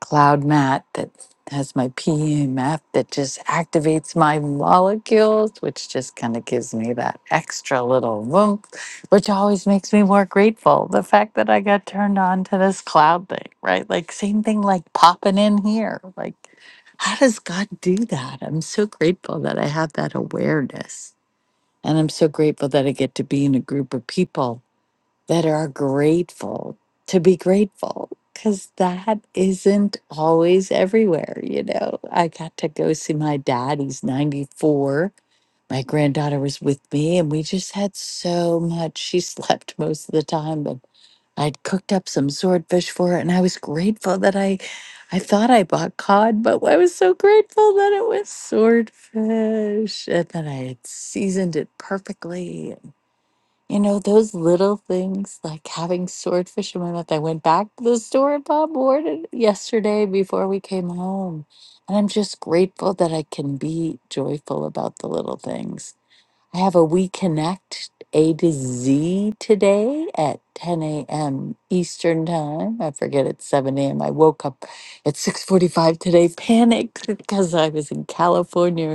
Speaker 25: cloud mat that has my PEMF that just activates my molecules, which just kind of gives me that extra little whoomp, which always makes me more grateful. The fact that I got turned on to this cloud thing, right? Like, same thing like popping in here. Like, how does God do that? I'm so grateful that I have that awareness. And I'm so grateful that I get to be in a group of people that are grateful to be grateful because that isn't always everywhere. You know, I got to go see my dad, he's 94. My granddaughter was with me, and we just had so much. She slept most of the time, and I'd cooked up some swordfish for her, and I was grateful that I. I thought I bought cod, but I was so grateful that it was swordfish and that I had seasoned it perfectly you know, those little things like having swordfish in my mouth. I went back to the store and bought more to- yesterday before we came home. And I'm just grateful that I can be joyful about the little things. I have a We Connect A to Z today at 10 a.m. Eastern Time. I forget it's 7 a.m. I woke up at 6:45 today, panicked because I was in California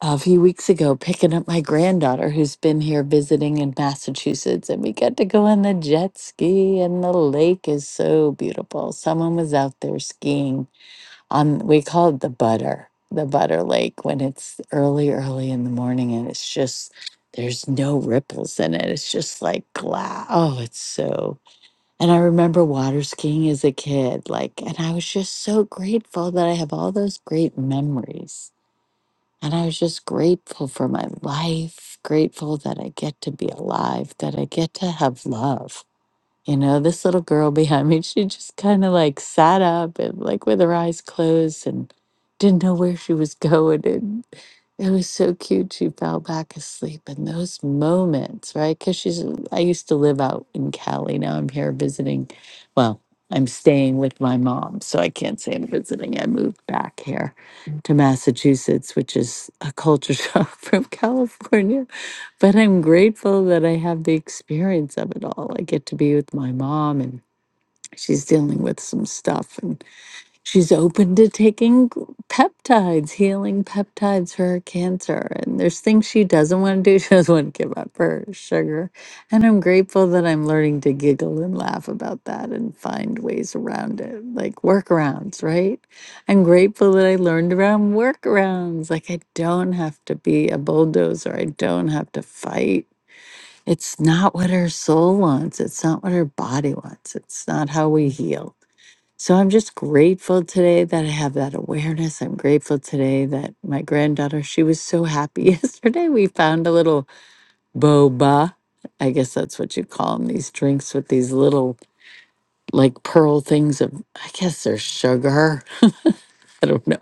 Speaker 25: a few weeks ago picking up my granddaughter who's been here visiting in Massachusetts, and we got to go on the jet ski, and the lake is so beautiful. Someone was out there skiing on, we call it the butter, the butter lake when it's early, early in the morning, and it's just, there's no ripples in it. It's just like glass. Oh, it's so. And I remember water skiing as a kid, like, and I was just so grateful that I have all those great memories and I was just grateful for my life, grateful that I get to be alive, that I get to have love. You know, this little girl behind me, she just kind of like sat up and like with her eyes closed and didn't know where she was going. And it was so cute. She fell back asleep. And those moments, right? Because she's, I used to live out in Cali. Now I'm here visiting. Well, I'm staying with my mom. So I can't say I'm visiting. I moved back here to Massachusetts, which is a culture shock from California but I'm grateful that I have the experience of it all. I get to be with my mom, and she's dealing with some stuff, and she's open to taking peptides, healing peptides for her cancer. And there's things she doesn't want to do. She doesn't want to give up her sugar. And I'm grateful that I'm learning to giggle and laugh about that and find ways around it, like workarounds, right? I'm grateful that I learned around workarounds. Like, I don't have to be a bulldozer, I don't have to fight. It's not what our soul wants. It's not what our body wants. It's not how we heal. So I'm just grateful today that I have that awareness. I'm grateful today that my granddaughter, she was so happy yesterday. We found a little boba. I guess that's what you call them, these drinks with these little like pearl things of, I guess they're sugar. I don't know.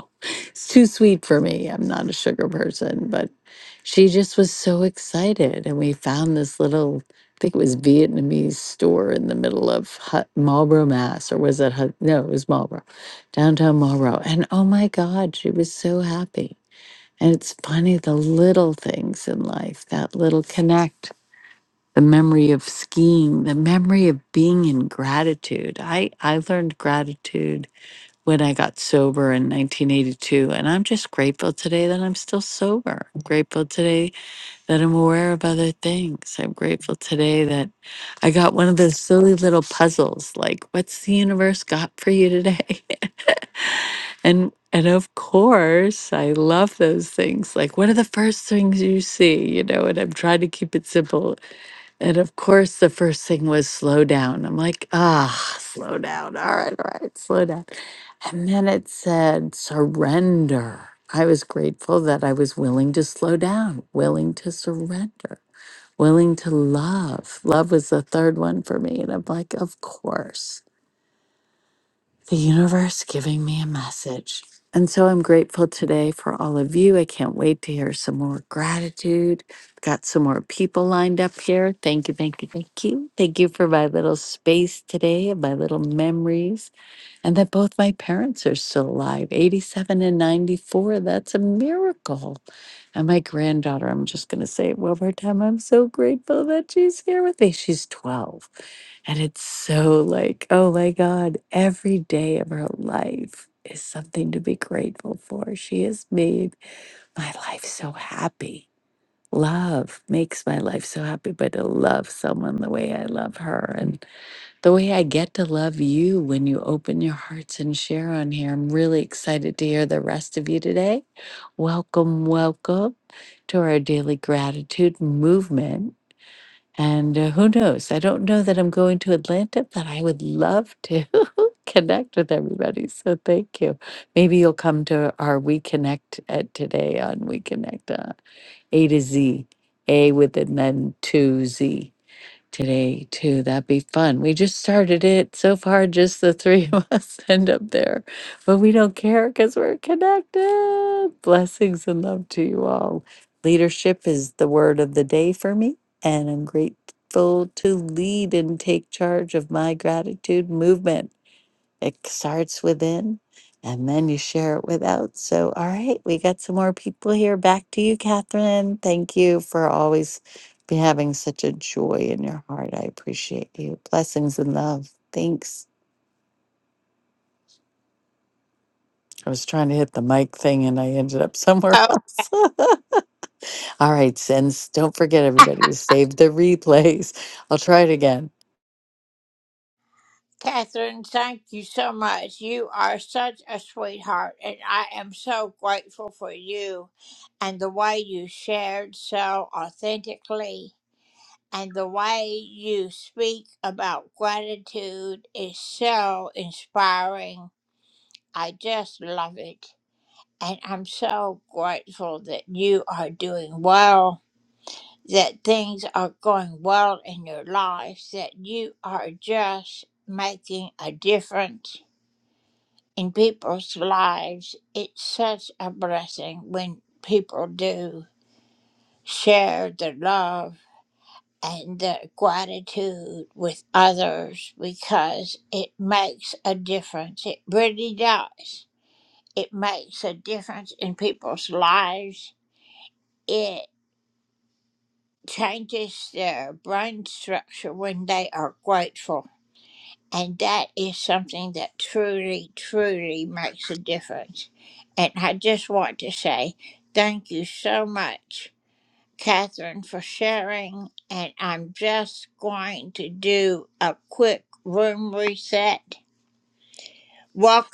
Speaker 25: It's too sweet for me. I'm not a sugar person, but she just was so excited. And we found this little, I think it was Vietnamese store in the middle of Hut, Marlboro, Mass. Or was it Hut? No, it was Marlboro, downtown Marlboro. And oh my God, she was so happy. And it's funny the little things in life, that little connect. The memory of skiing, the memory of being in gratitude. I, I learned gratitude when I got sober in 1982. And I'm just grateful today that I'm still sober. I'm grateful today that I'm aware of other things. I'm grateful today that I got one of those silly little puzzles like, what's the universe got for you today? And and of course, I love those things. Like, what are the first things you see? You know, and I'm trying to keep it simple and of course, the first thing was slow down. I'm like, ah, slow down. All right, all right, slow down. And then it said surrender. I was grateful that I was willing to slow down, willing to surrender, willing to love. Love was the third one for me. And I'm like, of course the universe giving me a message. And so I'm grateful today for all of you. I can't wait to hear some more gratitude. Got some more people lined up here. Thank you, thank you, thank you. Thank you for my little space today and my little memories. And that both my parents are still alive 87 and 94. That's a miracle. And my granddaughter, I'm just going to say it one more time. I'm so grateful that she's here with me. She's 12. And it's so like, oh my God, every day of her life is something to be grateful for. She has made my life so happy. Love makes my life so happy, but to love someone the way I love her. and the way I get to love you when you open your hearts and share on here. I'm really excited to hear the rest of you today. Welcome, welcome to our daily gratitude movement. And uh, who knows? I don't know that I'm going to Atlanta, but I would love to connect with everybody. So thank you. Maybe you'll come to our We Connect at today on We Connect uh, A to Z, A with an N two Z today too. That'd be fun. We just started it. So far, just the three of us end up there, but we don't care because we're connected. Blessings and love to you all. Leadership is the word of the day for me, and I'm grateful to lead and take charge of my gratitude movement. It starts within and then you share it without. So, all right, we got some more people here. Back to you, Catherine. Thank you for always be having such a joy in your heart. I appreciate you. Blessings and love. Thanks. I was trying to hit the mic thing and I ended up somewhere else. All right, Sins. Don't forget, everybody, to save the replays. I'll try it again.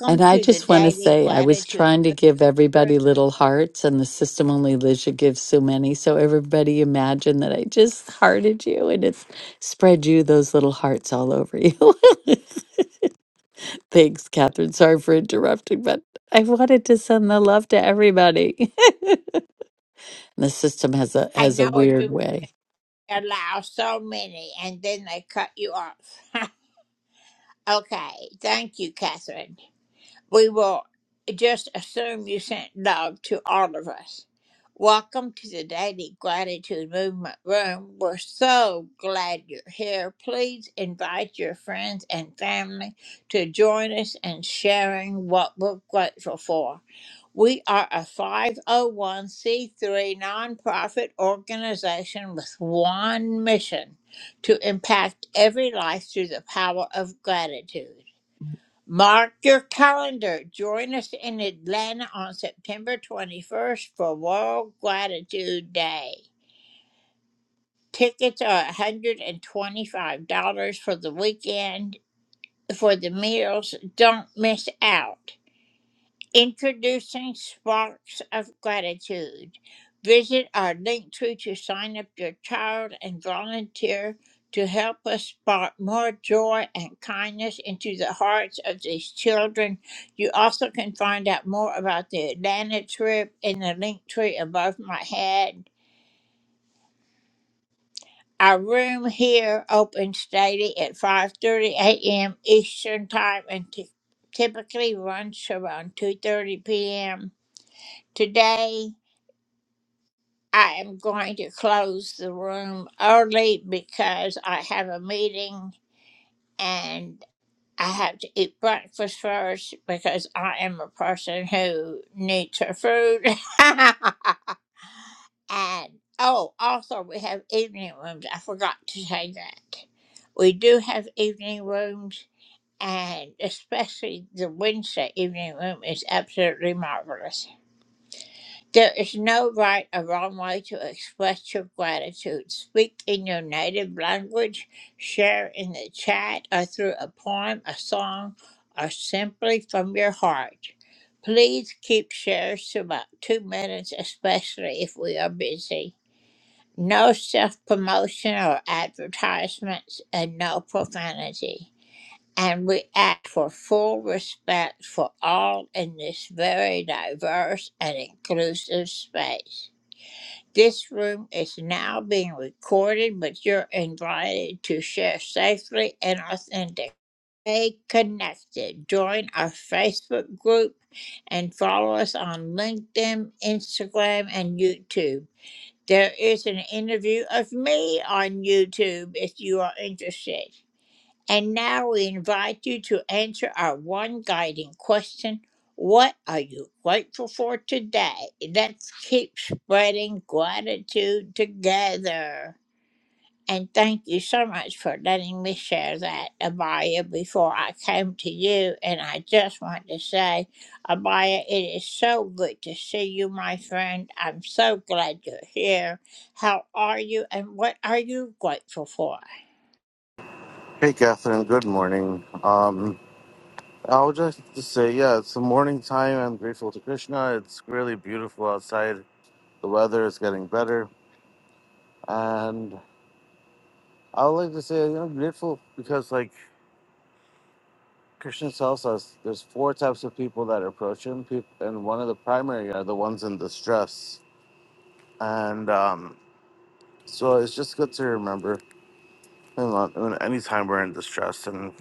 Speaker 25: And I just want to say, I was trying to give everybody little hearts, and the system only Lisha gives so many. So everybody imagine that I just hearted you and it's spread you those little hearts all over you. Thanks, Catherine. Sorry for interrupting, but I wanted to send the love to everybody. the system has a has a weird way.
Speaker 26: Hey, Catherine. Good morning. Um, I would just to say, yeah, it's the morning time. I'm grateful to Krishna. It's really beautiful outside. The weather is getting better, and I would like to say you know, grateful because, like Krishna tells us, there's four types of people that approach him, peop- and one of the primary are the ones in distress. And um, so it's just good to remember him on- on any time we're in distress, and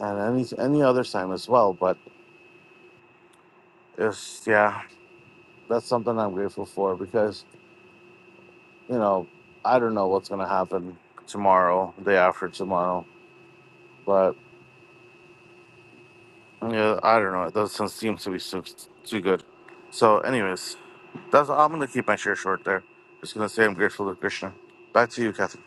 Speaker 26: and any any other time as well. But it's yeah. that's something I'm grateful for because you know I don't know what's gonna happen tomorrow, day after tomorrow, but yeah, I don't know. It doesn't seem to be so, too good. So, anyways, that's I'm gonna keep my share short there. Just gonna say I'm grateful to Krishna. Back to you, Kathy.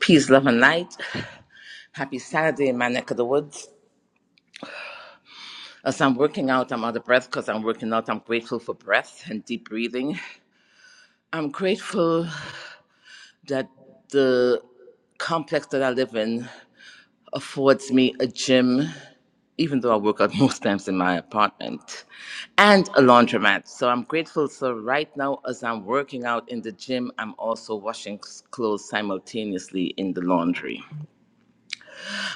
Speaker 27: Peace, love, and light. Happy Saturday in my neck of the woods. As I'm working out, I'm out of breath because I'm working out. I'm grateful for breath and deep breathing. I'm grateful that the complex that I live in affords me a gym, even though I work out most times in my apartment, and a laundromat. So I'm grateful. So right now, as I'm working out in the gym, I'm also washing clothes simultaneously in the laundry.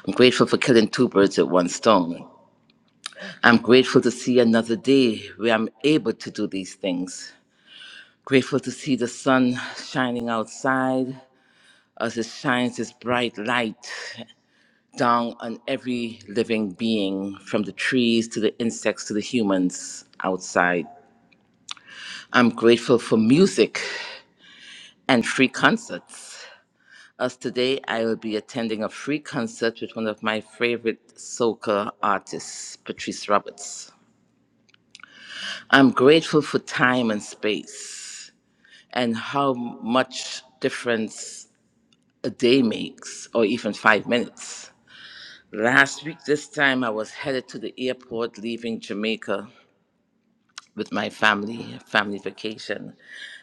Speaker 27: I'm grateful for killing two birds with one stone. I'm grateful to see another day where I'm able to do these things. Grateful to see the sun shining outside as it shines its bright light down on every living being, from the trees to the insects to the humans outside. I'm grateful for music and free concerts. As today, I will be attending a free concert with one of my favorite soca artists, Patrice Roberts. I'm grateful for time and space. and how much difference a day makes, or even five minutes. Last week, this time, I was headed to the airport leaving Jamaica with my family, family vacation.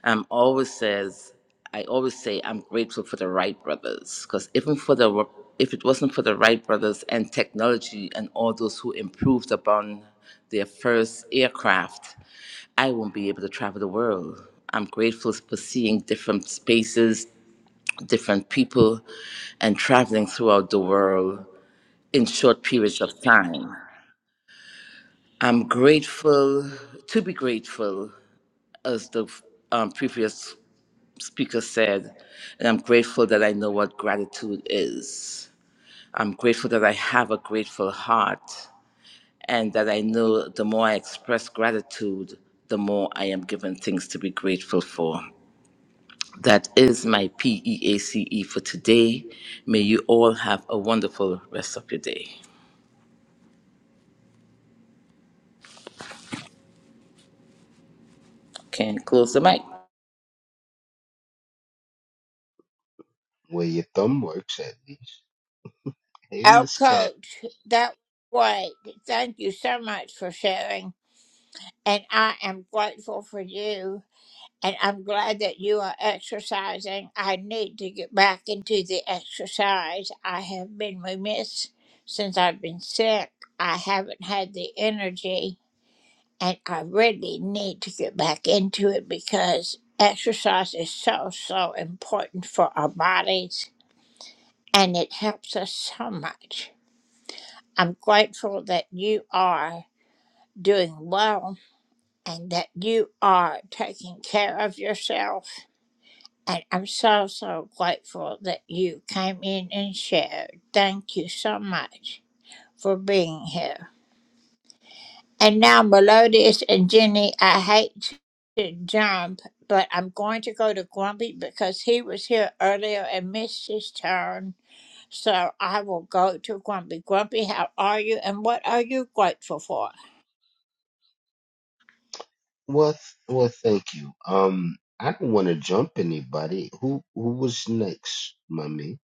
Speaker 27: Um, always says, I always say I'm grateful for the Wright brothers, because even for the if it wasn't for the Wright brothers and technology and all those who improved upon their first aircraft, I won't be able to travel the world. I'm grateful for seeing different spaces, different people and traveling throughout the world in short periods of time. I'm grateful to be grateful, as the um, previous speaker said, and I'm grateful that I know what gratitude is. I'm grateful that I have a grateful heart and that I know the more I express gratitude, the more I am given things to be grateful for. That is my P E A C E for today. May you all have a wonderful rest of your day. Can close the mic.
Speaker 28: Where your thumb works at least. Hey, Miss Cat. Well, th- well, thank you. Um, I don't want to jump anybody. Who who was next, mummy?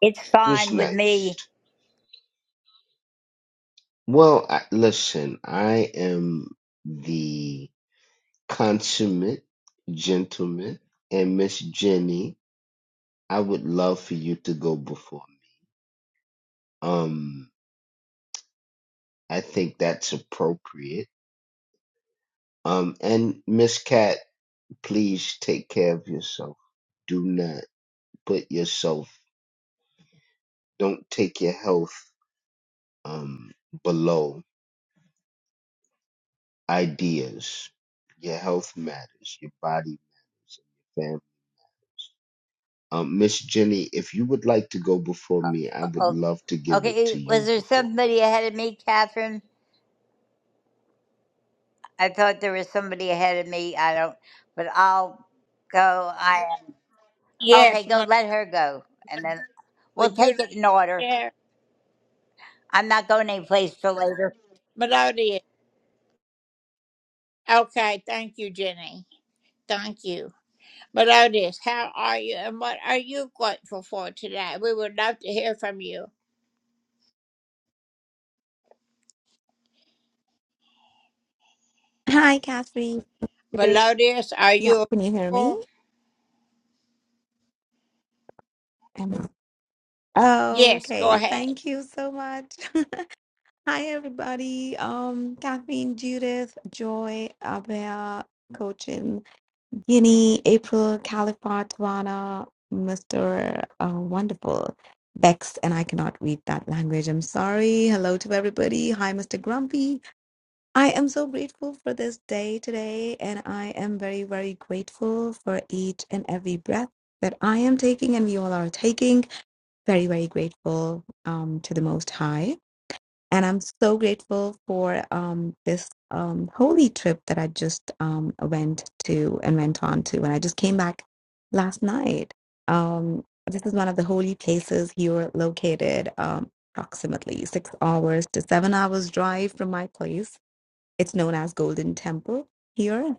Speaker 29: It's
Speaker 28: Who was
Speaker 29: fine with me.
Speaker 28: next? Well, I, listen, I am the consummate gentleman, and Miss Jenny, I would love for you to go before me. Um, I think that's appropriate. Um, and Miss Cat, please take care of yourself. Do not. put yourself, don't take your health um, below ideas. Your health matters, your body matters, and your family. Um, Miss Jenny, if you would like to go before me, I would
Speaker 29: Oh,
Speaker 28: love to give it
Speaker 29: okay.
Speaker 28: to
Speaker 29: Was
Speaker 28: you
Speaker 29: there
Speaker 28: before
Speaker 29: somebody ahead of me, Catherine? I thought there was somebody ahead of me. I don't, but I'll go. I am. Okay, go. Let her go. And then we'll take it in order. I'm not going anyplace till later.
Speaker 30: Hi, Catherine. Hey. Yeah, can you hear me? Am I- Okay, thank you so much. Hi, everybody. Um, Catherine, Judith, Joy, Abhaya, Cochin, Guinea, April, Calipart, Vana, Mr. Uh, Wonderful, Bex, and I cannot read that language. I'm sorry. Hello to everybody. Hi, Mr. Grumpy. I am so grateful for this day today, and I am very, very grateful for each and every breath that I am taking and we all are taking. Very, very grateful um, to the Most High. And I'm so grateful for um, this um, holy trip that I just um, went to and went on to. And I just came back last night. Um, this is one of the holy places here located um, approximately six hours to seven hours drive from my place it's known as Golden Temple here,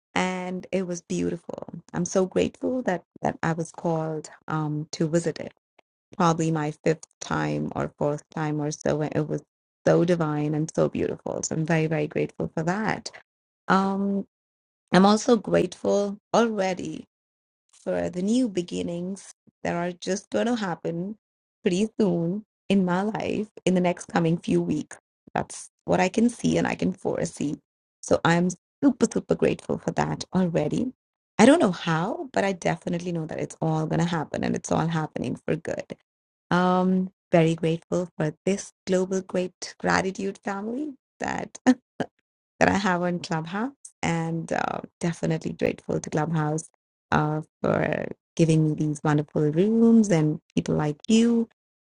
Speaker 30: and it was beautiful. I'm so grateful that that I was called um, to visit it. Probably my fifth time or fourth time or so. and It was so divine and so beautiful. So I'm very very grateful for that. Um, I'm also grateful already for the new beginnings that are just going to happen pretty soon in my life in the next coming few weeks. That's what I can see and I can foresee. So I'm super, super grateful for that already. I don't know how, but I definitely know that it's all going to happen and it's all happening for good. Um, very grateful for this global great gratitude family that that I have on Clubhouse, and uh, definitely grateful to Clubhouse uh, for giving me these wonderful rooms and people like you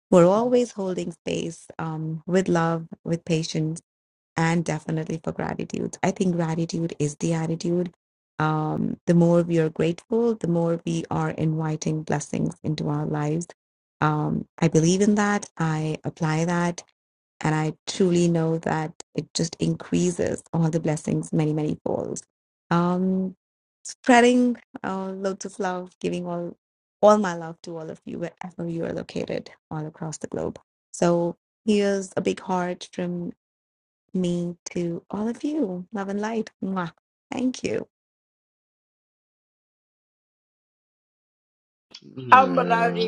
Speaker 30: who are always holding space um, with love, with patience, and definitely for gratitude. I think gratitude is the attitude. Um, the more we are grateful, the more we are inviting blessings into our lives. Um, I believe in that. I apply that and I truly know that it just increases all the blessings many, many folds. Um, spreading uh, loads of love, giving all all my love to all of you wherever you are located all across the globe. So here's a big heart from me to all of you. Love and light. Mwah. Thank you.
Speaker 28: me. No.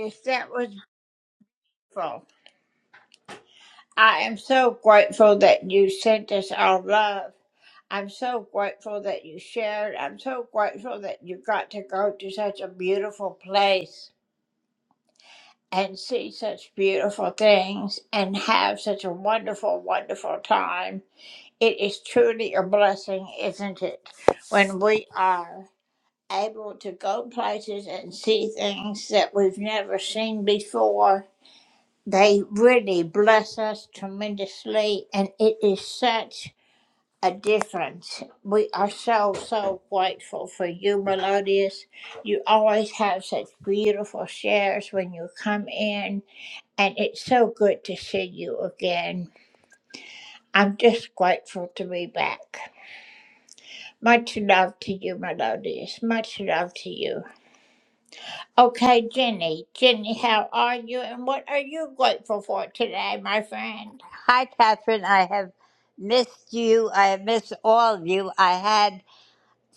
Speaker 29: Hi, Catherine. I have missed you. I have missed all of you. I had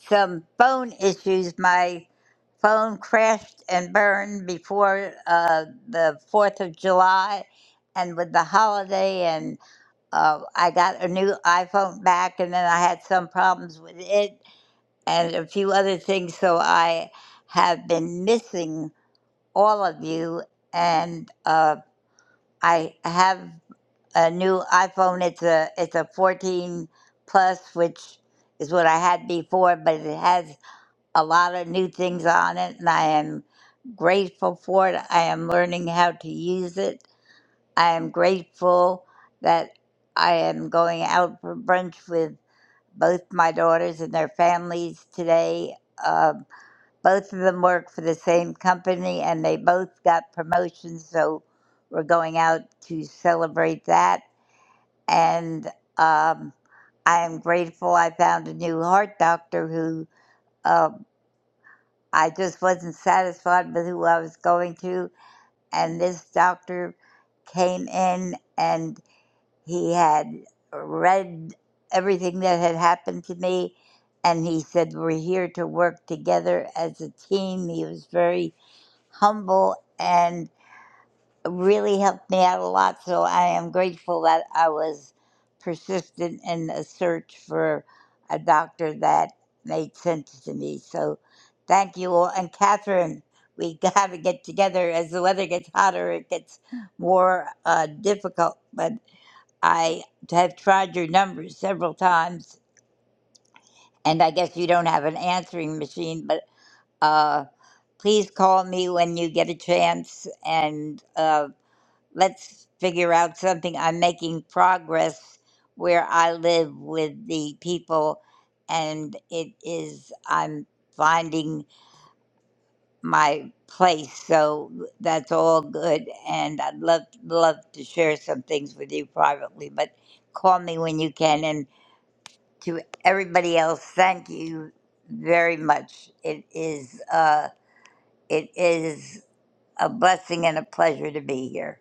Speaker 29: some phone issues. My phone crashed and burned before uh, the 4th of July and with the holiday, and uh, I got a new iPhone back, and then I had some problems with it and a few other things. So I have been missing all of you, and uh, I have a new iPhone. It's a, it's a 14 plus, which is what I had before, but it has a lot of new things on it, and I am grateful for it. I am learning how to use it. I am grateful that I am going out for brunch with both my daughters and their families today. Um both of them work for the same company, and they both got promotions, so we're going out to celebrate that. And um, I am grateful I found a new heart doctor who um, I just wasn't satisfied with who I was going to. And this doctor came in and he had read everything that had happened to me. And he said, We're here to work together as a team. He was very humble. and really helped me out a lot. So I am grateful that I was persistent in a search for a doctor that made sense to me. So thank you all. And Catherine, we got to get together. As the weather gets hotter, it gets more uh, difficult. But I have tried your numbers several times, and I guess you don't have an answering machine, but. Uh, Please call me when you get a chance, and uh, let's figure out something. I'm making progress where I live with the people, and it is, I'm finding my place. So that's all good. And I'd love, love to share some things with you privately, but call me when you can. And to everybody else, thank you very much. It is, uh, it is a blessing and a pleasure to be here.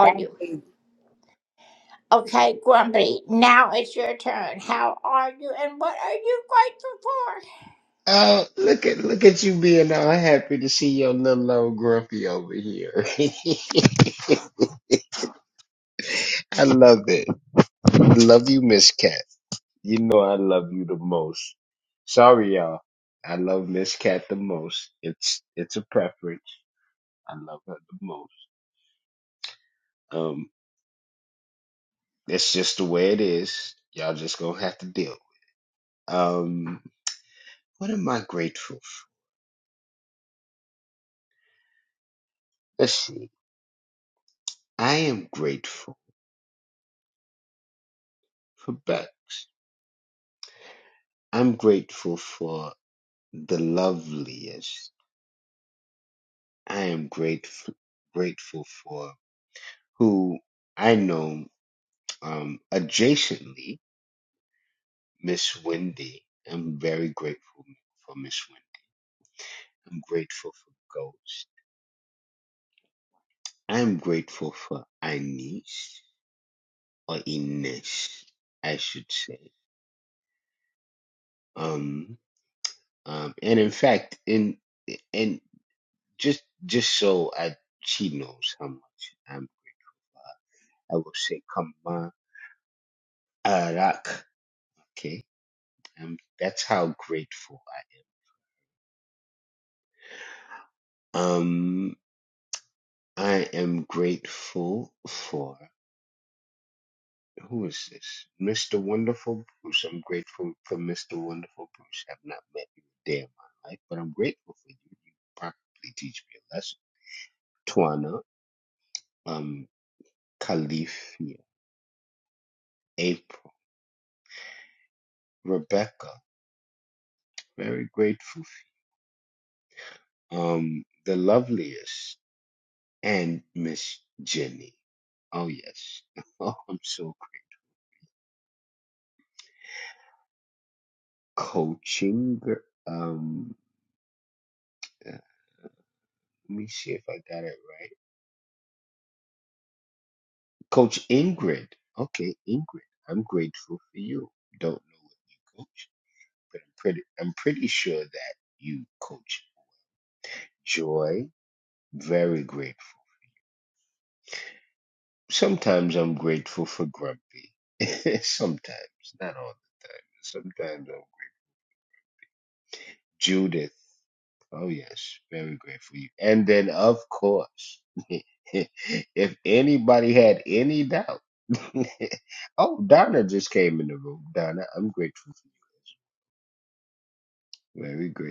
Speaker 29: Thank you.
Speaker 28: Oh, look at look at you being all happy to see your little old grumpy over here. I love it. Love you, Miss Cat. You know I love you the most. Sorry, y'all. I love Miss Cat the most. It's it's a preference. I love her the most. Um, it's just the way it is. Y'all just gonna have to deal. Um, what am I grateful for? Let's see. I am grateful for Bex. I'm grateful for the loveliest. I am grateful grateful for who I know um adjacently Miss Wendy. I'm very grateful for Miss Wendy. I'm grateful for Ghost. I'm grateful for Ines or Ines, I should say. Um, um, and in fact, in and just just so I she knows how much I'm, I will say, come Arak. Okay, um, that's how grateful I. Um, I am grateful for. who is this? Mr. Wonderful Bruce. I'm grateful for Mr. Wonderful Bruce. I've not met you a day in my life, but I'm grateful for you. You probably teach me a lesson. Twana, um, Califia, April, Rebecca. Very grateful. Um, the loveliest and Miss Jenny. Oh yes. Oh, I'm so coaching. gr- Um, uh, let me see if I got it right. Coach Ingrid. Okay, Ingrid, I'm grateful for you. Don't know what you coach, but I'm pretty I'm pretty sure that you coach joy. Very grateful. Sometimes I'm grateful for grumpy. Sometimes, not all the time. Sometimes I'm Judith. Oh yes, very grateful for you. And then of course, if anybody had any doubt. oh, Donna just came in the room. Donna, I'm grateful for you. Very grateful.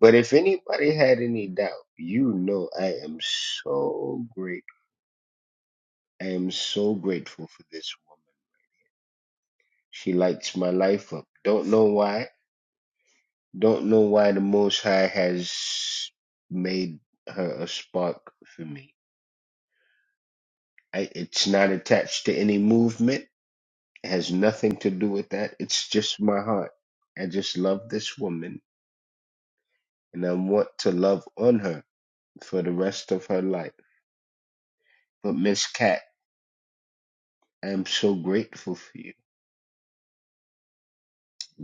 Speaker 28: But if anybody had any doubt, you know I am so great. I am so grateful for this woman. She lights my life up. Don't know why. Don't know why the Most High has made her a spark for me. I, it's not attached to any movement. It has nothing to do with that. It's just my heart. I just love this woman and I want to love on her for the rest of her life. But Miss Cat, I am so grateful for you.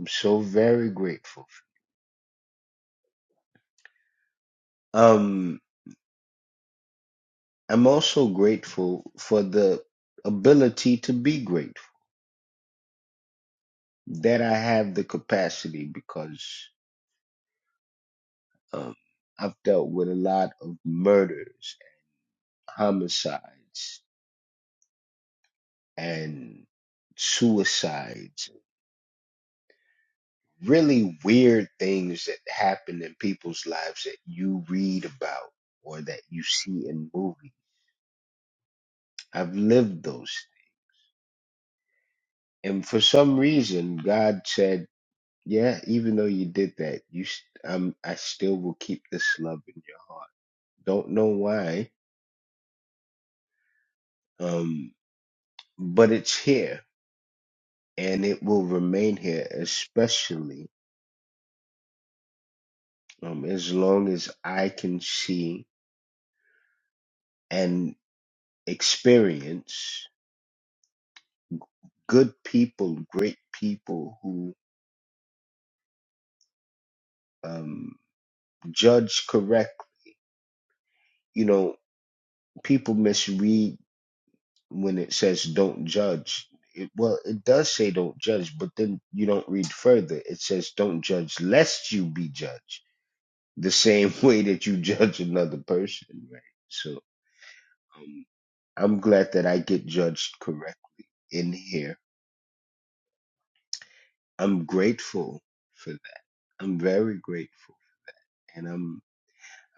Speaker 28: I'm so very grateful. Um, I'm also grateful for the ability to be grateful that I have the capacity because um, I've dealt with a lot of murders, homicides, and suicides. Really weird things that happen in people's lives that you read about or that you see in movies. I've lived those. And for some reason, God said, Yeah, even though you did that, you st- um, I still will keep this love in your heart. Don't know why, um, but it's here and it will remain here, especially um, as long as I can see and experience good people, great people who um, judge correct. You know, people misread when it says don't judge. It, well, it does say don't judge, but then you don't read further. It says don't judge lest you be judged, the same way that you judge another person, right? So um, I'm glad that I get judged correctly in here. I'm grateful for that. I'm very grateful, and I'm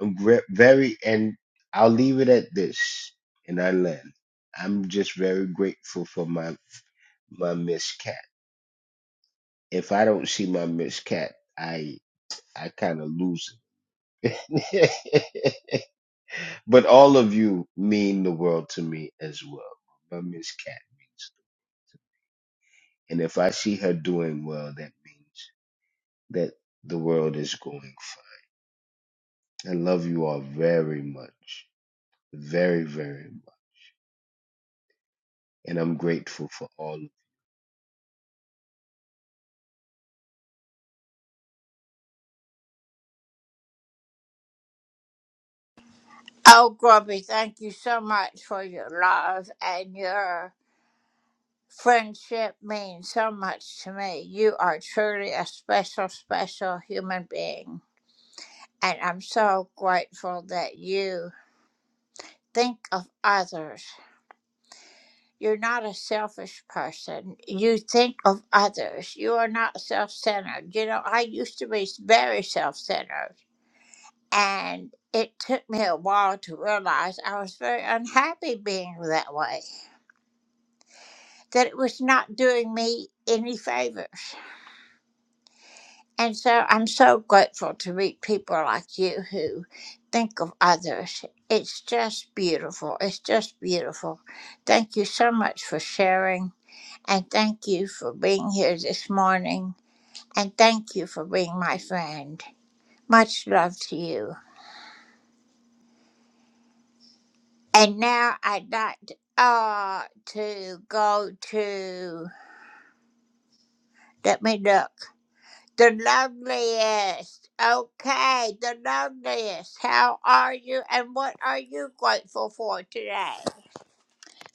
Speaker 28: I'm gre- very and I'll leave it at this, and I land. I'm just very grateful for my my miscarriage. if I don't see my Miss Cat, I I kind of lose it. but all of you mean the world to me as well. My Miss Cat means, the world to me, and if I see her doing well, that means that the world is going fine. I love you all very much, very very much, and I'm grateful for all. of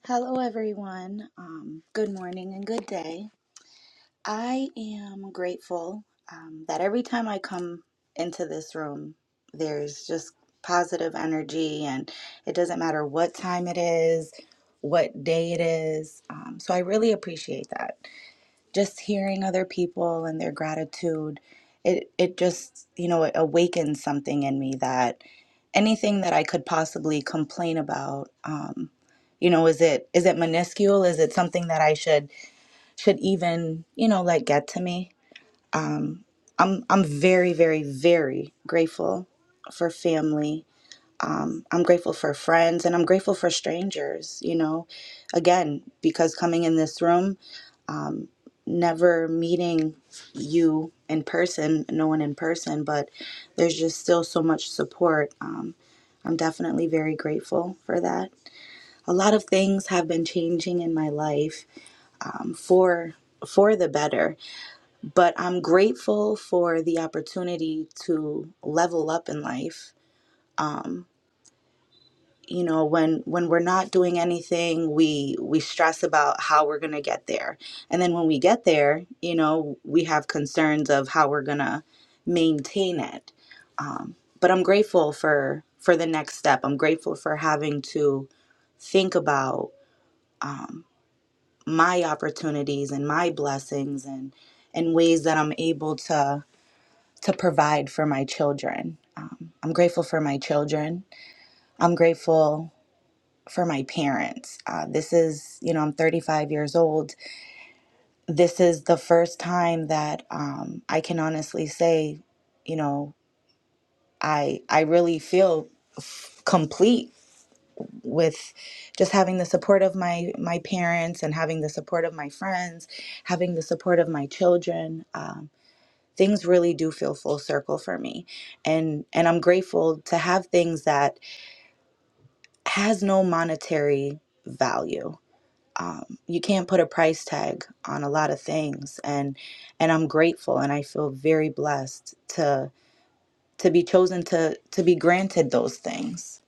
Speaker 31: Hello, everyone. Um, good morning and good day. I am grateful um, that every time I come into this room, there's just positive energy, and it doesn't matter what time it is, what day it is. Um, so I really appreciate that just hearing other people and their gratitude it it just you know it awakens something in me that anything that i could possibly complain about um you know is it is it minuscule is it something that i should should even you know like get to me um i'm i'm very very very grateful for family um, I'm grateful for friends and I'm grateful for strangers, you know, again, because coming in this room, um, never meeting you in person, no one in person, but there's just still so much support. Um, I'm definitely very grateful for that. A lot of things have been changing in my life um, for for the better, but I'm grateful for the opportunity to level up in life. Um, you know when when we're not doing anything we we stress about how we're going to get there and then when we get there you know we have concerns of how we're going to maintain it um, but i'm grateful for for the next step i'm grateful for having to think about um, my opportunities and my blessings and and ways that i'm able to to provide for my children um, i'm grateful for my children i'm grateful for my parents. Uh, this is, you know, I'm 35 years old. This is the first time that um, I can honestly say, you know, I I really feel f- complete with just having the support of my my parents and having the support of my friends, having the support of my children. Um, things really do feel full circle for me, and and I'm grateful to have things that has no monetary value um, you can't put a price tag on a lot of things and and i'm grateful and i feel very blessed to to be chosen to to be granted those things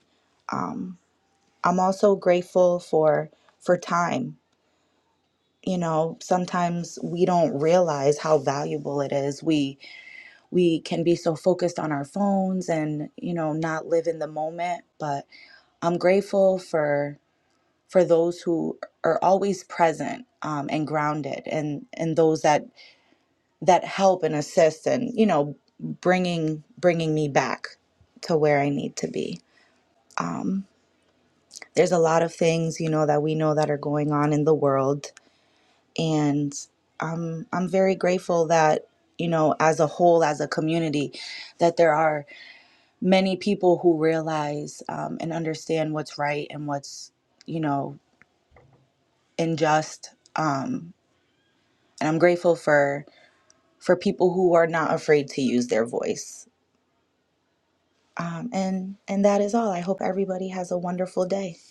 Speaker 31: um, i'm also grateful for for time you know sometimes we don't realize how valuable it is we we can be so focused on our phones and you know not live in the moment but i'm grateful for for those who are always present um, and grounded and and those that that help and assist and you know bringing bringing me back to where i need to be um, there's a lot of things you know that we know that are going on in the world and um, i'm very grateful that you know as a whole as a community that there are many people who realize um, and understand what's right and what's you know unjust Um. and I'm grateful for for people who are not afraid to use their voice. Um, and and that is all. I hope everybody has a wonderful day.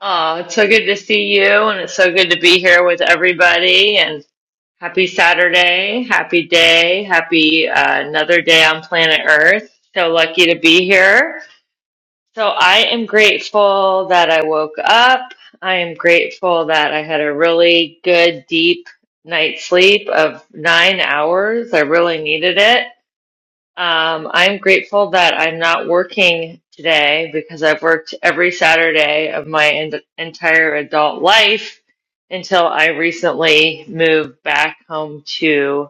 Speaker 32: Oh, it's so good to see you, and it's so good to be here with everybody. And happy Saturday, happy day, happy uh, another day on planet Earth. So lucky to be here. So I am grateful that I woke up. I am grateful that I had a really good, deep night's sleep of nine hours. I really needed it. Um, I'm grateful that I'm not working today because I've worked every Saturday of my en- entire adult life until I recently moved back home to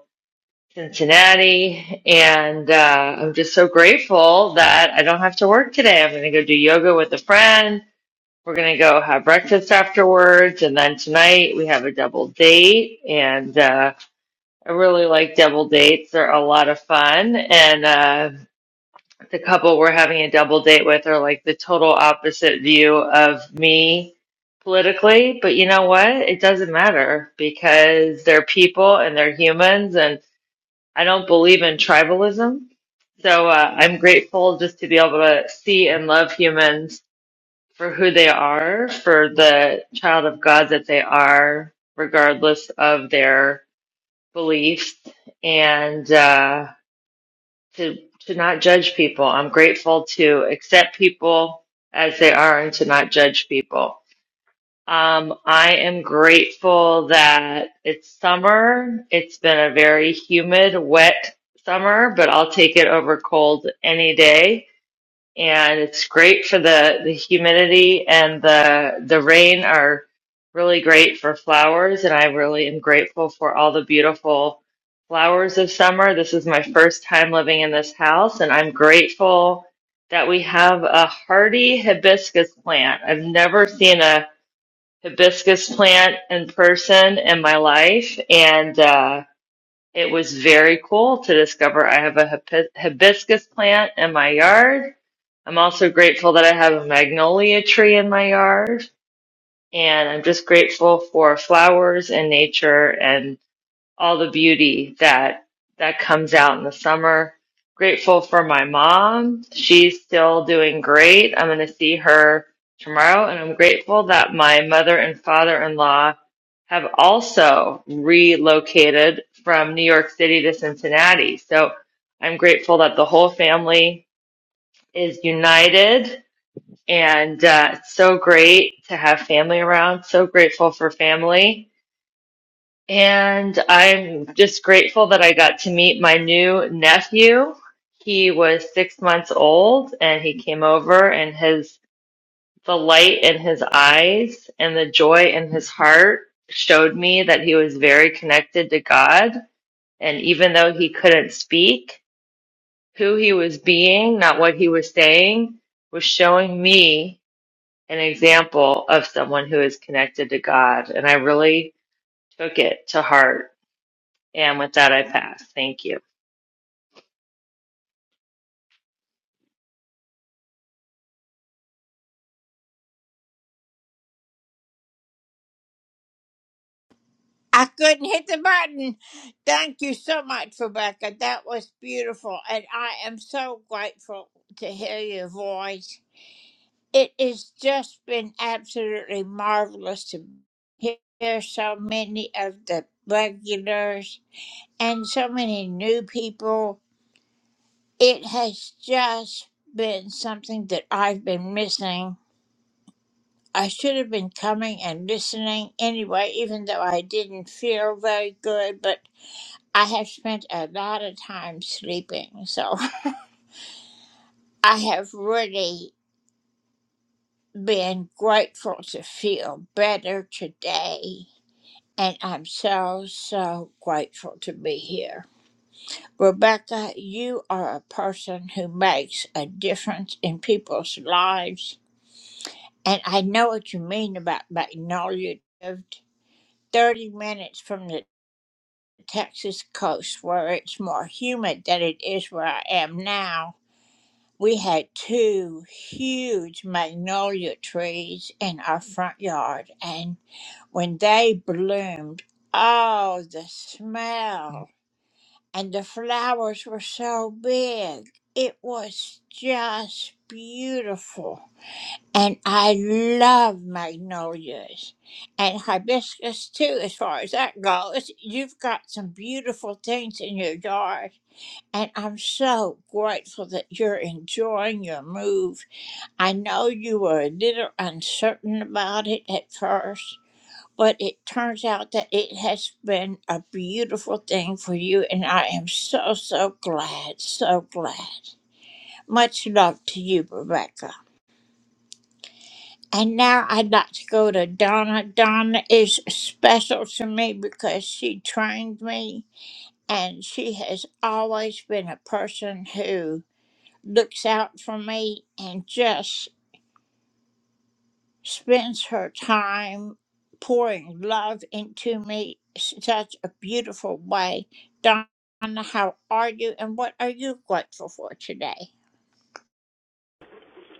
Speaker 32: Cincinnati. And uh, I'm just so grateful that I don't have to work today. I'm going to go do yoga with a friend. We're going to go have breakfast afterwards. And then tonight we have a double date. And uh, I really like double dates, they're a lot of fun. And, uh, the couple we're having a double date with are like the total opposite view of me politically, but you know what? It doesn't matter because they're people and they're humans, and I don't believe in tribalism. So uh, I'm grateful just to be able to see and love humans for who they are, for the child of God that they are, regardless of their beliefs. And, uh, to to not judge people. I'm grateful to accept people as they are and to not judge people. Um, I am grateful that it's summer. It's been a very humid, wet summer, but I'll take it over cold any day and it's great for the the humidity and the the rain are really great for flowers and I really am grateful for all the beautiful flowers of summer. This is my first time living in this house and I'm grateful that we have a hardy hibiscus plant. I've never seen a hibiscus plant in person in my life and uh it was very cool to discover I have a hib- hibiscus plant in my yard. I'm also grateful that I have a magnolia tree in my yard. And I'm just grateful for flowers and nature. and all the beauty that that comes out in the summer. Grateful for my mom. She's still doing great. I'm going to see her tomorrow and I'm grateful that my mother and father-in-law have also relocated from New York City to Cincinnati. So I'm grateful that the whole family is united and uh, it's so great to have family around. So grateful for family and I'm just grateful that I got to meet my new nephew. He was six months old and he came over and his, the light in his eyes and the joy in his heart showed me that he was very connected to God. And even though he couldn't speak, who he was being, not what he was saying, was showing me an example of someone who is connected to God. And I really took it to heart And with that, I pass. Thank you.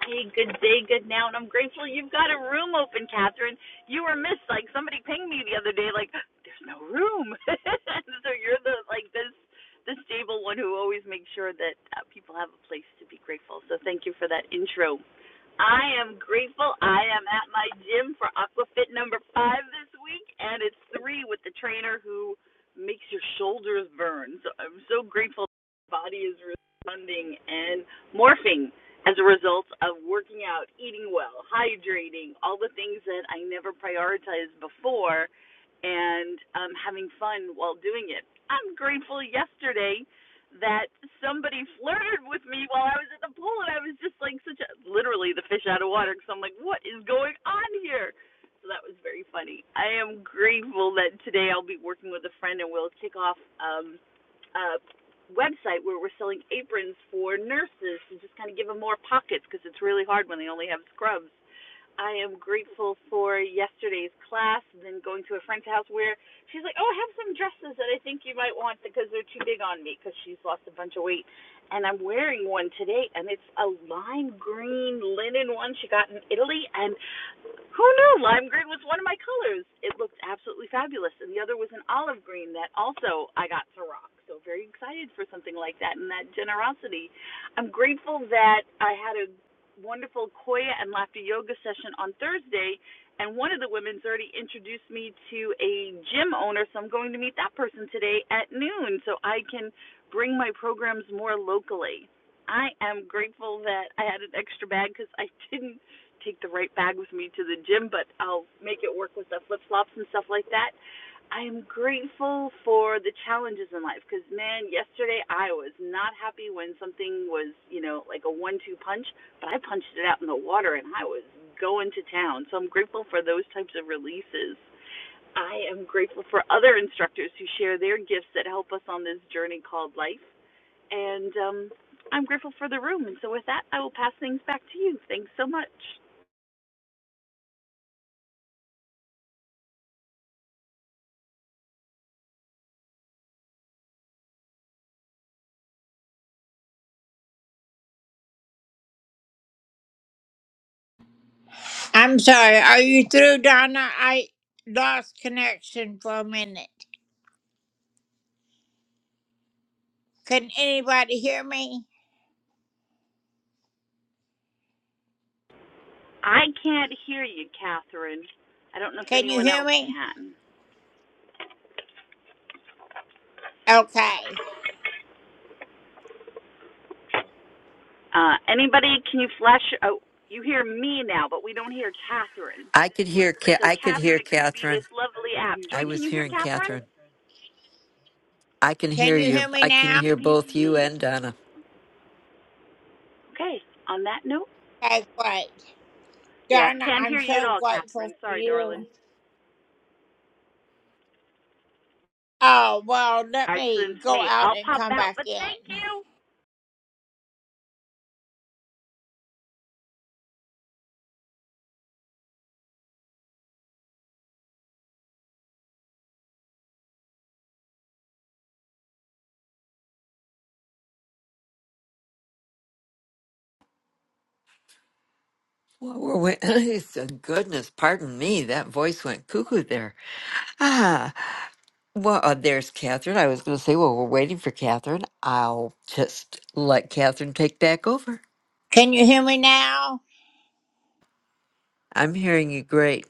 Speaker 33: Hey, good day, good now, and I'm grateful you've got a room open, Catherine. You were missed. Like somebody pinged me the other day, like there's no room. so you're the like this the stable one who always makes sure that uh, people have a place to be grateful. So thank you for that intro. I am grateful. I am at my gym for Aquafit number five this week, and it's three with the trainer who makes your shoulders burn. So I'm so grateful the body is responding and morphing as a result of working out, eating well, hydrating, all the things that I never prioritized before, and um, having fun while doing it. I'm grateful yesterday that somebody flirted with me while I was at the pool, and I was just like such a literally the fish out of water because I'm like, what is going on here? So that was very funny. I am grateful that today I'll be working with a friend and we'll kick off um, a website where we're selling aprons for nurses to just kind of give them more pockets because it's really hard when they only have scrubs. I am grateful for yesterday's class and then going to a friend's house where she's like, Oh, I have some dresses that I think you might want because they're too big on me because she's lost a bunch of weight. And I'm wearing one today and it's a lime green linen one she got in Italy and who knew lime green was one of my colors? It looked absolutely fabulous. And the other was an olive green that also I got to rock. So very excited for something like that and that generosity. I'm grateful that I had a wonderful Koya and laughter yoga session on Thursday and one of the women's already introduced me to a gym owner, so I'm going to meet that person today at noon so I can bring my programs more locally. I am grateful that I had an extra bag because I didn't take the right bag with me to the gym, but I'll make it work with the flip flops and stuff like that. I am grateful for the challenges in life because, man, yesterday I was not happy when something was, you know, like a one two punch, but I punched it out in the water and I was going to town. So I'm grateful for those types of releases. I am grateful for other instructors who share their gifts that help us on this journey called life. And um, I'm grateful for the room. And so, with that, I will pass things back to you. Thanks so much. I can't hear you, Catherine. I don't know if anyone else can. Uh, anybody, can you flash? Oh, you hear me now, but we don't hear Catherine.
Speaker 24: I could hear. Ca-
Speaker 33: So,
Speaker 24: I could
Speaker 33: Catherine,
Speaker 24: hear
Speaker 33: it could be
Speaker 24: Catherine.
Speaker 33: this lovely app.
Speaker 24: I
Speaker 33: Joy, can
Speaker 24: was
Speaker 33: you hear
Speaker 24: hearing
Speaker 33: Catherine?
Speaker 24: Catherine. I can hear you. I can hear
Speaker 33: Maybe it's
Speaker 24: both you
Speaker 33: me.
Speaker 24: and Donna.
Speaker 33: Okay, on that note, yeah, can't hear you at all, Catherine. Sorry, darling. All right, so it's me. I'll pop out, but thank you.
Speaker 24: What were we? it's a goodness, pardon me. That voice went cuckoo there. Ah, well, uh, there's Catherine. I was going to say, well, we're waiting for Catherine. I'll just let Catherine take back over. I'm hearing you great.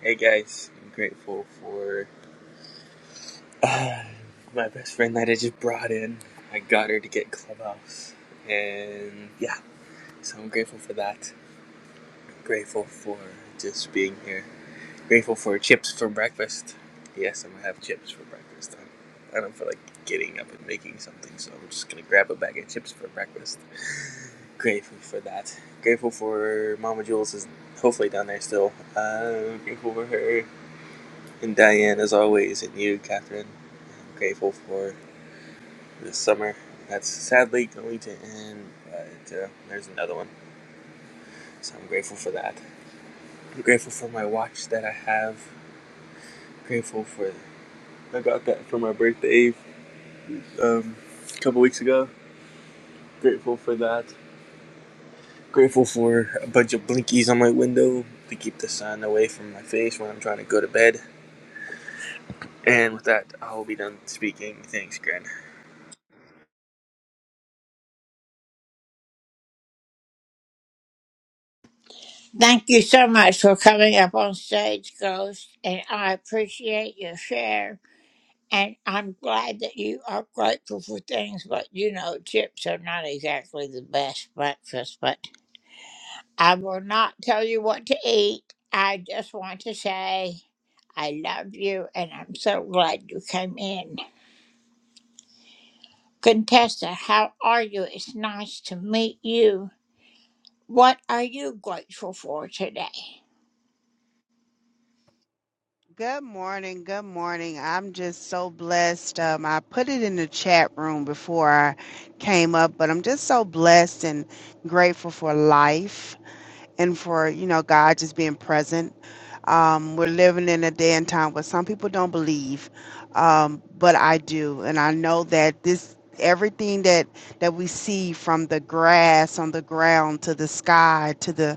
Speaker 34: Hey guys, I'm grateful for uh, my best friend that I just brought in. I got her to get Clubhouse, and yeah, so I'm grateful for that. I'm Grateful for just being here. I'm Grateful for chips for breakfast. Yes, I'm gonna have chips for breakfast. I I don't feel like getting up and making something, so I'm just gonna grab a bag of chips for breakfast. Grateful for that. Grateful for Mama Jules is hopefully down there still. Uh, grateful for her. And Diane, as always, and you, Catherine, I'm grateful for this summer. That's sadly going to end, but uh, there's another one. So I'm grateful for that. I'm grateful for my watch that I have. I'm Grateful for I got that for my birthday um, a couple weeks ago. I'm Grateful for that. I'm Grateful for a bunch of blinkies on my window to keep the sun away from my face when I'm trying to go to bed. And with that, I will be done speaking. Thanks, Gran.
Speaker 35: Good morning. Good morning. I'm just so blessed. Um, I put it in the chat room before I came up, but I'm just so blessed and grateful for life and for, you know, God just being present. Um, we're living in a day and time where some people don't believe, um, but I do. And I know that this everything that that we see from the grass on the ground to the sky to the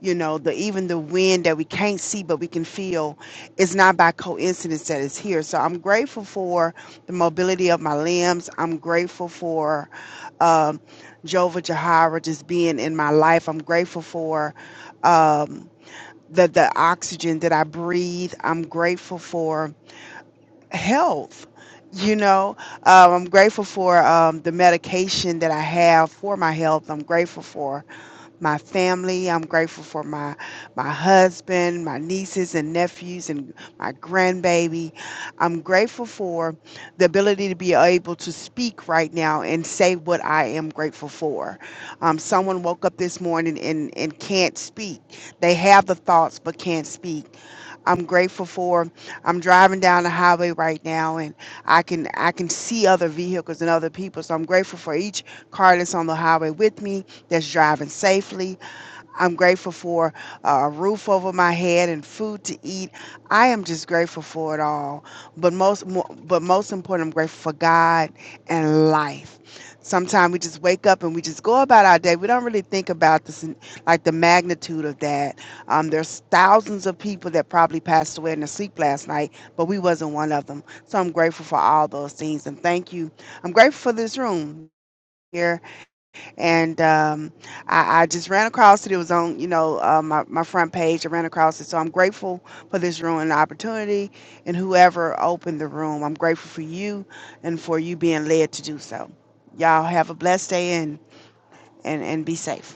Speaker 35: you know the even the wind that we can't see but we can feel it's not by coincidence that it's here so i'm grateful for the mobility of my limbs i'm grateful for um jova jahara just being in my life i'm grateful for um the the oxygen that i breathe i'm grateful for health you know um, i'm grateful for um, the medication that i have for my health i'm grateful for my family. I'm grateful for my my husband, my nieces and nephews, and my grandbaby. I'm grateful for the ability to be able to speak right now and say what I am grateful for. Um, someone woke up this morning and and can't speak. They have the thoughts but can't speak. I'm grateful for. I'm driving down the highway right now, and I can I can see other vehicles and other people. So I'm grateful for each car that's on the highway with me that's driving safely. I'm grateful for uh, a roof over my head and food to eat. I am just grateful for it all. But most, mo- but most important, I'm grateful for God and life. Sometimes we just wake up and we just go about our day. We don't really think about this, like the magnitude of that. Um, there's thousands of people that probably passed away in their sleep last night, but we wasn't one of them. So I'm grateful for all those things and thank you. I'm grateful for this room here and um, I, I just ran across it. It was on, you know, uh, my, my front page. I ran across it. So I'm grateful for this room and the opportunity and whoever opened the room. I'm grateful for you and for you being led to do so. Y'all have a blessed day and, and, and be safe.